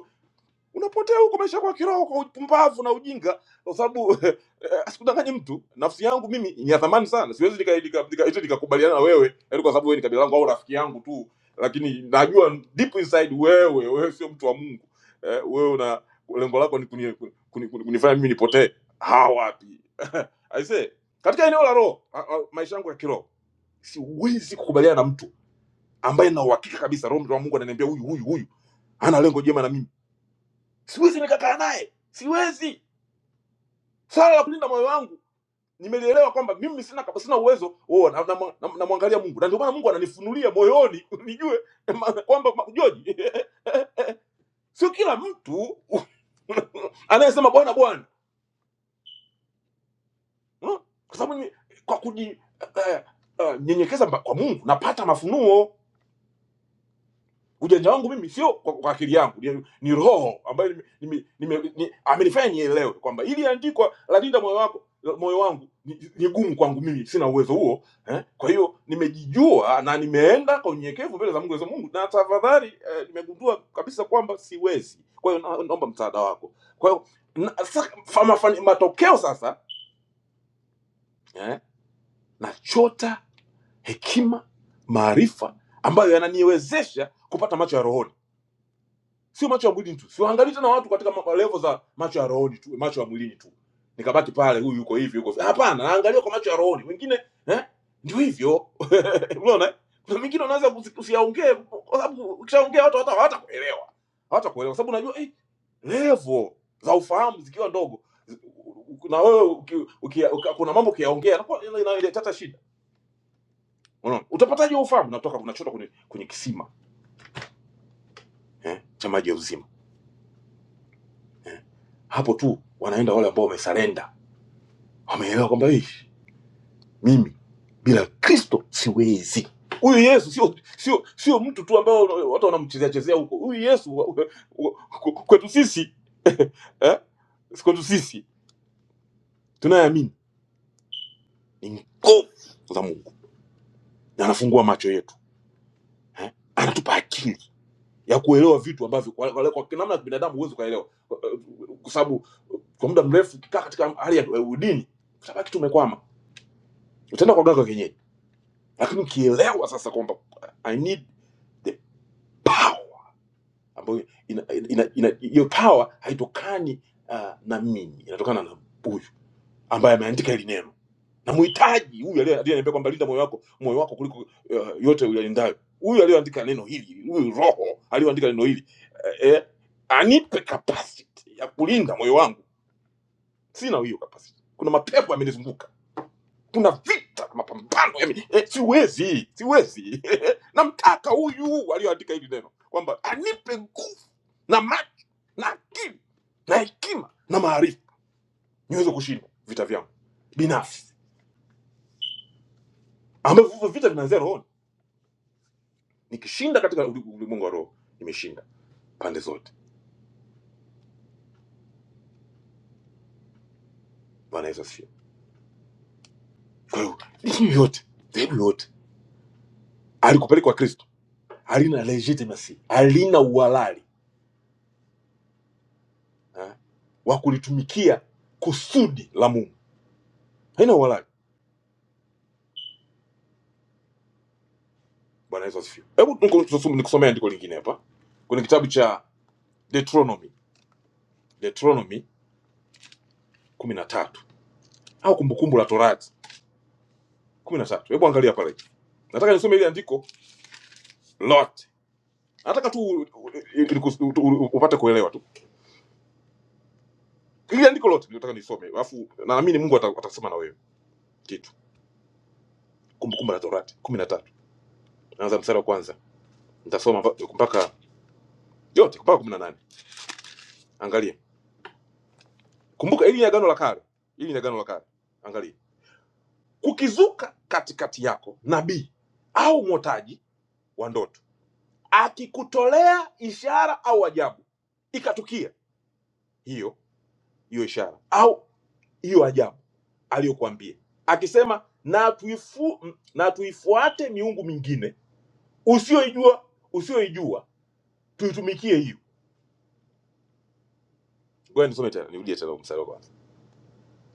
C: unapotea huko maisha kwa kiroho kwa upumbavu na ujinga kwa sababu *laughs* eh, asikudanganye mtu nafsi yangu mimi ni ya thamani sana siwezi nika- nika- nika- eti nikakubaliana na wewe yani kwa sababu wewe ni kabila langu au rafiki yangu tu lakini najua deep inside wewe wewe sio mtu wa Mungu eh, wewe una lengo lako ni kuni, kuni, kuni, kuni, kunifanya mimi nipotee ha wapi aise katika eneo la roho a- a- maisha yangu ya kiroho siwezi kukubaliana na mtu ambaye na uhakika kabisa roho wa Mungu ananiambia huyu huyu huyu ana lengo jema na mimi siwezi nikakaa naye siwezi Swala la kulinda moyo wangu nimelielewa kwamba mimi sina kapa, sina uwezo huo, na namwangalia na, na, namwangalia Mungu, na ndio maana Mungu ananifunulia moyoni *laughs* nijue ma- kwamba ma- George, *laughs* sio kila mtu *laughs* anayesema Bwana Bwana, hmm? kwa sababu ni- kwa kunyenyekeza uh, uh, nyenyekeza mba- kwa Mungu napata mafunuo ujanja wangu mimi sio kwa, kwa akili yangu ni, ni roho ambayo nime- nime- nime- ni- amenifanya nielewe kwamba ili andikwa la linda moyo wako moyo wangu ni, ni gumu kwangu mimi sina uwezo huo eh? kwa hiyo nimejijua na nimeenda kwa unyenyekevu mbele za mungu za mungu na tafadhali eh, nimegundua kabisa kwamba siwezi kwa hiyo na- naomba msaada wako kwa hiyo na- sa- fa- mafani- matokeo sasa eh? nachota hekima maarifa ambayo yananiwezesha kupata macho ya rohoni Waangalie tena watu katika ma- level za macho ya rohoni tu, macho ya mwilini tu. Nikabaki pale, huyu yuko hivi, yuko hivi. Hapana, naangalia kwa macho ya rohoni. Wengine eh, ndio hivyo. *laughs* Unaona? eh? Kuna mingine unaweza kusi- usiyaongee kwa sababu ukishaongea watu hata hawatakuelewa. Hawatakuelewa kwa sababu unajua eh, level za ufahamu zikiwa ndogo zi- na wewe uki, uki, uka, kuna mambo ukiyaongea inakuwa ina- inaleta shida. Unaona? Utapataje ufahamu? Natoka unachota kwenye kwenye kisima eh, cha maji ya uzima. Eh. Hapo tu wanaenda wale ambao wamesurrender. Wameelewa kwamba hii mimi bila kristo siwezi huyu yesu sio sio sio mtu tu ambaye wana- watu wanamchezea chezea huko huyu yesu wa- wa- wa- kwetu sisi *laughs* eh, kwetu sisi tunayeamini ni nguvu za mungu na anafungua macho yetu eh, anatupa akili ya kuelewa vitu ambavyo kwa, kwa, kwa namna ya binadamu huwezi ukaelewa kwa eh, kwa sababu kwa muda mrefu ukikaa katika hali ya ya udini utabaki tumekwama utaenda kwa mganga wa kienyeji lakini ukielewa sasa kwamba i need the power ambayo ina, ina, ina, hiyo power haitokani uh, na mimi inatokana na huyu ambaye ameandika hili neno namuhitaji huyu aliye- aliyeniambia kwamba linda moyo wako moyo wako kuliko uh, yote uyalindayo huyu aliyoandika neno hili huyu roho aliyoandika neno hili eh, eh, anipe capacity ya kulinda moyo wangu sina hiyo capacity kuna mapepo yamenizunguka kuna vita mapambano yame, eh, siwezi siwezi *laughs* namtaka huyu aliyoandika hili neno kwamba anipe nguvu na macho na akili na hekima na maarifa niweze kushinda vita vyangu binafsi ambavyo hivyo vita vinaanzia rohoni nikishinda katika uli- ulimwengu wa roho nimeshinda pande zote bwana yesu asifiwe kwa hiyo dini yote dhehebu yote alikupeleka kwa kristo halina legitimacy halina uhalali eh, wa kulitumikia kusudi la mungu haina uhalali bwana yesu asifiwe hebu nikusome- nikusomea andiko lingine hapa kwenye kitabu cha deuteronomy deuteronomy kumi na tatu au kumbukumbu la torati kumi na tatu hebu angalia pale nataka nisome ile andiko lote nataka tu u- u- ilikus- u- u- upate kuelewa tu ile andiko lote nilitaka nisome alafu naamini mungu ata- atasema na wewe kitu kumbukumbu la torati kumi na tatu naanza mstari wa kwanza nitasoma mpa- mpaka yote mpaka kumi na nane angalia kumbuka ili ni agano la kale ili ni agano la kale angalia kukizuka katikati yako nabii au mwotaji wa ndoto akikutolea ishara au ajabu ikatukia hiyo hiyo ishara au hiyo ajabu aliyokuambia akisema na, tuifu, na tuifuate miungu mingine usiyoijua usiyoijua tuitumikie hiyo ngoja nisome tena nirudie tena mstari wa kwanza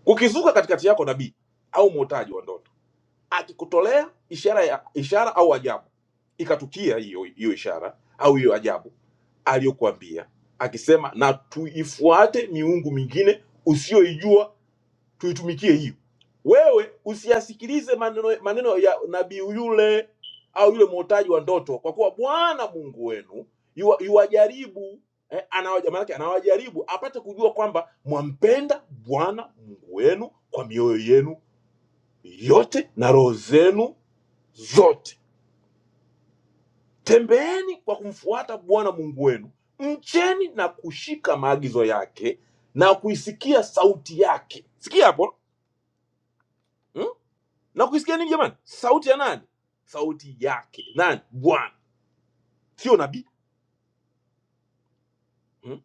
C: kukizuka katikati yako nabii au mwotaji wa ndoto akikutolea ishara ya ishara au ajabu ikatukia hiyo hiyo ishara au hiyo ajabu aliyokuambia akisema na tuifuate miungu mingine usiyoijua tuitumikie hiyo. Wewe usiyasikilize maneno, maneno ya nabii yule au yule mwotaji wa ndoto, kwa kuwa Bwana Mungu wenu yuwa- yuwajaribu eh, anawaja- maanake anawajaribu apate kujua kwamba mwampenda Bwana Mungu wenu kwa mioyo yenu yote na roho zenu zote. Tembeeni kwa kumfuata Bwana Mungu wenu, mcheni na kushika maagizo yake na kuisikia sauti yake. Sikia hapo mm? na kuisikia nini jamani sauti ya nani sauti yake nani bwana sio nabii hmm?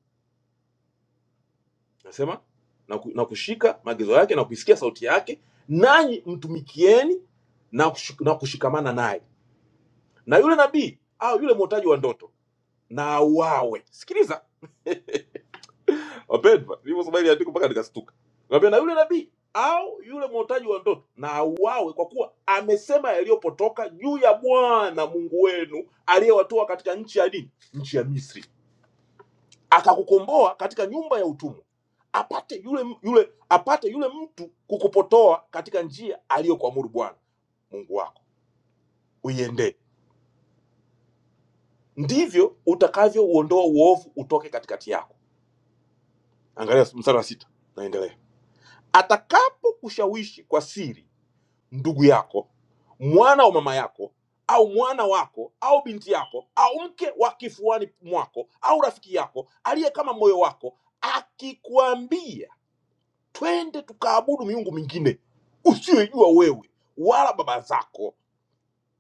C: nasema na, ku, na kushika maagizo yake na kuisikia sauti yake nanyi mtumikieni na, kushik, na kushikamana naye na yule nabii au yule mwotaji wa ndoto na auawe sikiliza wapendwa nilivyosoma ile andiko mpaka nikastuka Naambia, na yule nabii au yule mwotaji wa ndoto na auawe kwa kuwa amesema yaliyopotoka juu ya bwana mungu wenu aliyewatoa katika nchi ya nini nchi ya misri akakukomboa katika nyumba ya utumwa apate yule, m- yule apate yule mtu kukupotoa katika njia aliyokuamuru bwana mungu wako uiendee ndivyo utakavyouondoa uovu utoke katikati yako angalia mstari wa sita naendelea atakapokushawishi kwa siri ndugu yako mwana wa mama yako au mwana wako au binti yako au mke wa kifuani mwako au rafiki yako aliye kama moyo wako akikwambia twende tukaabudu miungu mingine usiyojua wewe wala baba zako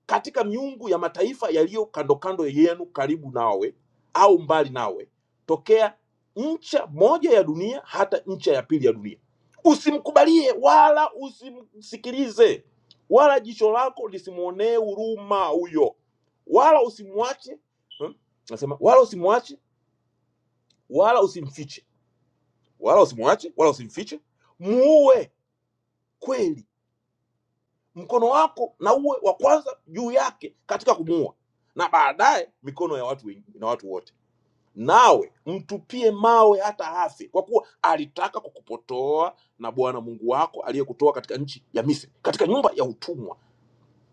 C: katika miungu ya mataifa yaliyo kando kando yenu karibu nawe au mbali nawe tokea ncha moja ya dunia hata ncha ya pili ya dunia usimkubalie wala usimsikilize wala jicho lako lisimwonee huruma huyo wala usimwache hmm? nasema wala usimwache wala usimfiche wala usimwache wala usimfiche muue kweli mkono wako na uwe wa kwanza juu yake katika kumuua na baadaye mikono ya watu wengine na watu wote nawe mtupie mawe hata afe kwa kuwa alitaka kukupotoa na bwana mungu wako aliyekutoa katika nchi ya misri katika nyumba ya utumwa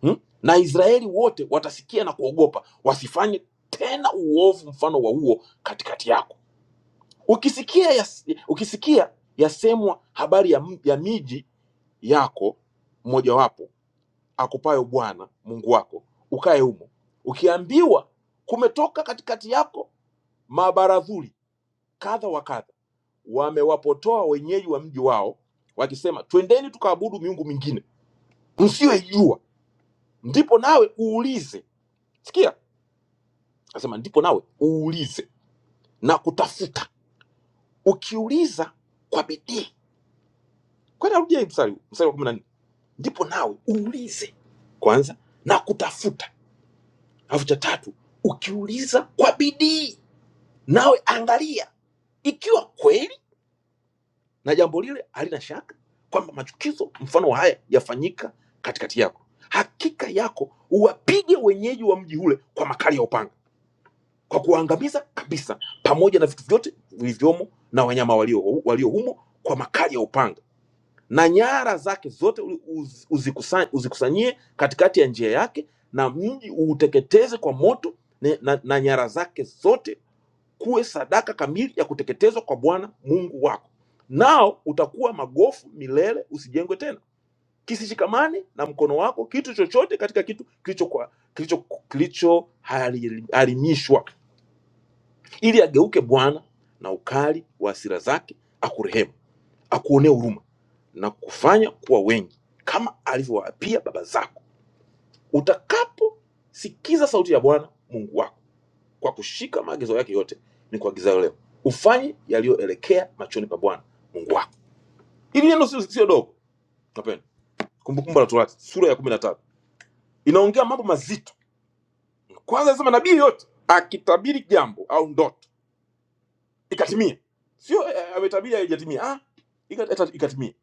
C: hmm? na israeli wote watasikia na kuogopa wasifanye tena uovu mfano wa huo katikati yako ukisikia yas, ukisikia yasemwa habari ya, m- ya miji yako mojawapo akupayo Bwana Mungu wako, ukae humo. Ukiambiwa kumetoka katikati yako mabaradhuli kadha wa kadha, wamewapotoa wenyeji wa mji wao, wakisema, twendeni tukaabudu miungu mingine msiyoijua, ndipo nawe uulize. Sikia, anasema ndipo nawe uulize na kutafuta. Ukiuliza kwa bidii, kwani narudia hii mstari huu, mstari wa kumi na nne ndipo nawe uulize kwanza na kutafuta, alafu cha tatu ukiuliza kwa bidii Nawe angalia ikiwa kweli na jambo lile halina shaka kwamba machukizo mfano wa haya yafanyika katikati yako, hakika yako uwapige wenyeji wa mji ule kwa makali ya upanga, kwa kuwaangamiza kabisa, pamoja na vitu vyote vilivyomo na wanyama walio, walio humo kwa makali ya upanga, na nyara zake zote u- uz- uzikusa- uzikusanyie katikati ya njia yake, na mji uuteketeze kwa moto, na, na, na nyara zake zote kuwe sadaka kamili ya kuteketezwa kwa Bwana Mungu wako, nao utakuwa magofu milele, usijengwe tena. Kisishikamane na mkono wako kitu chochote katika kitu kilichoharimishwa kilicho, kilicho harimishwa, ili ageuke Bwana na ukali wa hasira zake, akurehemu, akuonee huruma na kufanya kuwa wengi kama alivyowaapia baba zako, utakapo si Bwana wako kwako yote ni kuagizayo leo, ufanye yaliyoelekea machoni pa Bwana Mungu wako. Hili neno sio sio dogo kapeni. Kumbukumbu la Torati sura ya kumi na tatu inaongea mambo mazito. Kwanza inasema nabii yoyote akitabiri jambo au ndoto ikatimie, sio eh, eh, ametabiri haijatimia, ah, ika- eta- ikatimie.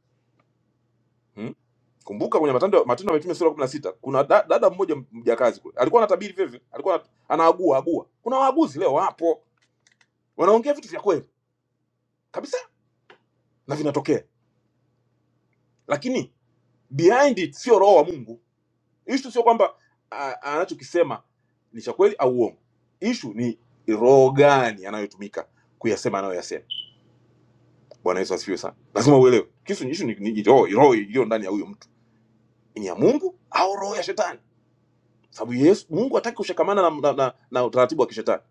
C: Hmm? Kumbuka kwenye Matendo Matendo ya Mitume sura ya kumi na sita kuna da, dada mmoja mjakazi kule alikuwa anatabiri vivyo, alikuwa ana- anaagua agua. Kuna waaguzi leo wapo wanaongea vitu vya kweli kabisa na vinatokea, lakini behind it sio roho wa Mungu Ishu sio kwamba a- anachokisema ni cha kweli au uongo. Ishu ni roho gani anayotumika kuyasema anayoyasema. Bwana Yesu asifiwe sana. Lazima uelewe kisu ni ishu ni, ni roho roho iliyo ndani ya huyo mtu ni ya Mungu au roho ya shetani, sababu Yesu Mungu hataki kushikamana na, na, na, na utaratibu wa kishetani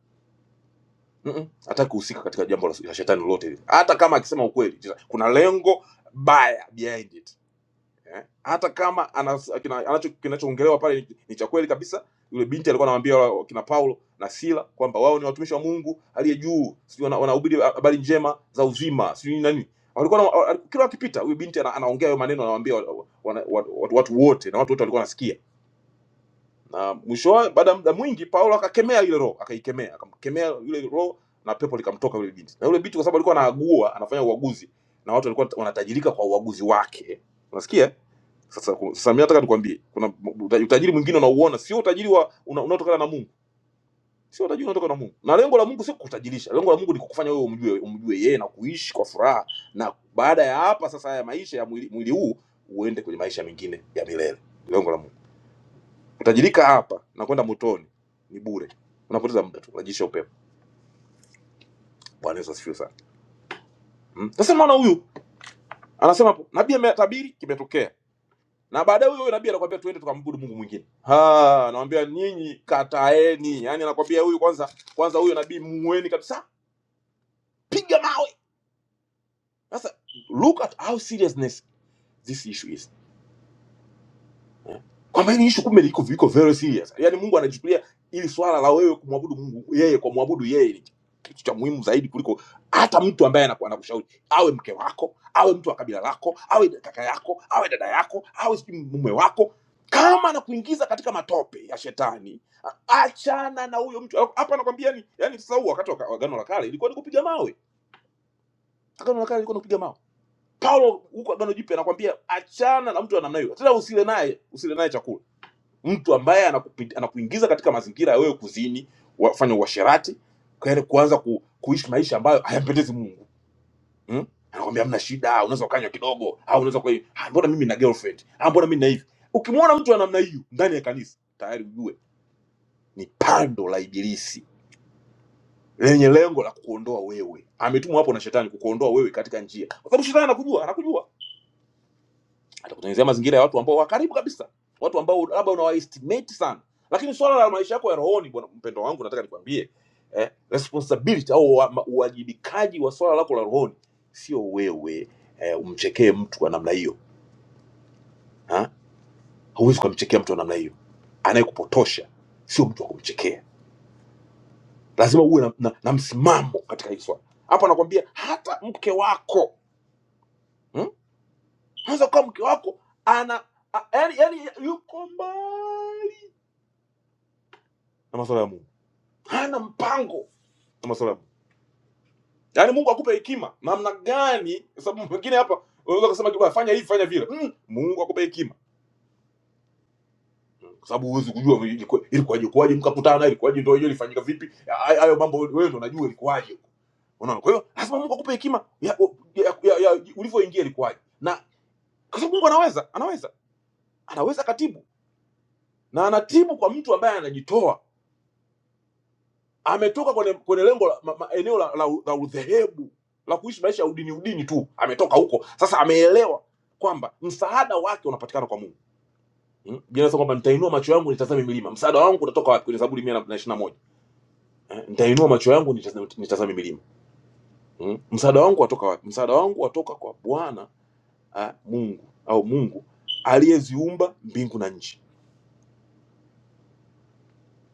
C: Mm-mm. hataki kuhusika katika jambo la, la shetani lolote, hata kama akisema ukweli. Kuna lengo baya behind it eh? hata kama anas- kina- anacho kinachoongelewa pale ni ni cha kweli kabisa yule binti alikuwa anamwambia wa- kina Paulo na Sila kwamba wao ni watumishi wa Mungu aliye juu sijui wana- wanahubiri habari njema za uzima sijui nani walikuwa na, wa- kila wakipita huyu binti ana, anaongea hayo maneno anawaambia wa- wa- wana- wa- watu, watu wote na watu wote walikuwa wanasikia na mwishowe baada ya muda mwingi paulo akakemea ile roho akaikemea akamkemea yule roho na pepo likamtoka yule binti na yule binti kwa sababu alikuwa anaagua anafanya uaguzi na watu walikuwa wanatajirika kwa uaguzi wake unasikia sasa ku- sasa mimi nataka nikwambie kuna uta- utajiri mwingine unauona sio utajiri wa una- unaotokana na Mungu sio utajiri unaotokana na Mungu na lengo la Mungu sio kukutajirisha lengo la Mungu ni kukufanya wewe umjue umjue yeye na kuishi kwa furaha na baada ya hapa sasa haya maisha ya mwili, mwili huu uende kwenye maisha mengine ya milele lengo la Mungu Utajirika hapa na kwenda motoni ni bure, unapoteza muda tu, unajisha upepo. Bwana Yesu asifiwe sana. Mm. Sasa maana huyu anasema hapo, nabii ametabiri, kimetokea na baadaye huyo huyo nabii anakuambia tuende tukamwabudu Mungu mwingine. Ah, anawaambia nyinyi kataeni. Yaani anakuambia huyu kwanza kwanza huyo nabii muweni kabisa. Piga mawe. Sasa look at how seriousness this issue is. kwamba hili ishu kumbe liko viko very serious yani mungu anachukulia ili swala la wewe kumwabudu mungu yeye kwa mwabudu yeye ni kitu cha muhimu zaidi kuliko hata mtu ambaye anaku- anakushauri awe mke wako awe mtu wa kabila lako awe kaka yako awe dada yako awe sijui mume wako kama anakuingiza katika matope ya shetani a- achana na huyo mtu hapa anakwambia ni yani sasa huu wakati wa ka- wa agano la kale ilikuwa ni kupiga mawe agano la kale ilikuwa ni kupiga mawe paulo huko agano jipya anakwambia achana na mtu wa namna hiyo tena usile naye usile naye chakula mtu ambaye anakupi- anakuingiza katika mazingira ya wewe kuzini wafanya uasherati kwa yale kuanza ku, kuishi maisha ambayo hayampendezi mungu hmm? anakwambia hamna shida unaweza ukanywa kidogo au unaweza kwa "Ah, mbona mimi na girlfriend ah, mbona mimi na hivi ukimwona mtu wa namna hiyo ndani ya kanisa tayari ujue ni pando la ibilisi lenye lengo la kukuondoa wewe ametumwa hapo na shetani kukuondoa wewe katika njia kwa sababu shetani anakujua anakujua atakutengenezea mazingira ya watu ambao wa karibu kabisa watu ambao labda unawaestimate sana lakini swala la maisha yako ya rohoni bwana mpendo wangu nataka nikwambie eh, responsibility au wa- ma- uwajibikaji wa swala lako la rohoni sio wewe eh, umchekee mtu wa namna hiyo ha? huwezi ukamchekea mtu wa namna hiyo anayekupotosha sio mtu wa kumchekea lazima uwe na, na, na msimamo katika hili swala hapa nakwambia hata mke wako hmm? anaweza kuwa mke wako ana a, yani, yani yuko mbali na masuala ya Mungu hana mpango na masuala yaani mungu akupe hekima namna gani kwa sababu mwingine hapa unaweza kusema kitu fanya hivi fanya vile mm, mungu akupe hekima kwa sababu huwezi kujua ilikuwa- ilikuwaje kuwaje mkakutana ilikuwaje ndio hiyo ilifanyika vipi Hayo hayo mambo wewe ndio unajua ilikuwaje huko. unaona kwa hiyo lazima mungu akupe hekima ya, ya, ya, ya ulivyoingia ilikuwaje na kwa sababu mungu anaweza anaweza anaweza katibu na anatibu kwa mtu ambaye anajitoa ametoka kwenye, kwenye lengo la, ma, ma, eneo la, la, la udhehebu la kuishi maisha ya udini udini tu ametoka huko sasa ameelewa kwamba msaada wake unapatikana kwa mungu hmm? Biblia inasema kwamba nitainua macho yangu nitazame milima msaada wangu utatoka wapi kwenye zaburi mia na ishirini na moja eh? nitainua macho yangu nitazame, nitazame milima hmm? msaada wangu watoka wapi msaada wangu watoka kwa bwana ah, mungu au mungu aliyeziumba mbingu na nchi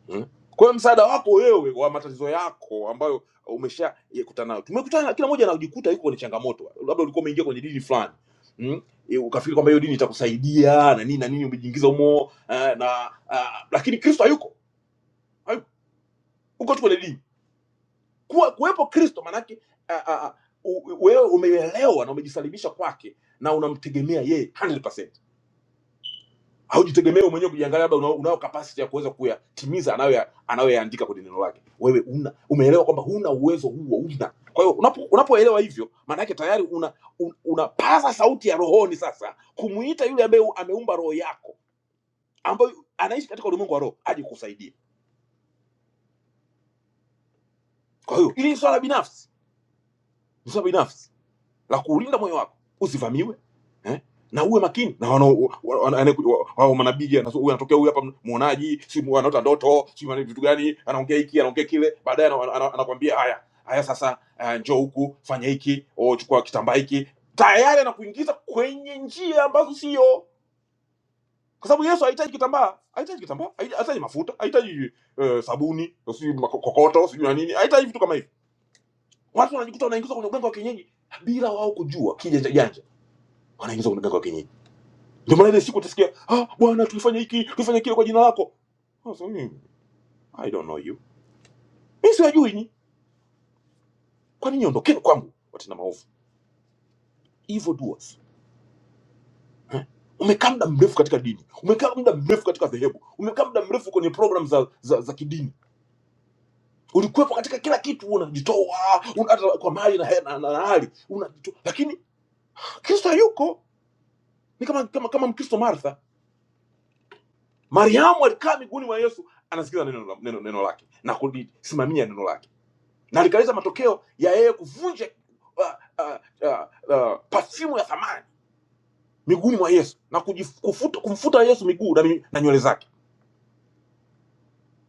C: Mm. Kwa hiyo msaada wako wewe wa matatizo yako ambayo umeshakutana nayo, tumekutana kila mmoja anajikuta yuko kwenye changamoto, labda ulikuwa umeingia kwenye dini fulani mm? E, ukafikiri kwamba hiyo dini itakusaidia na nini na nini, umejiingiza humo eh, na ah, lakini Kristo hayuko, hayuko uko tu kwenye dini. Kuwa, kuwepo Kristo maanake ah, ah, ah, u- wewe umeelewa na umejisalimisha kwake na unamtegemea yeye 100%. haujitegemee wewe mwenyewe kujiangalia, labda unao, unao capacity ya kuweza kuyatimiza anayoya- anayoyaandika kwenye neno lake. Wewe una umeelewa kwamba huna uwezo huo, una. Kwa hiyo unapo- unapoelewa hivyo, maana yake tayari una, un, unapaza sauti ya rohoni sasa kumuita yule ambaye u- ameumba roho yako, ambayo anaishi katika ulimwengu wa roho aje kukusaidia. Kwa hiyo ili ni swala binafsi, ni swala binafsi la kuulinda moyo wako usivamiwe eh? na uwe makini na wana- wa- wa- ane- wa- hao manabii anazo- huyu anatokea huyu hapa mwonaji si mu- anaota ndoto si mwana- vitu gani anaongea hiki anaongea kile baadaye ana- ana- anakwambia haya haya sasa uh, njoo huku fanya hiki oh, chukua kitambaa hiki tayari anakuingiza kwenye njia ambazo sio kwa sababu yesu hahitaji kitambaa hahitaji kitambaa hahi- hahitaji mafuta hahitaji eh, sabuni si kokoto sijui na nini hahitaji vitu kama hivi watu wanajikuta wanaingizwa kwenye uganga wa kienyeji bila wao kujua kijanja janja wanaingiza kwenye mganga wa kienyeji. Ndio maana ile siku utasikia ah, bwana tulifanya hiki tulifanya kile kwa jina lako. Sasa mimi I don't know you, mimi siwajui nyinyi, kwa nini ondokeni kwangu, watenda maovu, evil doers. Umekaa muda mrefu katika dini, umekaa muda mrefu katika dhehebu, umekaa muda mrefu kwenye program za, za, za kidini, ulikuwepo katika kila kitu, unajitoa una, hata kwa mali na, na, na, na hali unajitoa, lakini Kristo hayuko. Ni kama kama, kama Mkristo Martha. Mariamu alikaa miguuni mwa Yesu, anasikiza neno, neno, neno lake na kulisimamia neno lake na likaleta matokeo ya yeye kuvunja uh, uh, uh, uh, pafyumu ya thamani miguuni mwa Yesu na kujif- kufuta- kumfuta Yesu miguu na, mi- na nywele zake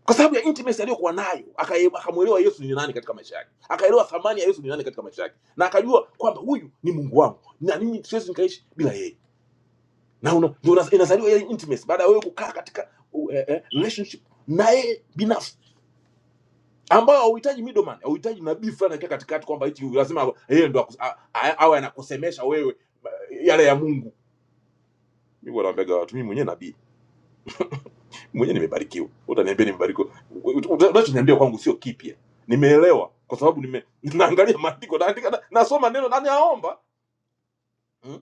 C: kwa sababu ya intimacy aliyokuwa nayo, akaye- akamwelewa Yesu ni nani katika maisha yake, akaelewa thamani ya Yesu ni nani katika maisha yake, na akajua kwamba huyu ni Mungu wangu na mimi siwezi nikaishi bila yeye. Na una- ndio una- inazaliwa ile intimacy baada ya wewe kukaa katika uh, eh, eh, relationship naye binafsi ambao hauhitaji middleman, hauhitaji nabii fulani anaingia katikati kwamba hichi lazima yeye ndo akus- a- a- awe anakusemesha wewe eh, yale ya Mungu. Mimi huwa naambiaga watu, mimi mwenyewe nabii, mimi mwenyewe nimebarikiwa. Utaniambia nimebarikiwa, Uta- unachoniambia kwangu sio kipya, nimeelewa kwa sababu nime *laughs* naangalia maandiko, naandika, na- nasoma neno na naomba mm.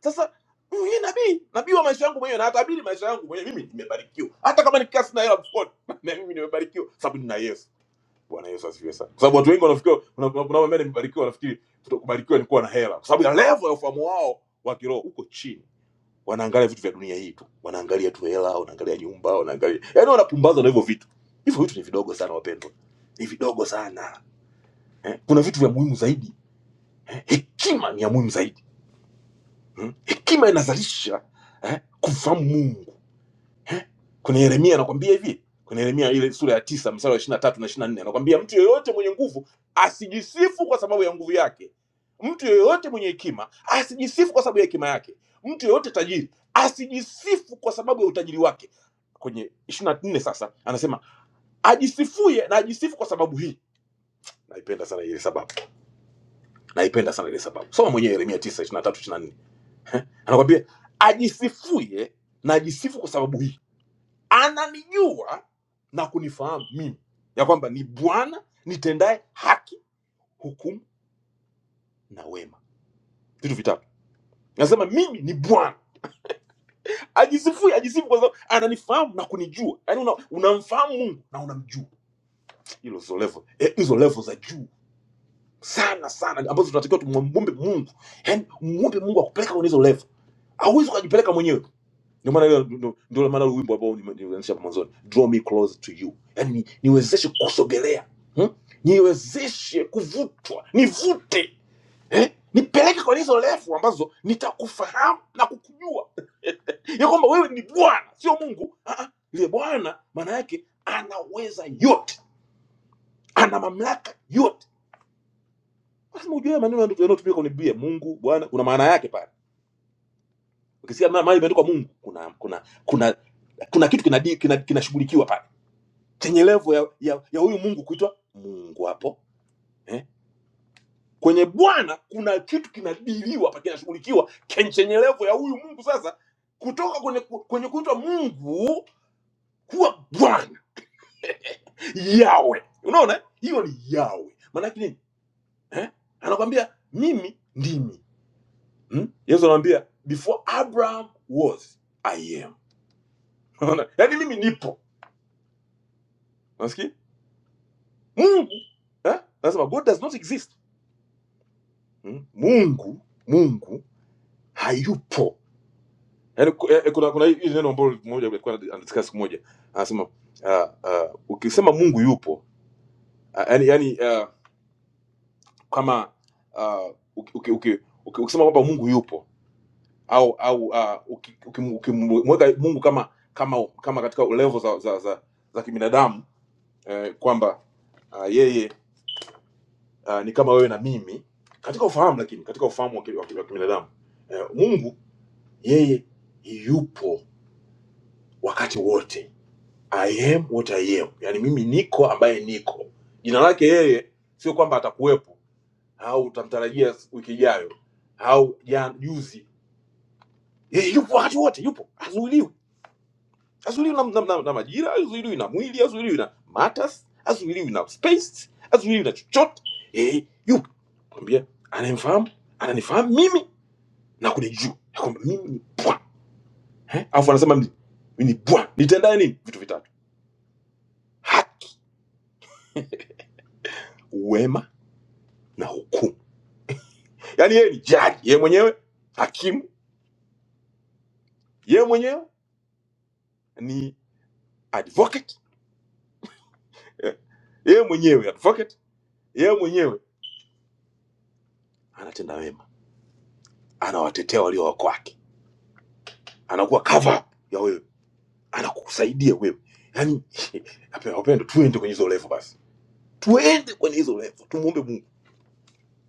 C: Sasa mimi mwenyewe nabii, nabii wa maisha yangu mwenyewe, na natabiri maisha yangu mwenyewe. Mimi nimebarikiwa, hata kama nikikaa sina hela mfukoni, *laughs* na mimi nimebarikiwa sababu nina Yesu Bwana Yesu asifiwe sana. Kwa sababu watu wengi wanafikiria unapoambia nimebarikiwa, wanafikiri kuto- kubarikiwa ni kuwa na hela, kwa sababu ya level ya ufahamu wao wa kiroho uko chini. Wanaangalia vitu vya dunia hii tu, wanaangalia tu hela, wanaangalia nyumba, wanaangalia yaani, wanapumbazwa na hivyo vitu. Hivyo vitu ni vidogo sana, wapendwa, ni vidogo sana eh. Kuna vitu vya muhimu zaidi. Eh, Hekima ni ya muhimu zaidi hmm? Hekima inazalisha eh, kumfahamu Mungu Kuna Yeremia anakwambia hivi, kuna Yeremia ile sura ya tisa mstari wa 23 na 24 anakwambia mtu yeyote mwenye nguvu asijisifu kwa sababu ya nguvu yake, mtu yeyote mwenye hekima asijisifu kwa sababu ya hekima yake, mtu yeyote tajiri asijisifu kwa sababu ya utajiri wake. Kwenye 24 sasa anasema ajisifuye na ajisifu kwa sababu hii. Naipenda sana ile sababu, naipenda sana ile sababu. Soma mwenyewe Yeremia 9 23 24 anakwambia ajisifuye na ajisifu kwa sababu hii ananijua na kunifahamu mimi ya kwamba ni bwana nitendaye haki hukumu na wema vitu vitatu nasema mimi ni bwana ajisifui ajisifu kwa sababu ananifahamu na kunijua yaani una, unamfahamu una mungu na unamjua hilo hizo level eh, hizo level za juu sana sana ambazo tunatakiwa tumwombe mungu yaani mwombe mungu akupeleka kwenye hizo level hauwezi ukajipeleka mwenyewe ndio maana ile- ndio ndio maana ule wimbo ambao nime- nilianzisha hapo mwanzoni draw me close to you yani ni, niwezeshe kusogelea hmm? niwezeshe kuvutwa nivute eh? nipeleke kwa hizo refu ambazo nitakufahamu na kukujua ya kwamba wewe ni bwana sio mungu Ah, ah. ile bwana maana yake anaweza yote ana mamlaka yote lazima ujue haya maneno yanayo- yanayotumika kwenye biblia mungu bwana kuna maana yake pale ukisikia ma- mahali imeandikwa mungu kuna kuna kuna kuna kitu kinashughulikiwa kina, kina kinashughulikiwa pale. chenye levo ya, ya, ya huyu mungu kuitwa mungu hapo eh? kwenye bwana kuna kitu kinadiliwa pa kinashughulikiwa ken- chenye levo ya huyu mungu sasa kutoka kwenye, ku- kwenye kuitwa mungu kuwa bwana yawe unaona eh? hiyo ni yawe maanake nini eh? anakwambia mimi ndimi hmm? yesu anamwambia before abraham was i am *laughs* unaona yaani mimi nipo unasikia mungu eh? anasema god does not exist hmm? mungu mungu hayupo Yaani ku- eh, eh, kuna kuna hii hili neno ambalo mmoja alikuwa ana- anataka siku moja anasema uh, uh, ukisema Mungu yupo uh, yani, yani uh, kama uh, uki, uki, uki, uki, ukisema kwamba Mungu yupo au au uh, ukimweka uki, uki, ukimweka Mungu kama kama kama katika level za za, za, za kibinadamu eh, kwamba uh, yeye uh, ni kama wewe na mimi katika ufahamu, lakini katika ufahamu wa ki- wa ki- wa kibinadamu eh, Mungu yeye yupo wakati wote I am what I am, yaani mimi niko ambaye niko. Jina lake yeye sio kwamba atakuwepo au utamtarajia wiki ijayo au jana juzi. Yeye yupo wakati wote, yupo, hazuiliwi, hazuiliwi na, na, na, na majira, hazuiliwi na mwili, hazuiliwi na matters, hazuiliwi na space, hazuiliwi na chochote. Yeye yupo, kwambia ananifahamu, ananifahamu mimi na kunijua ya kwamba mimi ni Bwana. Eh? Alafu anasema mimi mimi ni Bwana, nitendaye nini? Vitu vitatu: haki, wema na hukumu yaani yeye ni jaji yeye mwenyewe hakimu yeye mwenyewe ni advocate eh, yeye mwenyewe advocate yeye mwenyewe anatenda wema anawatetea walio wako wake anakuwa cover up ya wewe anakusaidia wewe yaani wapendwa wapendwa, tuende kwenye hizo level basi tuende kwenye hizo level tumuombe mungu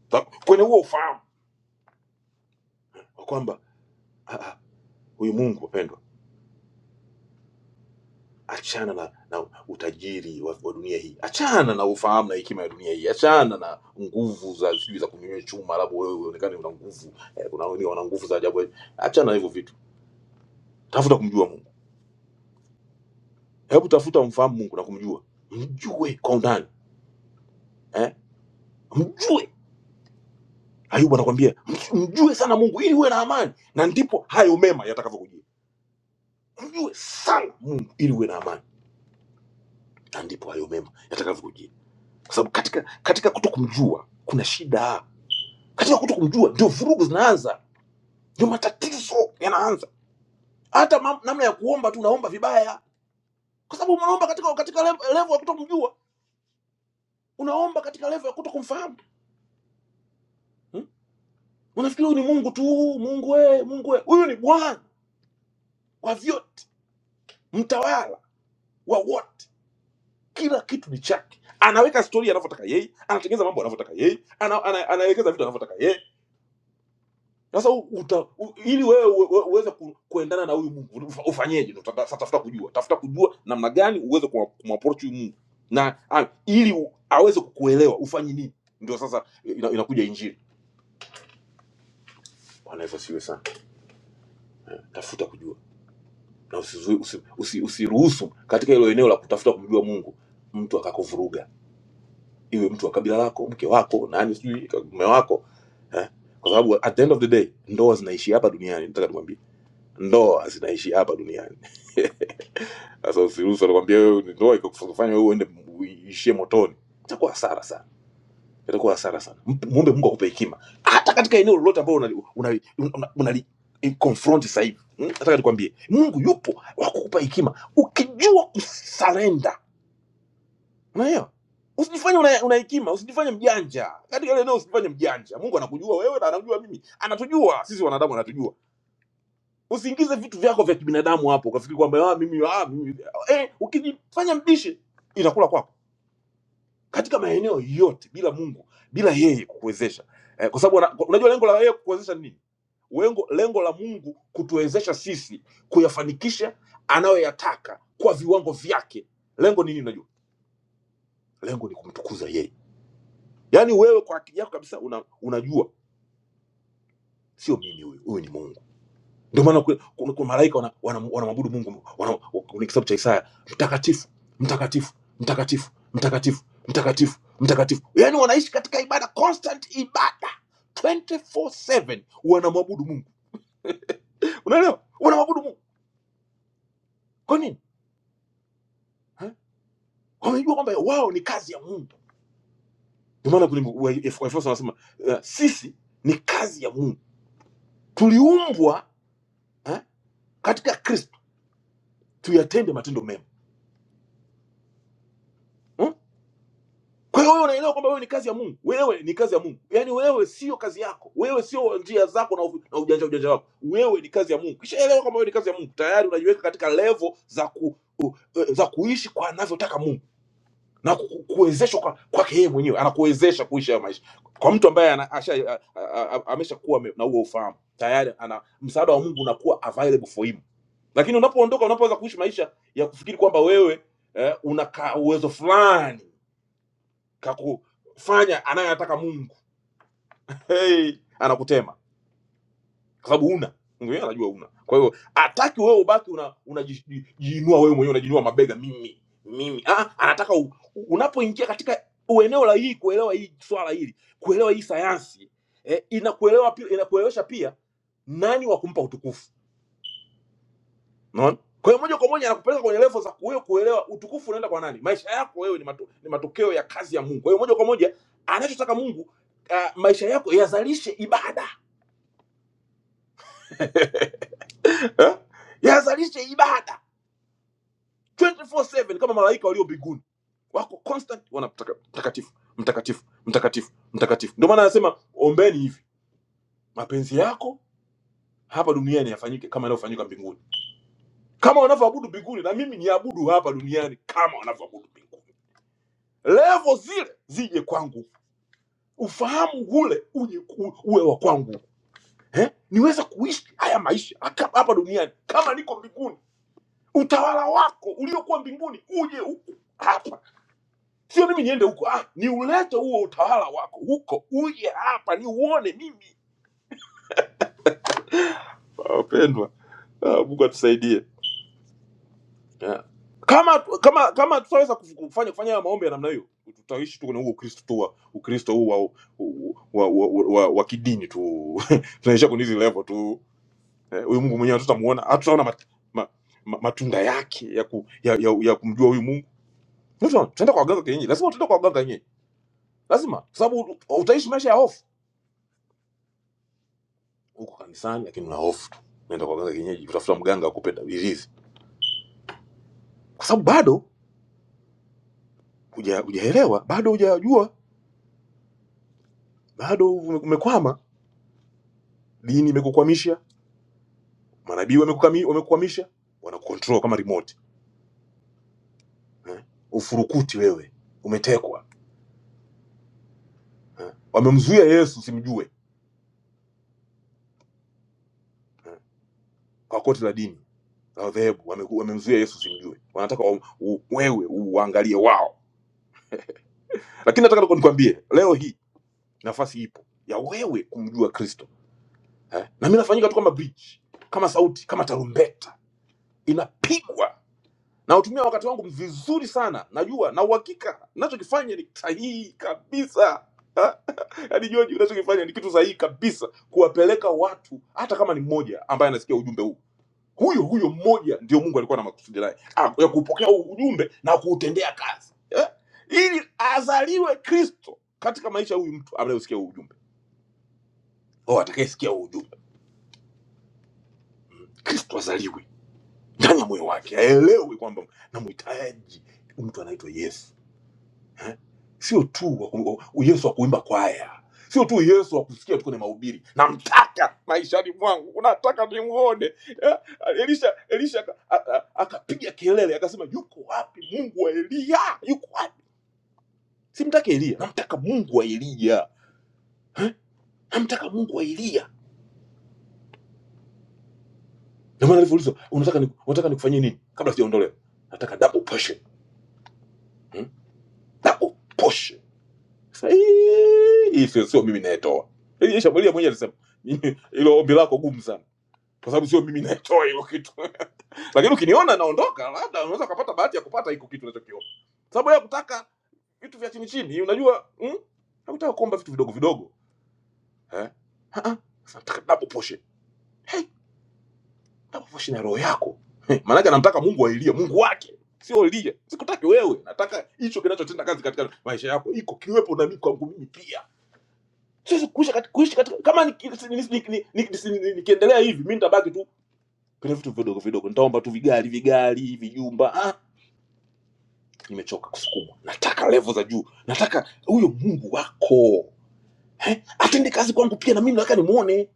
C: Ta- kwenye huo ufahamu wa kwamba ah, ah, huyu mungu wapendwa achana na, na utajiri wa, wa dunia hii, achana na ufahamu na hekima ya dunia hii, achana na nguvu za sijui za kunyonyoa chuma, labda wewe uonekane una nguvu eh, kuna wengine wana nguvu za ajabu. Achana na hivyo vitu, tafuta kumjua Mungu. Hebu tafuta umfahamu Mungu na kumjua, mjue kwa undani eh, mjue. Ayubu anakwambia "Mj- mjue sana Mungu ili uwe na amani, na ndipo hayo mema yatakavyokujia. Mjue sana Mungu ili uwe na amani, na ndipo hayo mema yatakavyokujia, kwa sababu katika katika kutokumjua kuna shida katika kuto kumjua ndio vurugu zinaanza ndio matatizo yanaanza hata mam- namna ya kuomba tu unaomba vibaya kwa sababu unaomba katika katika lev- level ya kuto kumjua unaomba katika level ya kuto kumfahamu hmm? unafikiri huyu ni mungu tu mungu we mungu we huyu ni bwana wa vyote mtawala wa wote kila kitu ni chake anaweka stori anavyotaka yeye anatengeneza mambo anavyotaka yeye ana, ana, anawekeza vitu anavyotaka yeye Sasa u- uta, u, ili wewe uwe- uwe- uweze ku, kuendana na huyu Mungu ufa- ufanyeje? Ndo tata- Tafuta kujua, tafuta kujua namna gani uweze kumwa- kumapproach huyu Mungu na a, ili u, aweze kukuelewa ufanye nini. Ndio sasa ina, inakuja Injili. Bwana Yesu asiwe sana. Tafuta kujua na usizuie, usi, usi, usiruhusu katika hilo eneo la kutafuta kumjua Mungu mtu akakuvuruga, iwe mtu wa kabila lako, mke wako, nani sijui mume wako eh? Kwa sababu at the end of the day ndoa zinaishi hapa duniani, nataka nikwambie, ndoa zinaishi hapa duniani Sasa usiruhusu alikwambia wewe ni ndoa ikakufanya wewe uende uishie motoni, itakuwa hasara sana, itakuwa hasara sana. Mpe- Muombe Mungu akupe hekima hata katika eneo lolote ambalo unali una, una, una, unali- confront sasa hivi. Hmm? Nataka nikwambie Mungu yupo wa kukupa hekima ukijua kusarenda, unaelewa? Usijifanye una, una hekima, usijifanye mjanja katika ile eneo, usijifanye mjanja. Mungu anakujua wewe na anakujua mimi, anatujua sisi wanadamu, anatujua usiingize vitu vyako vya kibinadamu hapo ukafikiri kwamba ah, mimi, ah, mimi. Eh, ukijifanya mbishi inakula kwako katika maeneo yote bila mungu bila yeye kukuwezesha eh, kwa sababu ana- unajua lengo la yeye kukuwezesha ni nini lengo, lengo la mungu kutuwezesha sisi kuyafanikisha anayoyataka kwa viwango vyake lengo nini unajua lengo ni kumtukuza yeye yaani wewe kwa akili yako kabisa una, unajua sio mimi huyu huyu ni mungu Ndio maana kuna, kuna, kuna malaika wanamwabudu wana, wana wanamwabudu Mungu wana, kwenye kitabu cha Isaya, mtakatifu mtakatifu mtakatifu mtakatifu mtakatifu mtakatifu. Yani wanaishi katika ibada, constant ibada 24/7 wanamwabudu Mungu, unaelewa? Wanamwabudu Mungu kwa nini? Eh? Wamejua kwamba wao ni kazi ya Mungu. Ndio maana kwenye Waefeso wanasema eh, sisi ni kazi ya Mungu, tuliumbwa eh, katika Kristo tuyatende matendo mema. Hmm? kwa hiyo wewe unaelewa kwamba wewe ni kazi ya mungu wewe ni kazi ya mungu yaani wewe sio kazi yako wewe sio njia zako na, u- na ujanja ujanja wako wewe ni kazi ya mungu kishaelewa kwamba wewe ni kazi ya mungu tayari unajiweka katika levo za ku, eh, za kuishi kwa anavyotaka mungu na ku, ku- kuwezeshwa kwa- kwake yeye mwenyewe anakuwezesha kuishi hayo maisha kwa mtu ambaye ana- asha- a- a- a- ameshakuwa ame- na huo ufahamu tayari ana msaada wa mungu unakuwa available for him lakini unapoondoka unapoanza kuishi maisha ya kufikiri kwamba wewe eh, una ka uwezo fulani kaku fanya anayoyataka mungu hey, anakutema kwa sababu una yeye anajua una. Kwa hiyo hataki wewe ubaki una unajiinua wewe mwenyewe unajiinua mabega mimi mimi. Ah, anataka u- u- unapoingia katika eneo la hii kuelewa hii swala hili, kuelewa hii sayansi eh, inakuelewa pia inakuelewesha pia nani wa kumpa utukufu. Unaona? Kwa hiyo moja kwa moja anakupeleka kwenye level za wewe kuelewa utukufu unaenda kwa nani. Maisha yako wewe ni, mato, ni matokeo ya kazi ya Mungu. Kwa hiyo moja kwa moja anachotaka Mungu uh, maisha yako yazalishe ibada eh? yazalishe ibada 24/7 kama malaika walio mbinguni wako constant wana mtaka- mtakatifu mtakatifu mtakatifu mtakatifu ndio maana anasema ombeni hivi mapenzi yako hapa duniani yafanyike kama yanavyofanyika mbinguni kama wanavyoabudu mbinguni na mimi niabudu hapa duniani kama wanavyoabudu mbinguni levo zile zije kwangu ufahamu ule uje u- uwe wa kwangu eh? niweze kuishi haya maisha haka- hapa duniani kama niko mbinguni utawala wako uliokuwa mbinguni uje huku hapa sio mimi niende huko ah, ni ulete huo utawala wako huko uje hapa ni uone mimi Ah, wapendwa ah, mungu atusaidie yeah. kama kama kama tutaweza kufu- kufanya kufanya haya maombi ya namna hiyo tutaishi tu kwenye huo ukristo tu wa ukristo huu wa, wa, wa, wa, wa, wa kidini tu *laughs* tunaishia kwenye hizi level tu Eh, huyu eh, mungu mwenyewe hatutamuona hatutaona mat, ma, ma, matunda yake ya, ku, ya, ya, ya kumjua huyu mungu Tunaona, tunaenda kwa waganga kienyeji lazima tutaenda kwa waganga kienyeji lazima kwa sababu utaishi maisha ya hofu huko kanisani, lakini una hofu tu, nenda kwa mganga kienyeji, utafuta mganga akupe ilizi, kwa sababu bado huja- hujaelewa, bado hujajua, bado ume- umekwama. Dini imekukwamisha, manabii wamekukami- wamekukwamisha, wanakucontrol kama remote eh? Ufurukuti wewe, umetekwa eh? Wamemzuia Yesu simjue eh? kwa koti la dini la dhehebu, wameku- wamemzuia Yesu simjue, wanataka wa- u- wewe uangalie wao. Lakini nataka nikwambie leo hii nafasi ipo ya wewe kumjua Kristo eh? na mi nafanyika tu kama bridge kama sauti kama tarumbeta inapigwa nautumia wakati wangu vizuri sana najua na uhakika nachokifanya ni sahihi kabisa Ha? yaani joji unachokifanya ni kitu sahihi kabisa kuwapeleka watu hata kama ni mmoja ambaye anasikia ujumbe huu huyo huyo mmoja ndio mungu alikuwa na makusudi naye ah, ya kupokea huu ujumbe na kuutendea kazi eh? ili azaliwe kristo katika maisha ya huyu mtu anayesikia huu ujumbe oh, atakayesikia huu ujumbe kristo azaliwe ndani ya moyo wake, aelewe kwamba namhitaji mtu anaitwa Yesu, sio tu wa ku- wa- Yesu wa kuimba kwaya, sio tu Yesu wa kusikia tu kwenye mahubiri. Namtaka maishani mwangu, nataka nimuone. Eh, Elisha, Elisha aka- a- a- akapiga kelele akasema, yuko wapi Mungu wa Eliya? Yuko wapi? Simtaki Eliya, namtaka Mungu wa Eliya, namtaka Mungu wa Eliya. Ndio maana alivyoulizwa, unataka ni, unataka nikufanyie nini kabla sijaondolewa? Nataka double portion, hmm? double portion Sasa, "Hii hii sio sio mimi nayetoa Hili Shambulia mwenyewe alisema "Mimi- hilo ombi lako gumu sana kwa sababu sio mimi nayetoa hilo kitu *laughs* lakini ukiniona naondoka labda unaweza ukapata bahati ya kupata hiko kitu unachokiona sababu ya kutaka vitu vya chini chini unajua mm? nakutaka kuomba vitu vidogo vidogo eh? Ah, ah. Sasa nataka double portion double portion ya roho yako *laughs* Eh, maanake anamtaka mungu ailie mungu wake sio lie sikutaki wewe nataka hicho kinachotenda kazi katika maisha yako iko kiwepo na mimi kwangu mimi pia Siwezi kuishi katika, kuishi katika kama nikiendelea ni, ni, ni, ni, ni, ni, si, ni, nikiendelea hivi mi nitabaki tu kwenye vitu vidogo vidogo, nitaomba tu vigari vigari vijumba. Ah, nimechoka kusukumwa, nataka levo za juu, nataka huyo Mungu wako eh, atende kazi kwangu pia, na mimi nataka nimuone.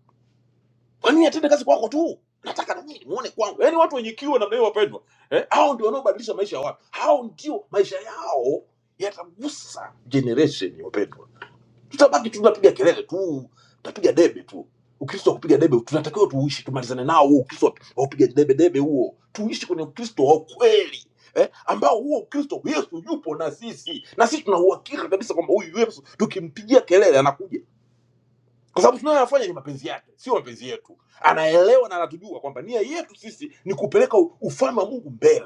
C: Kwa nini atende kazi kwako tu? Nataka na mimi nimuone kwangu. Yaani watu wenye kiwa namna hiyo, wapendwa, eh, hao ndio wanaobadilisha maisha ya watu, hao ndio maisha yao yatagusa generation, wapendwa tutabaki tu tunapiga kelele tu tutapiga debe tu ukristo wa kupiga debe tunatakiwa tuishi tumalizane nao huo ukristo wa wa kupiga debe debe huo tuishi kwenye ukristo wa kweli eh, ambao huo ukristo yesu yupo na sisi na sisi tuna uhakika kabisa kwamba huyu yesu tukimpigia kelele anakuja kwa sababu tunayoyafanya ni mapenzi yake sio mapenzi yetu anaelewa na anatujua kwamba nia yetu sisi ni kupeleka u- ufalme wa mungu mbele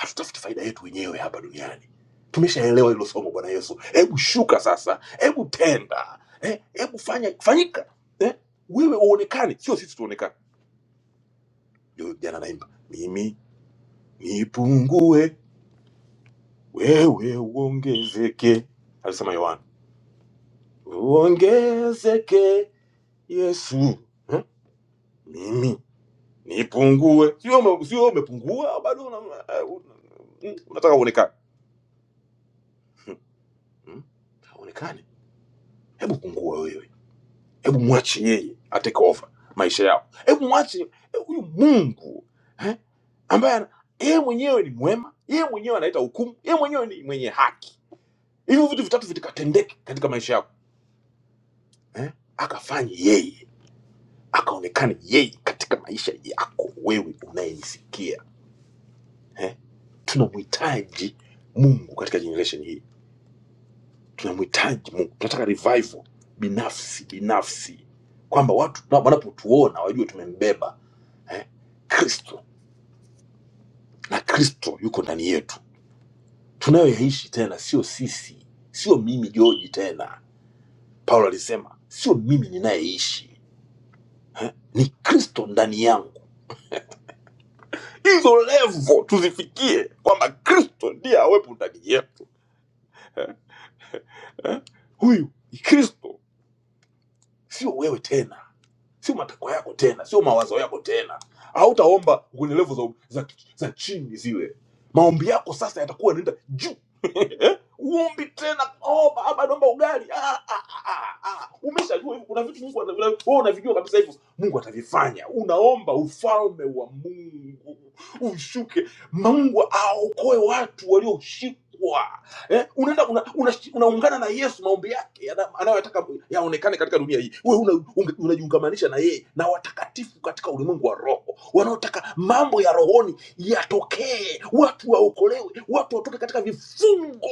C: hatutafuti faida yetu wenyewe hapa duniani tumeshaelewa hilo somo bwana yesu hebu shuka sasa hebu tenda Eh, hebu eh, fanya fanyika eh, wewe uonekane sio sisi tuonekane ndio jana naimba mimi nipungue wewe uongezeke alisema yohana uongezeke yesu eh? mimi nipungue sio ume- sio umepungua bado una- eh, una- unataka uonekane Hmm, hmm, uonekane hebu pungua wewe hebu mwache yeye ateke over maisha yao hebu mwache huyu mungu eh, ambaye ana- yeye mwenyewe ni mwema yeye mwenyewe analeta hukumu yeye mwenyewe ni mwenye haki hivyo vitu vitatu vitakatendeke katika maisha yako eh? akafanye yeye akaonekane yeye katika maisha yako wewe unayenisikia eh? tunamhitaji mungu katika generation hii tunamhitaji mungu tunataka revival binafsi binafsi kwamba watu tuna- wanapotuona wajue tumembeba eh, kristo na kristo yuko ndani yetu tunayoyaishi tena sio sisi sio mimi joji tena paulo alisema sio mimi ninayeishi ni kristo ndani yangu hizo levo tuzifikie kwamba kristo ndiye awepo ndani yetu eh? huyu ni kristo sio wewe tena sio matakwa yako tena sio mawazo yako tena hautaomba kwenye levo za, za, za chini zile maombi yako sasa yatakuwa yanaenda juu *laughs* uombi tena oh, baba naomba ugali ah, ah, ah, ah. ah. umeshajua hivyo kuna vitu mungu anavila- wewe oh, unavijua kabisa hivyo mungu atavifanya unaomba ufalme wa mungu ushuke mungu aokoe watu walioshikwa eh, unaenda unaungana una, una unaungana na yesu maombi yake yana- anayotaka yaonekane katika dunia hii wewe unajiungamanisha una unge- unajiungamanisha na yeye na watakatifu katika ulimwengu wa roho wanaotaka mambo ya rohoni yatokee watu waokolewe watu watoke katika vifungo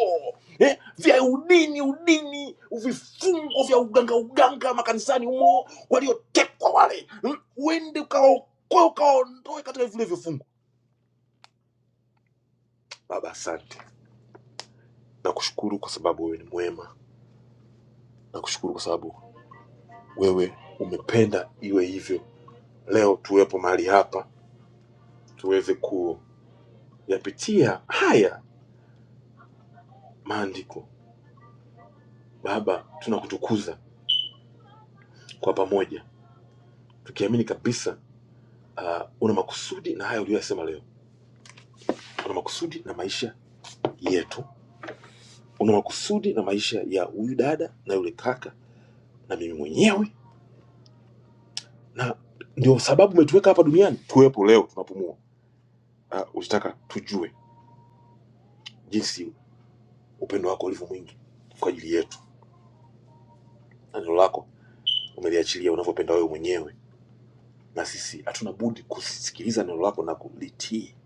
C: eh, vya udini udini vifungo vya uganga uganga makanisani humo waliotekwa wale mm, uende ukawaokoe ukawaondoe katika vile vifungo baba asante nakushukuru kwa sababu wewe ni mwema nakushukuru kwa sababu wewe umependa iwe hivyo. Leo tuwepo mahali hapa tuweze kuyapitia haya maandiko. Baba, tunakutukuza kwa pamoja tukiamini kabisa ah, una makusudi na haya uliyoyasema leo, una makusudi na maisha yetu, una makusudi na maisha ya huyu dada na yule kaka na mimi mwenyewe, na ndio sababu umetuweka hapa duniani tuwepo leo tunapumua. Ah, ulitaka tujue jinsi upendo wako ulivyo mwingi kwa ajili yetu na neno lako umeliachilia unavyopenda wewe mwenyewe, na sisi hatuna budi kusikiliza neno lako na kulitii.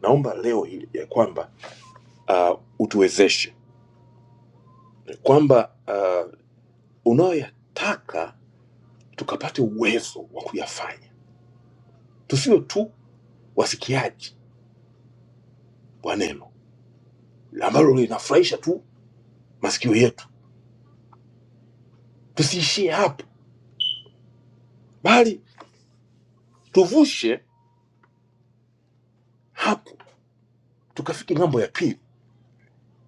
C: Naomba leo hili ya kwamba uh, utuwezeshe kwamba uh, unayoyataka tukapate uwezo wa kuyafanya, tusiwe tu wasikiaji wa neno ambalo linafurahisha tu masikio yetu, tusiishie hapo, bali tuvushe hapo tukafike ng'ambo ya pili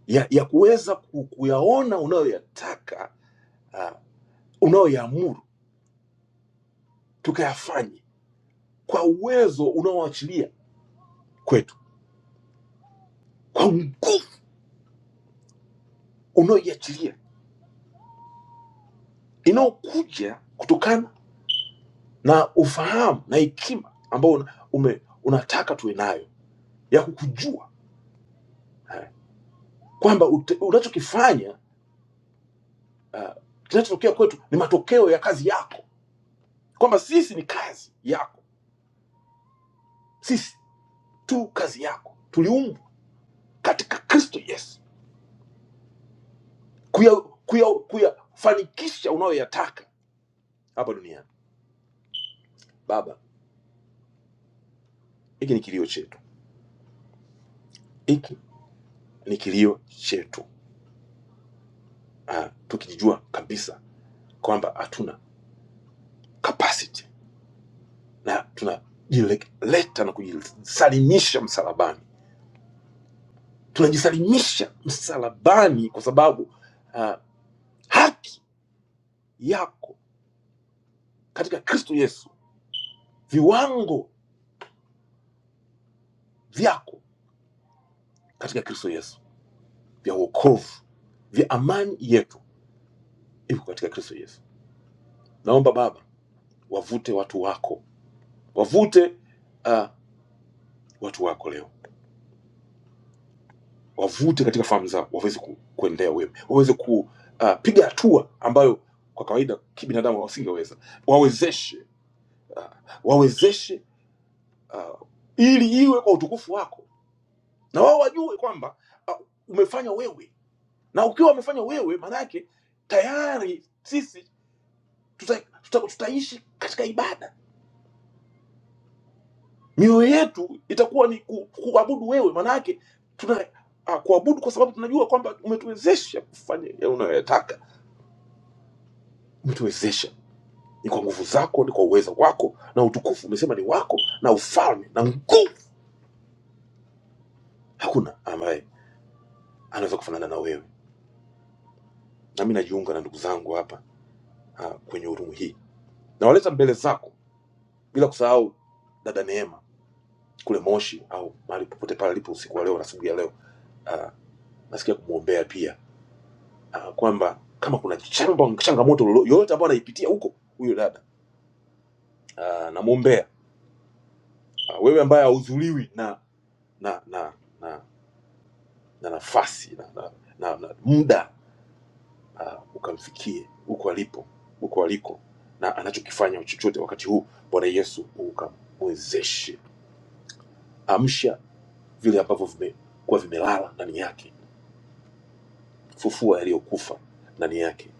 C: ya, ya kuweza ku- kuyaona unayoyataka uh, unayoyaamuru tukayafanye kwa uwezo unaoachilia kwetu, kwa nguvu unaoiachilia inayokuja kutokana na ufahamu na hekima ambao una- ume- unataka tuwe nayo ya kukujua eh, kwamba ute- unachokifanya uh, kinachotokea kwetu ni matokeo ya kazi yako, kwamba sisi ni kazi yako, sisi tu kazi yako, tuliumbwa katika Kristo Yesu kuya- kuya- kuyafanikisha unayoyataka hapa duniani. Baba, hiki ni kilio chetu, hiki ni kilio chetu uh, tukijijua kabisa kwamba hatuna capacity na tunajileta na kujisalimisha msalabani tunajisalimisha msalabani kwa sababu uh, haki yako katika kristo yesu viwango vyako katika kristo yesu vya uokovu vya amani yetu iko katika kristo yesu naomba baba wavute watu wako wavute uh, watu wako leo wavute katika fahamu zao waweze ku, kuendea wema waweze kupiga uh, hatua ambayo kwa kawaida kibinadamu wasingeweza wawezeshe uh, wawezeshe uh, ili iwe kwa utukufu wako na wao wajue kwamba uh, umefanya wewe na ukiwa umefanya wewe maana yake tayari sisi tuta, tuta, tutaishi katika ibada mioyo yetu itakuwa ni ku, kuabudu wewe maana yake tuna uh, kuabudu kwa sababu tunajua kwamba umetuwezesha kufanya yale unayoyataka umetuwezesha ni kwa nguvu zako, ni kwa uwezo wako, na utukufu umesema ni wako, na ufalme na nguvu. Hakuna ambaye anaweza kufanana na wewe. Na mimi najiunga na ndugu zangu hapa ah, kwenye urumu hii, nawaleta mbele zako, bila kusahau dada Neema kule Moshi au mahali popote pale alipo usiku wa leo na asubuhi ya leo ah, nasikia kumwombea pia uh, kwamba kama kuna chamba, changamoto lolo- yoyote ambayo anaipitia huko huyo dada uh, namwombea uh, wewe ambaye hauzuliwi na na na, na na nafasi na, na, na, na muda uh, ukamfikie huko alipo huko aliko na anachokifanya chochote wakati huu bwana yesu ukamwezeshe amsha vile ambavyo vimekuwa vimelala ndani yake fufua yaliyokufa ndani yake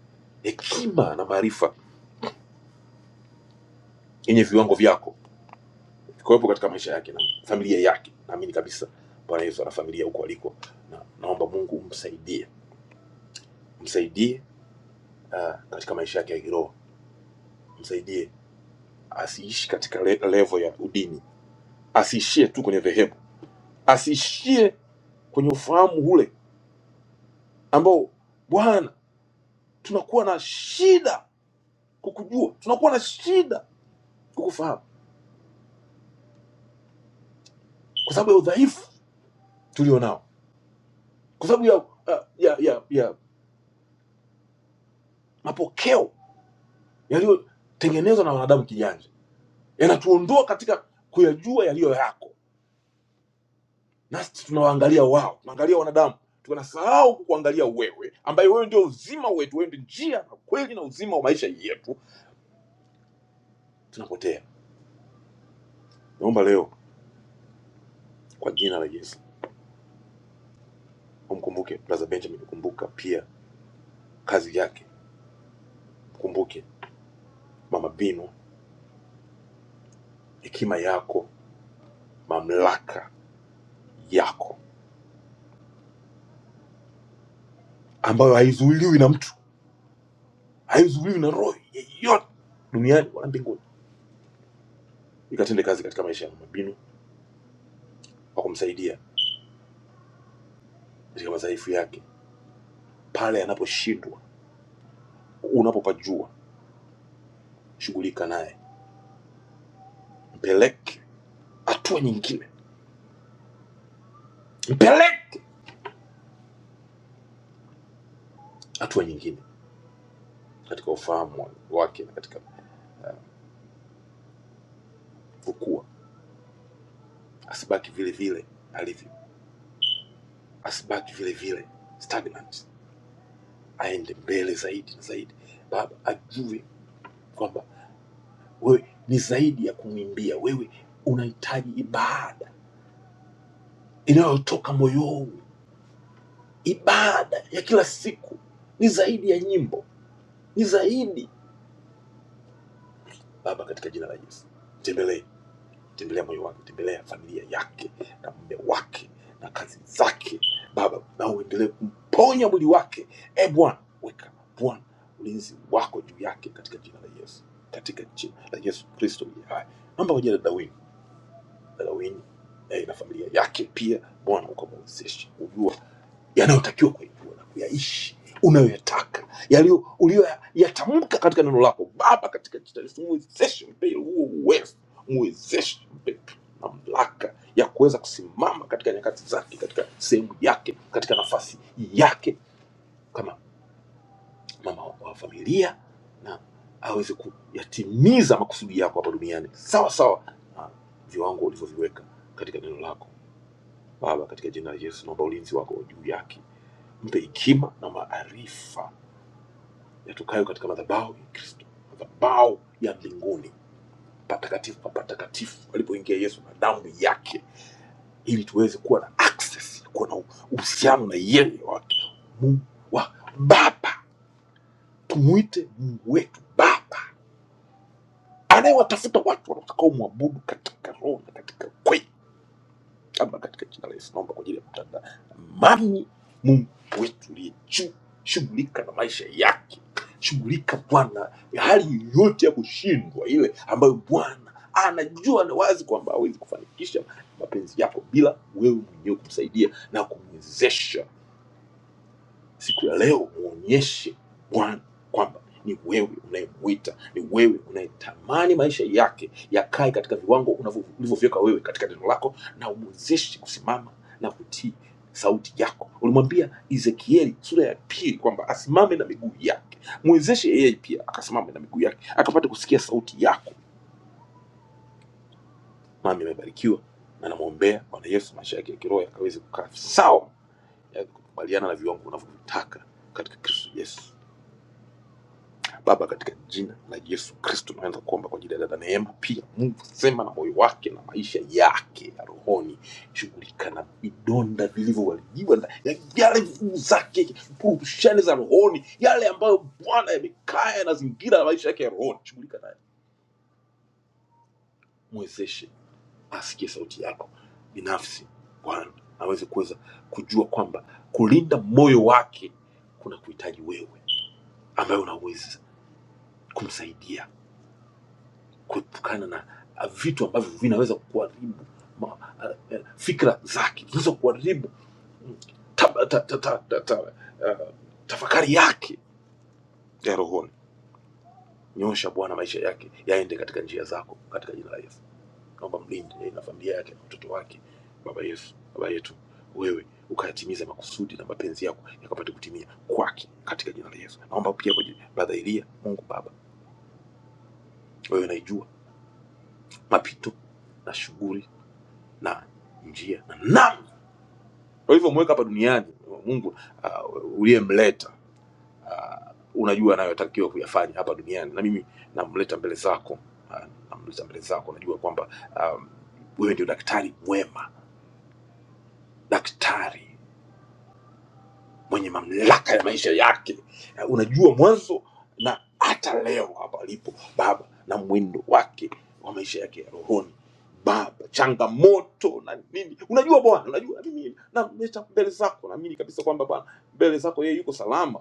C: hekima na maarifa yenye viwango vyako vikuwepo katika maisha yake na familia yake naamini kabisa bwana yesu ana familia huko aliko na naomba mungu umsaidie msaidie uh, katika maisha yake ya kiroho msaidie asiishi katika le level ya udini, asiishie tu kwenye dhehebu, asiishie kwenye ufahamu ule ambao Bwana tunakuwa na shida kukujua, tunakuwa na shida kukufahamu kwa sababu ya udhaifu tulio nao, kwa sababu ya, ya, ya, ya, ya mapokeo yaliyotengenezwa na wanadamu kijanja, yanatuondoa katika kuyajua yaliyo yako, nasi tunawaangalia wao, tunaangalia wanadamu tunasahau kukuangalia wewe ambaye wewe ndio uzima wetu wewe ndio njia na kweli na uzima wa maisha yetu zinapotea. Naomba leo kwa jina la Yesu umkumbuke Brother Benjamin, kumbuka pia kazi yake, mkumbuke Mama Bino, hekima yako, mamlaka yako ambayo haizuiliwi na mtu, haizuiliwi na roho yeyote duniani wala mbinguni, ikatende kazi katika maisha ya Mama Bino kwa kumsaidia katika madhaifu yake, pale anaposhindwa, unapopajua, shughulika naye, mpeleke hatua nyingine, mpeleke hatua nyingine katika ufahamu wake na katika kukua, asibaki vile vile alivyo. asibaki vile vile stagnant, aende mbele zaidi na zaidi. Baba ajue kwamba wewe ni zaidi ya kumwimbia, wewe unahitaji ibada inayotoka moyoni, ibada ya kila siku ni zaidi ya nyimbo, ni zaidi Baba, katika jina la Yesu mtembelee tembelea moyo wake, tembelea familia yake na mume wake na kazi zake, Baba, na uendelee kumponya mwili wake. E Bwana, weka Bwana ulinzi wako juu yake katika jina la Yesu, katika jina la Yesu Kristo aliye hai. Naomba kwa ajili ya dada Wini, dada Wini eh, na familia yake pia, Bwana ukamwezeshe, yanayotakiwa kuyajua na kuyaishi unayoyataka yaliyo uliyoyatamka katika neno lako baba katika jina la Yesu muwezeshe mpe huo uwezo muwezeshe mpe mamlaka ya kuweza kusimama katika nyakati zake katika sehemu yake katika nafasi yake kama mama wa familia na aweze kuyatimiza makusudi yako hapa duniani sawa sawa na viwango ulivyoviweka katika neno lako baba katika jina la yesu naomba ulinzi wako juu yake mpe hekima na maarifa yatokayo katika madhabahu ya Kristo, madhabahu ya mbinguni, patakatifu pa patakatifu alipoingia Yesu na damu yake, ili tuweze kuwa na access, kuwa na uhusiano na yeye wa Mungu wa Baba. Tumwite Mungu wetu Baba, anayewatafuta watu watakaomwabudu katika roho na katika kweli. Baba, katika jina la Yesu naomba kwa ajili ya kutamani Mungu wetu uliye juu, shughulika na maisha yake, shughulika Bwana ya hali yoyote ya kushindwa ile ambayo Bwana anajua na wazi kwamba hawezi kufanikisha mapenzi yako bila wewe mwenyewe kumsaidia na kumwezesha siku ya leo muonyeshe bwana kwamba ni wewe unayemwita ni wewe unayetamani maisha yake yakae katika viwango unavyo- ulivyoviweka wewe katika neno lako na umwezeshe kusimama na kutii sauti yako ulimwambia ezekieli sura ya pili kwamba asimame na miguu yake mwezeshe yeye pia akasimame na miguu yake akapata kusikia sauti yako mami amebarikiwa na namwombea bwana yesu maisha yake ya kiroho yakaweze kukaa sawa yakakubaliana na viwango unavyovitaka katika kristo yesu Baba, katika jina la Yesu Kristo tunaanza kuomba kwa ajili ya dada Neema. Pia Mungu sema na moyo wake na maisha yake ya rohoni, shughulika na vidonda vilivyoharibiwa na ya- yale nguvu zake, purushani za rohoni, yale ambayo Bwana yamekaa yanazingira na maisha yake ya rohoni, shughulika naye, mwezeshe asikie sauti yako binafsi, Bwana aweze kuweza kujua kwamba kulinda moyo wake kuna kuhitaji wewe ambaye unaweza kumsaidia kuepukana na ah, vitu ambavyo vinaweza kuharibu ma- ah, eh, fikra zake, vinaweza kuharibu mm, taba- ta- ta- ta- ta- ta- ah, tafakari yake ya rohoni. Nyosha Bwana maisha yake yaende katika njia zako, katika jina la Yesu. Naomba mlinde yeye na familia yake na watoto wake. Baba Yesu, Baba yetu, wewe ukayatimize makusudi na mapenzi yako yakapate kutimia kwake katika jina la Yesu. Naomba pia kwa ajili ya brother Elia, Mungu Baba, wewe unaijua mapito na shughuli na njia na namna ulivyomweka hapa duniani mungu uh, uliyemleta unajua anayotakiwa kuyafanya hapa duniani na mimi namleta mbele zako uh, namleta mbele zako najua kwamba um, wewe ndio daktari mwema daktari mwenye mamlaka ya maisha yake uh, unajua mwanzo na hata leo hapa alipo baba na mwendo wake wa maisha yake ya rohoni baba changamoto na nini unajua bwana unajua mimi namleta mbele zako naamini kabisa kwamba bwana mbele zako yeye yuko salama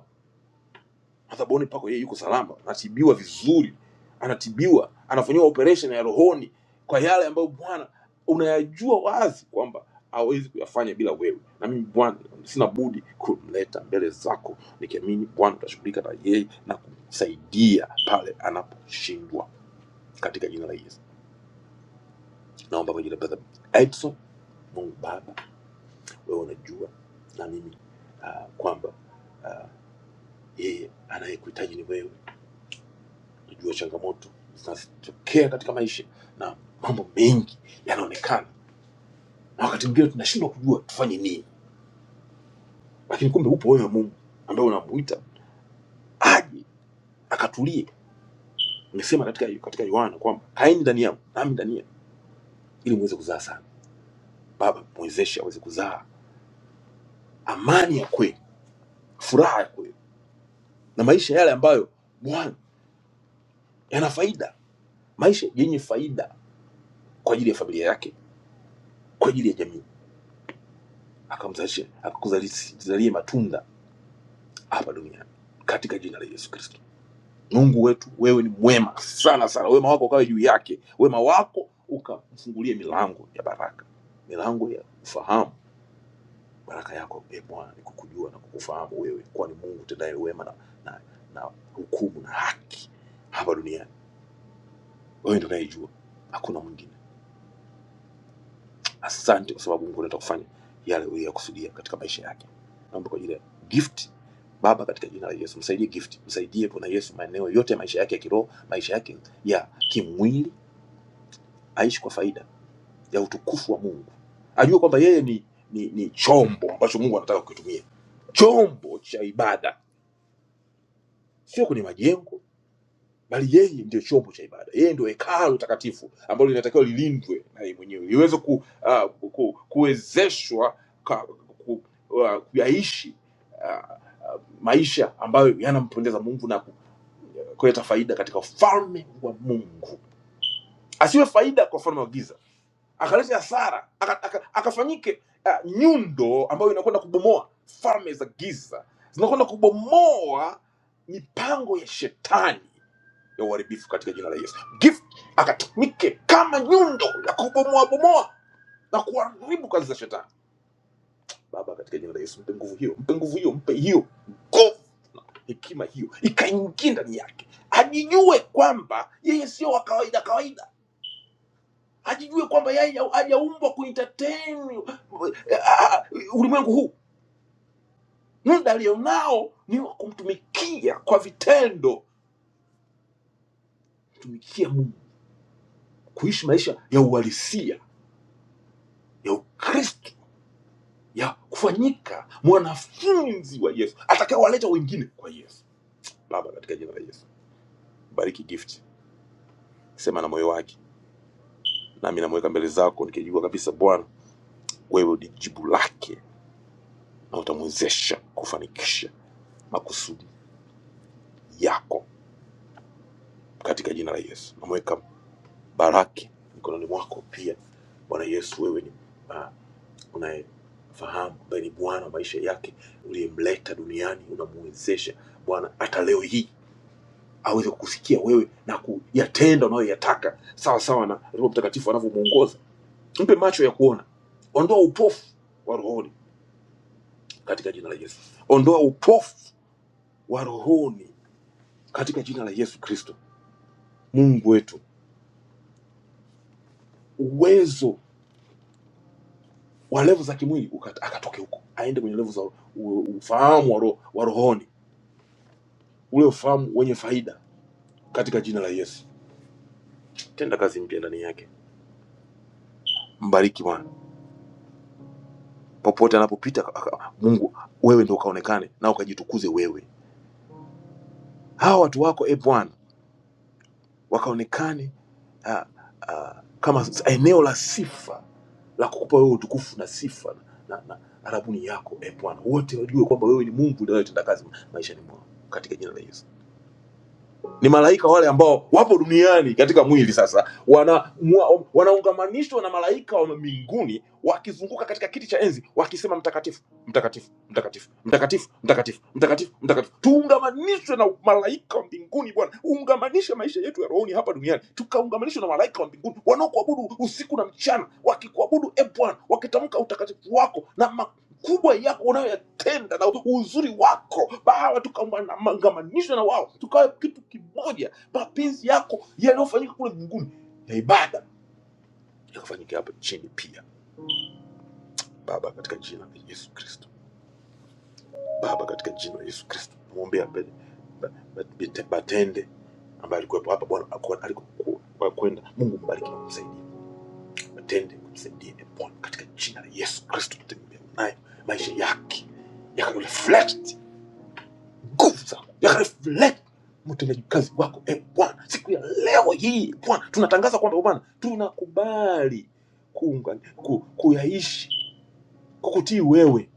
C: madhabahuni pako yeye yuko salama anatibiwa vizuri anatibiwa anafanyiwa operation ya rohoni kwa yale ambayo bwana unayajua wazi kwamba hawezi kuyafanya bila wewe na mimi bwana sina budi kumleta mbele zako nikiamini bwana utashughulika na yeye na kumsaidia pale anaposhindwa katika jina la yesu naomba kwa jina la brother edson mungu baba wewe unajua na mimi ah, kwamba yeye anayekuhitaji ni wewe tunajua changamoto zinazotokea katika maisha na mambo mengi yanaonekana, na wakati mwingine tunashindwa kujua tufanye nini, lakini kumbe upo wewe Mungu ambaye unamuita aje akatulie. Umesema katika katika Yohana kwamba kaeni ndani yangu nami ndani yenu, ili muweze kuzaa sana. Baba mwezeshe aweze kuzaa amani ya kweli, furaha ya kweli, na maisha yale ambayo Bwana yana faida, maisha yenye faida kwa ajili ya familia yake, kwa ajili ya jamii, akamzalishe akakuzalishe matunda hapa duniani katika jina la Yesu Kristo. Mungu wetu, wewe ni mwema sana sana, wema wako ukawe juu yake, wema wako ukamfungulie milango ya baraka, milango ya ufahamu, baraka yako e Bwana ni kukujua na kukufahamu wewe, kuwa ni Mungu tendaye wema na, na, na hukumu na haki hapa duniani. Wewe ndio unayejua, hakuna mwingine. Asante kwa sababu Mungu anataka kufanya yale uliyokusudia katika maisha yake. Naomba kwa ajili ya gift Baba, katika jina la Yesu msaidie gift, msaidie Bwana Yesu maeneo yote ya maisha yake ya kiroho, maisha yake ya kimwili, aishi kwa faida ya utukufu wa Mungu, ajue kwamba yeye ni, ni, ni chombo ambacho Mungu anataka kukitumia, chombo cha ibada, sio kwenye majengo bali yeye ndio chombo cha ibada, yeye ndio hekalu takatifu ambalo linatakiwa lilindwe na yeye mwenyewe liweze ku, ah, ku, kuwezeshwa ka- ku, ah, kuyaishi ah, maisha ambayo yanampendeza Mungu na ku- kuleta faida katika ufalme wa Mungu, asiwe faida kwa ufalme wa giza, akalete hasara, akafanyike aka- aka- akafanyike ah, nyundo ambayo inakwenda kubomoa falme za giza, zinakwenda kubomoa mipango ya shetani ya uharibifu katika jina la Yesu. Gift akatumike kama nyundo ya kubomoa bomoa na kuharibu kazi za shetani. Baba, katika jina la Yesu, mpe nguvu hiyo, mpe nguvu hiyo, mpe hiyo nguvu, hekima hiyo ikaingie ndani yake, ajijue kwamba yeye sio wa kawaida kawaida, ajijue kwamba yeye hajaumbwa kuentertain eh, ah, ah, ulimwengu huu. Muda alionao ni wa kumtumikia kwa vitendo, kumtumikia Mungu, kuishi maisha ya uhalisia ya Ukristo ya kufanyika mwanafunzi wa yesu atakayewaleta wengine kwa yesu baba katika jina la yesu bariki gift sema na moyo wake nami namweka mbele zako nikijua kabisa bwana wewe ni jibu lake na utamwezesha kufanikisha makusudi yako katika jina la yesu namweka baraki mikononi mwako pia bwana yesu wewe ni uh, unayefahamu ambaye ni bwana maisha yake uliyemleta duniani unamwezesha bwana hata leo hii aweze kukusikia wewe na kuyatenda unayoyataka sawa sawa na Roho Mtakatifu anavyomuongoza. Mpe macho ya kuona, ondoa upofu wa rohoni katika jina la Yesu, ondoa upofu wa rohoni katika jina la Yesu Kristo. Mungu wetu, uwezo wa levu za kimwili uka- akatoke huko, aende kwenye levu za u- ufahamu wa, ro, wa rohoni, ule ufahamu wenye faida katika jina la Yesu. Tenda kazi mpya ndani yake, mbariki Bwana popote anapopita. aka- aka- Mungu, wewe ndio ukaonekane na ukajitukuze wewe hawa watu wako e Bwana wakaonekane ah, ah, kama eneo la sifa la kukupa wewe utukufu na sifa na, na, na arabuni yako e Bwana, wote wajue kwamba wewe ni Mungu unayetenda kazi maishani mwao katika jina la Yesu ni malaika wale ambao wapo duniani katika mwili sasa wana, mwa- wanaungamanishwa na malaika wa mbinguni wakizunguka katika kiti cha enzi wakisema mtakatifu mtakatifu mtakatifu mtakatifu mtakatifu mtakatifu mtakatifu tuungamanishwe na malaika wa mbinguni bwana uungamanishe maisha yetu ya rohoni hapa duniani tukaungamanishwe na malaika wa mbinguni wanaokuabudu usiku na mchana wakikuabudu e bwana wakitamka utakatifu wako na kubwa yako unayoyatenda na uzuri wako bawa tukamangamanishwa na wao tukawa kitu kimoja mapenzi yako yaliyofanyika kule mbinguni na ibada yakafanyika hapa chini pia baba katika jina la yesu kristo baba katika jina la yesu kristo namwombea mbele Ba- Ba- Bete- batende ambaye alikuwepo hapa bwana aku- alikoku- kwa kwenda mungu mbariki na kumsaidia batende kumsaidia e bwana katika jina la yesu kristo tutembea naye maisha yake yakareflect nguvu yakaleflect mtendaji kazi wako e Bwana, siku ya leo hii Bwana, tunatangaza kwamba Bwana tunakubali kuunga, ku, kuyaishi kukutii wewe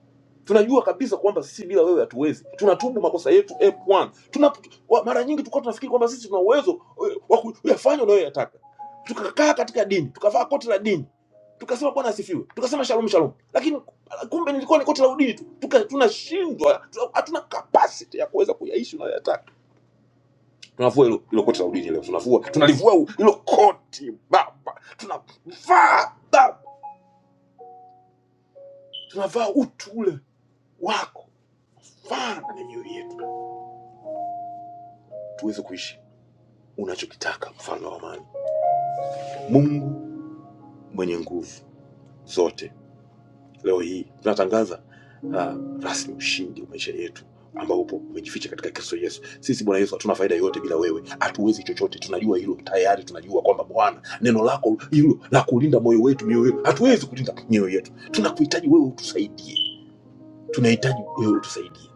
C: tunajua kabisa kwamba sisi bila wewe hatuwezi. Tunatubu makosa yetu e Bwana. Tuna wa- mara nyingi tulikuwa tunafikiri kwamba sisi tuna uwezo eh, wa kuyafanya unayoyataka. Tukakaa katika dini, tukavaa koti la dini, tukasema Bwana asifiwe, tukasema shalom shalom, lakini kumbe nilikuwa ni koti la udini tu. Tuka- Tunashindwa, tuna- hatuna capacity ya kuweza kuyaishi unayoyataka. Tunavua hilo hilo koti la udini leo, tunavua, tunalivua u- hilo koti Baba, tunavaa Baba, tunavaa utu ule wako, vaa na mioyo yetu tuweze kuishi unachokitaka, mfalme wa amani. Mungu mwenye nguvu zote, leo hii tunatangaza uh, rasmi ushindi wa maisha yetu ambao upo umejificha katika Kristo Yesu. Sisi Bwana Yesu hatuna faida yoyote bila wewe, hatuwezi chochote, tunajua hilo tayari. Tunajua kwamba Bwana, neno lako hilo la kulinda moyo wetu, mioyo yetu, hatuwezi kulinda mioyo yetu. Tunakuhitaji wewe utusaidie, tunahitaji wewe utusaidie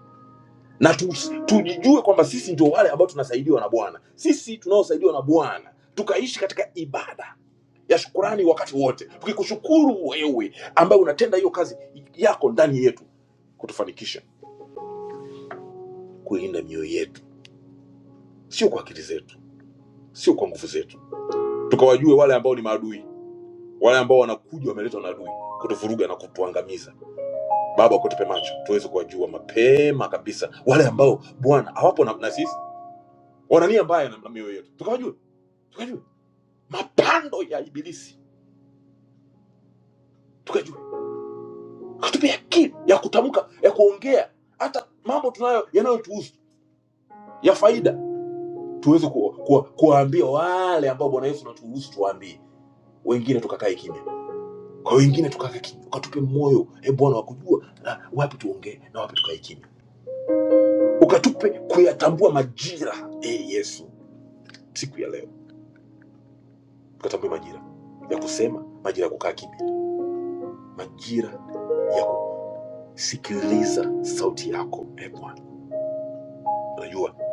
C: na tu, tujijue kwamba sisi ndio wale ambao tunasaidiwa na Bwana, sisi tunaosaidiwa na Bwana, tukaishi katika ibada ya shukurani wakati wote tukikushukuru wewe ambaye unatenda hiyo kazi yako ndani yetu kutufanikisha kuilinda mioyo yetu sio kwa akili zetu sio kwa nguvu zetu tukawajue wale ambao ni maadui wale ambao wanakuja wameletwa na adui kutuvuruga na kutuangamiza baba kutupe macho tuweze kuwajua mapema kabisa wale ambao bwana hawapo na, na sisi wana nia mbaya na na mioyo yetu tukawajue tukajue mapando ya ibilisi tukajue katupe akili ya kutamka ya kuongea hata mambo tunayo yanayotuhusu ya faida tuweze ku- ku- kuwaambia wale ambao bwana yesu naturuhusu tuwaambie wengine tukakae kimya kwa wengine tukua raha ya kimya ukaja raha hey, yesu siku ya leo tukatambue majira ya kusema majira ya kukaa kimya majira ya kusikiliza sauti yako e bwana unajua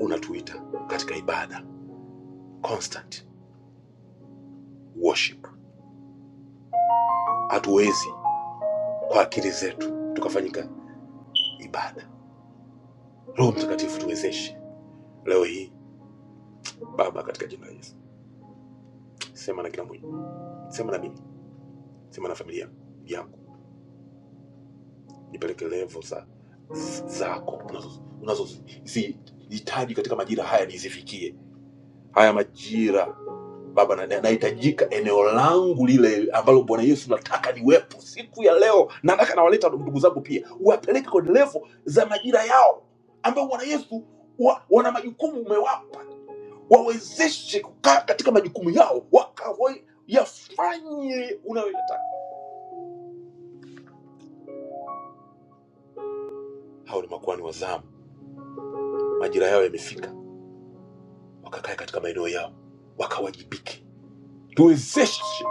C: unatuita katika ibada constant zifikie haya majira Baba, na- na- nahitajika eneo langu lile ambalo Bwana Yesu nataka niwepo siku ya leo, na nataka nawaleta ndugu zangu pia, uwapeleke kwenye levo za majira yao ambayo Bwana Yesu wa, wana majukumu umewapa, wawezeshe kukaa katika majukumu yao wakawa yafanye unayoyataka. Hao ni makuhani wa zamu, majirika yao wakati tuwezeshe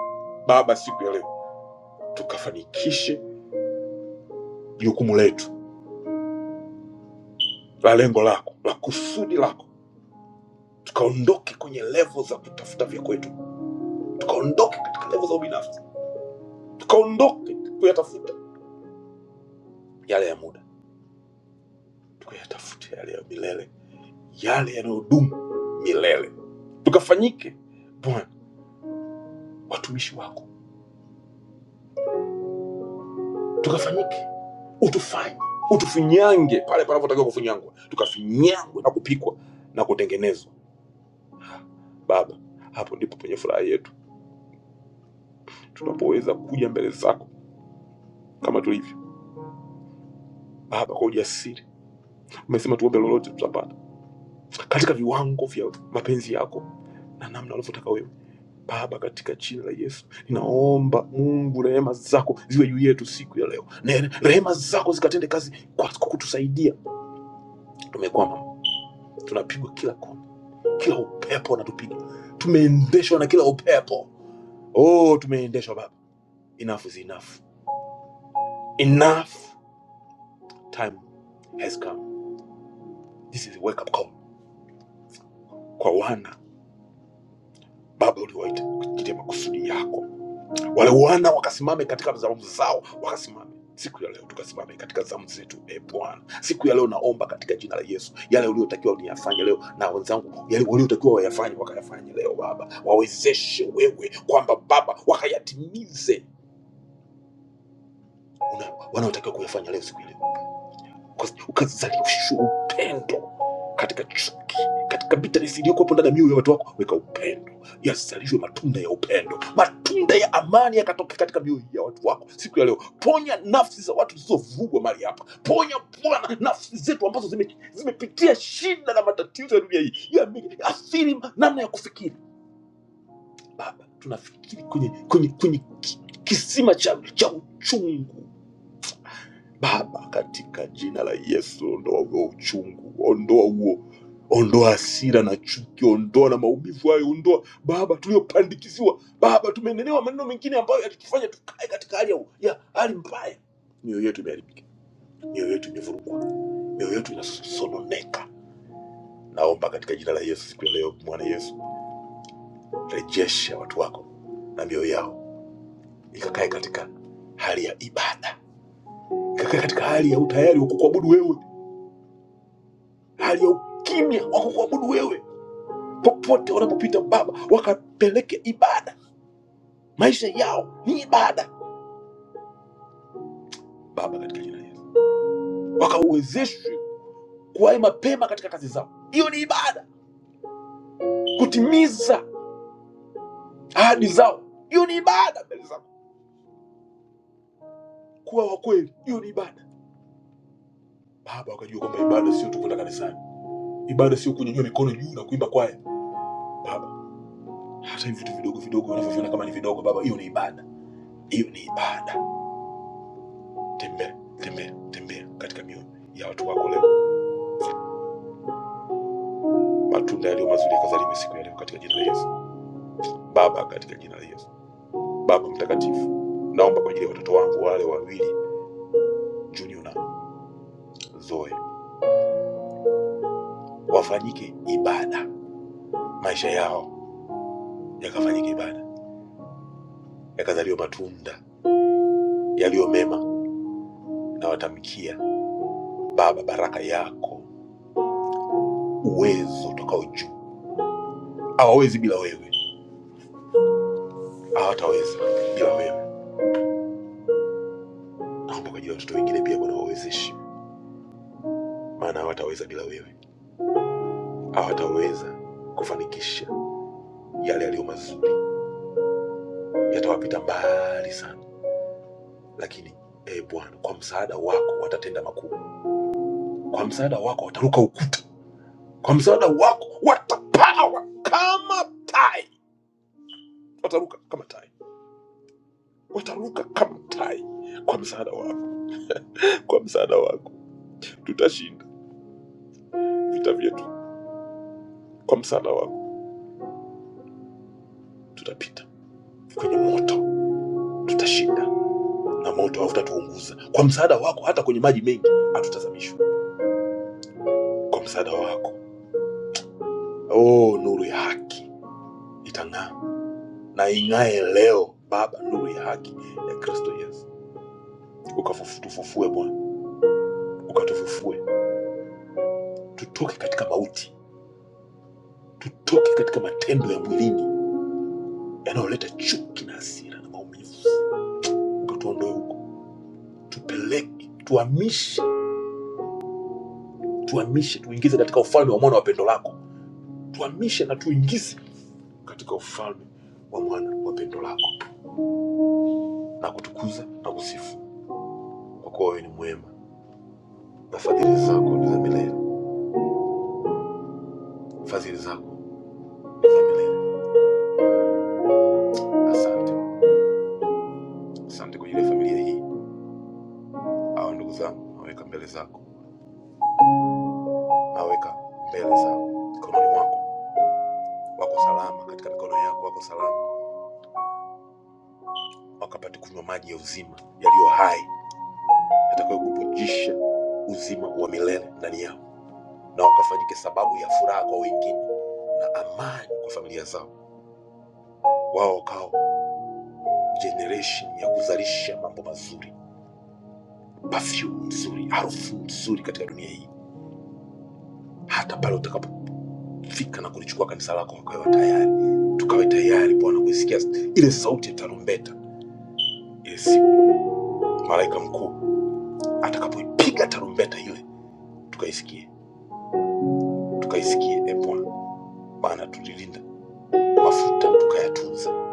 C: Baba siku ya leo tukafanikishe jukumu letu la lengo lako la- lako kwetu, tuondoke katika levo za ubinafsi, tukaondoke yale ya muda, tukayatafute yale ya milele, yale yanayodumu milele, tukafanyike Bwana watumishi wako, tukafanyike, utufanye, utufinyange pale panapotakiwa kufinyangwa, tukafinyangwe na kupikwa na kutengenezwa. Baba, hapo ndipo penye furaha yetu, tunapoweza kuja mbele zako kama tulivyo Baba, kwa ujasiri. Umesema tuombe lolote tutapata, katika viwango vya mapenzi yako na namna unavyotaka wewe. Baba, katika jina la Yesu ninaomba Mungu, rehema zako ziwe juu yetu siku ya leo. Ne- Rehema zako zikatende kazi kwa kwa kutusaidia. Tumekwama, tunapigwa kila kona, kila upepo unatupiga, tumeendeshwa na kila upepo. Fanye wakayafanye leo Baba, wawezeshe wewe kwamba Baba wakayatimize una- wanaotakiwa kuyafanya leo siku ya leo Uka- ukazalisha upendo katika chuki, katika bitterness iliyokuwepo ndani ya mioyo ya watu wako, weka upendo, yazalishwe matunda ya upendo, matunda ya amani yakatoke katika mioyo ya watu wako siku ya leo. Ponya nafsi za watu zilizovugwa mahali hapa, ponya Bwana nafsi zetu ambazo zime- zimepitia shida na matatizo ya dunia hii, yameathiri namna ya kufikiri. Baba, tunafikiri kwenye, kwenye, kwenye ki- kisima cha, cha uchungu Baba, katika jina la Yesu, ondoa huo uchungu, ondoa huo, ondoa hasira na chuki, ondoa na maumivu hayo, ondoa Baba tuliyopandikiziwa. Baba, tumeenenewa maneno mengine ambayo yatutufanya tukae katika hali ya u- ya hali mbaya, mioyo yetu imeharibika, mioyo yetu imevurugwa. Baba, katika jina la Yesu, wakauwezeshwe kuwahi mapema katika kazi zao. Hiyo ni ibada, kutimiza ahadi zao, hiyo ni ibada mbele zako, kuwa wa kweli, hiyo ni ibada. Baba, wakajua kwamba ibada sio tu kwenda kanisani Ibada sio kunyanyua mikono juu na kuimba kwaya baba. Hata hivi vitu vidogo vidogo wanavyoviona kama ni vidogo baba, hiyo ni ibada. Yes. Ili na zoe wafanyike ibada, maisha yao yakafanyike ibada, yakazaliwa matunda yaliyo mema, na watamkia Baba baraka yako, uwezo utokao juu. Hawawezi bila wewe, hawataweza bila wewe. Naomba kwa ajili ya watoto wengine pia, Bwana wawezeshe, maana hawataweza bila wewe, hawataweza kufanikisha yale yaliyo mazuri, yatawapita mbali sana lakini e Bwana, kwa msaada wako watatenda makuu, kwa msaada wako wataruka ukuta, kwa msaada wako watapawa kama tai, wataruka kama tai, wataruka kama tai. Kwa msaada wako, kwa msaada wako tutashinda vita vyetu, kwa msaada wako tutapita kwenye moto, tutashinda na moto hautatuunguza. Kwa msaada wako hata kwenye maji mengi hatutazamishwa. Kwa msaada wako, oh, nuru ya haki itang'aa na ing'ae leo Baba, nuru ya haki ya Kristo Yesu ukatufufue Bwana, ukatufufue tutoke katika mauti, tutoke katika matendo ya mwilini yanayoleta chuki na hasira na maumivu, ukatuondoe huko, tupeleke, tuhamishe, tuhamishe, tuingize katika ufalme wa mwana wa pendo lako, tuhamishe na tuingize katika ufalme wa mwana wa pendo lako, na kutukuza na kusifu, kwa kuwa wewe ni mwema na fadhili zako ni za milele, fadhili zako ni za milele. Asante, asante kwa ajili ya familia hii, hawa ndugu zangu naweka mbele zako nawaweka mbele za mikononi mwangu, wako salama katika mikono yako, wako salama, wakapate kunywa maji ya uzima yaliyo hai yatakayo kupujisha uzima wa milele ndani yao, na wakafanyike sababu ya furaha kwa wengine na amani kwa familia zao, wao wakao generation ya kuzalisha mambo mazuri, perfume nzuri, harufu nzuri katika dunia hii, hata pale utakapofika na kulichukua kanisa lako, wakawe tayari, tukawe tayari Bwana kuisikia ile sauti ya tarumbeta ile siku malaika mkuu atakapoipiga tarumbeta ile, tukaisikie tukaisikie e Bwana, maana tulilinda mafuta tukayatunza,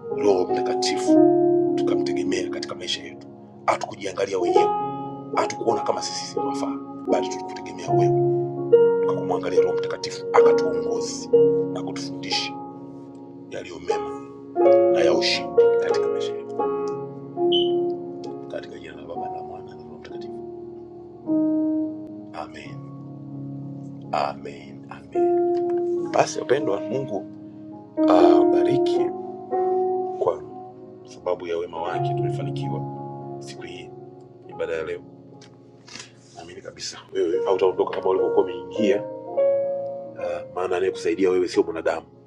C: Roho Mtakatifu tukamtegemea katika maisha yetu. Hatukujiangalia wenyewe, hatukuona kama sisi tunafaa, bali tulikutegemea wewe, tukakumwangalia Roho Mtakatifu akatuongozi na kutufundisha yaliyo mema na ya ushindi katika maisha yetu, katika jina la Baba na Mwana na Roho Mtakatifu, amen, amen, amen. Basi wapendwa, Mungu awabariki Kwa sababu ya wema wake tumefanikiwa siku hii ibada ya leo. Naamini kabisa wewe hautaondoka kama ulivyokuwa umeingia. ah, maana anayekusaidia wewe sio mwanadamu,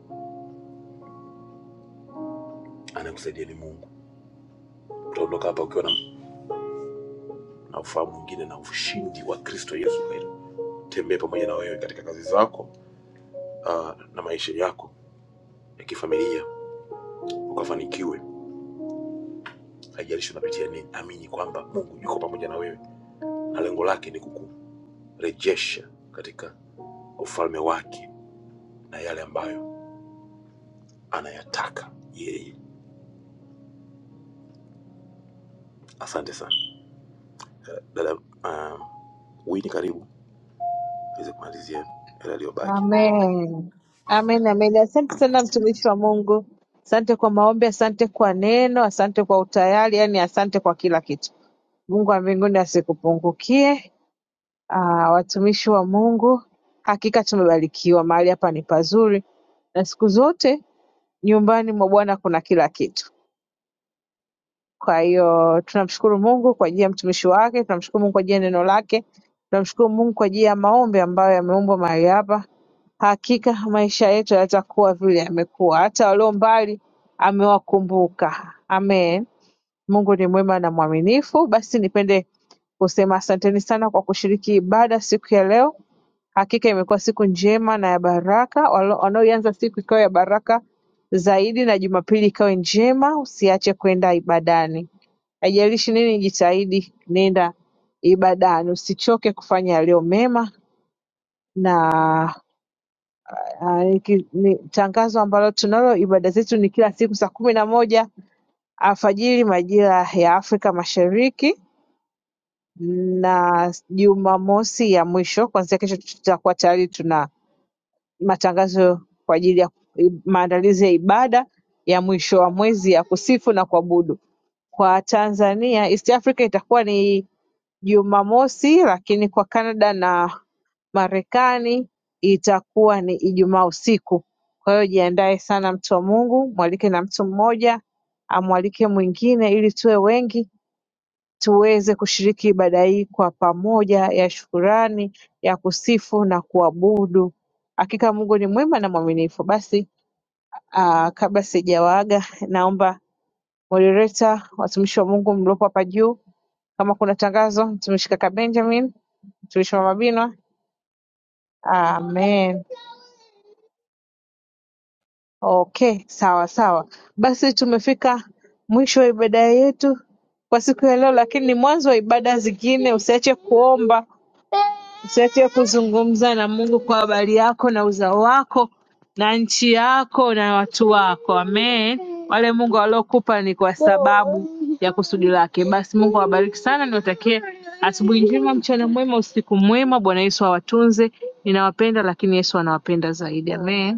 C: anayekusaidia ni Mungu. Utaondoka hapa ukiwa na, na ufahamu mwingine na ushindi wa Kristo Yesu. Kweli tembee pamoja na wewe katika kazi zako ah, na maisha yako ya kifamilia ukafanikiwe, haijalishi unapitia nini. Amini kwamba Mungu yuko pamoja na wewe na lengo lake ni kukurejesha katika ufalme wake na yale ambayo anayataka yeye. Asante sana dada. Um, Winnie, karibu niweze kumalizia yale yaliyobaki.
B: Amen. Amen, amen. Asante sana mtumishi wa Mungu, asante kwa maombi, asante kwa neno, asante kwa utayari, yani asante kwa kila kitu. Mungu wa mbinguni asikupungukie. Ah, watumishi wa Mungu, hakika tumebarikiwa, mahali hapa ni pazuri, na siku zote nyumbani mwa Bwana kuna kila kitu. Kwa hiyo tunamshukuru Mungu kwa ajili ya mtumishi wake, tunamshukuru Mungu kwa ajili ya neno lake, tunamshukuru Mungu kwa ajili ya maombi ambayo yameombwa mahali hapa. Hakika maisha yetu hayatakuwa vile yamekuwa, hata walio mbali amewakumbuka. Amen. Mungu ni mwema na mwaminifu. Basi nipende kusema asanteni sana kwa kushiriki ibada siku ya leo. Hakika imekuwa siku njema na ya baraka, Walo- wanaoianza siku ikawa ya baraka zaidi na Jumapili ikawe njema. Usiache kwenda ibadani, haijalishi nini, jitahidi, nenda ibadani, usichoke kufanya yaliyo mema na Ah, ni ki- ni tangazo ambalo tunalo. Ibada zetu ni kila siku saa kumi na moja alfajiri majira ya Afrika Mashariki na Jumamosi ya mwisho. Kuanzia kesho tutakuwa tayari tuna matangazo kwa ajili ya maandalizi ya ibada ya mwisho wa mwezi ya kusifu na kuabudu. Kwa Tanzania, East Africa itakuwa ni Jumamosi, lakini kwa Canada na Marekani itakuwa ni Ijumaa usiku, kwa hiyo jiandae sana mtu wa Mungu, mwalike na mtu mmoja, amwalike mwingine ili tuwe wengi tuweze kushiriki ibada hii kwa pamoja ya shukurani, ya kusifu na kuabudu. Hakika Mungu ni mwema na mwaminifu. Basi aa, kabla sijawaaga, naomba moderator, watumishi wa Mungu mliopo hapa juu, kama kuna tangazo, mtumishi kaka Benjamin, mtumishi mama Binwa, amen. okay sawa sawa basi tumefika mwisho wa ibada yetu kwa siku ya leo lakini ni mwanzo wa ibada zingine usiache kuomba usiache kuzungumza na mungu kwa habari yako na uzao wako na nchi yako na watu wako amen wale mungu aliokupa ni kwa sababu ya kusudi lake basi mungu awabariki sana niwatakie asubuhi njema mchana mwema usiku mwema bwana yesu awatunze ninawapenda lakini yesu anawapenda zaidi amen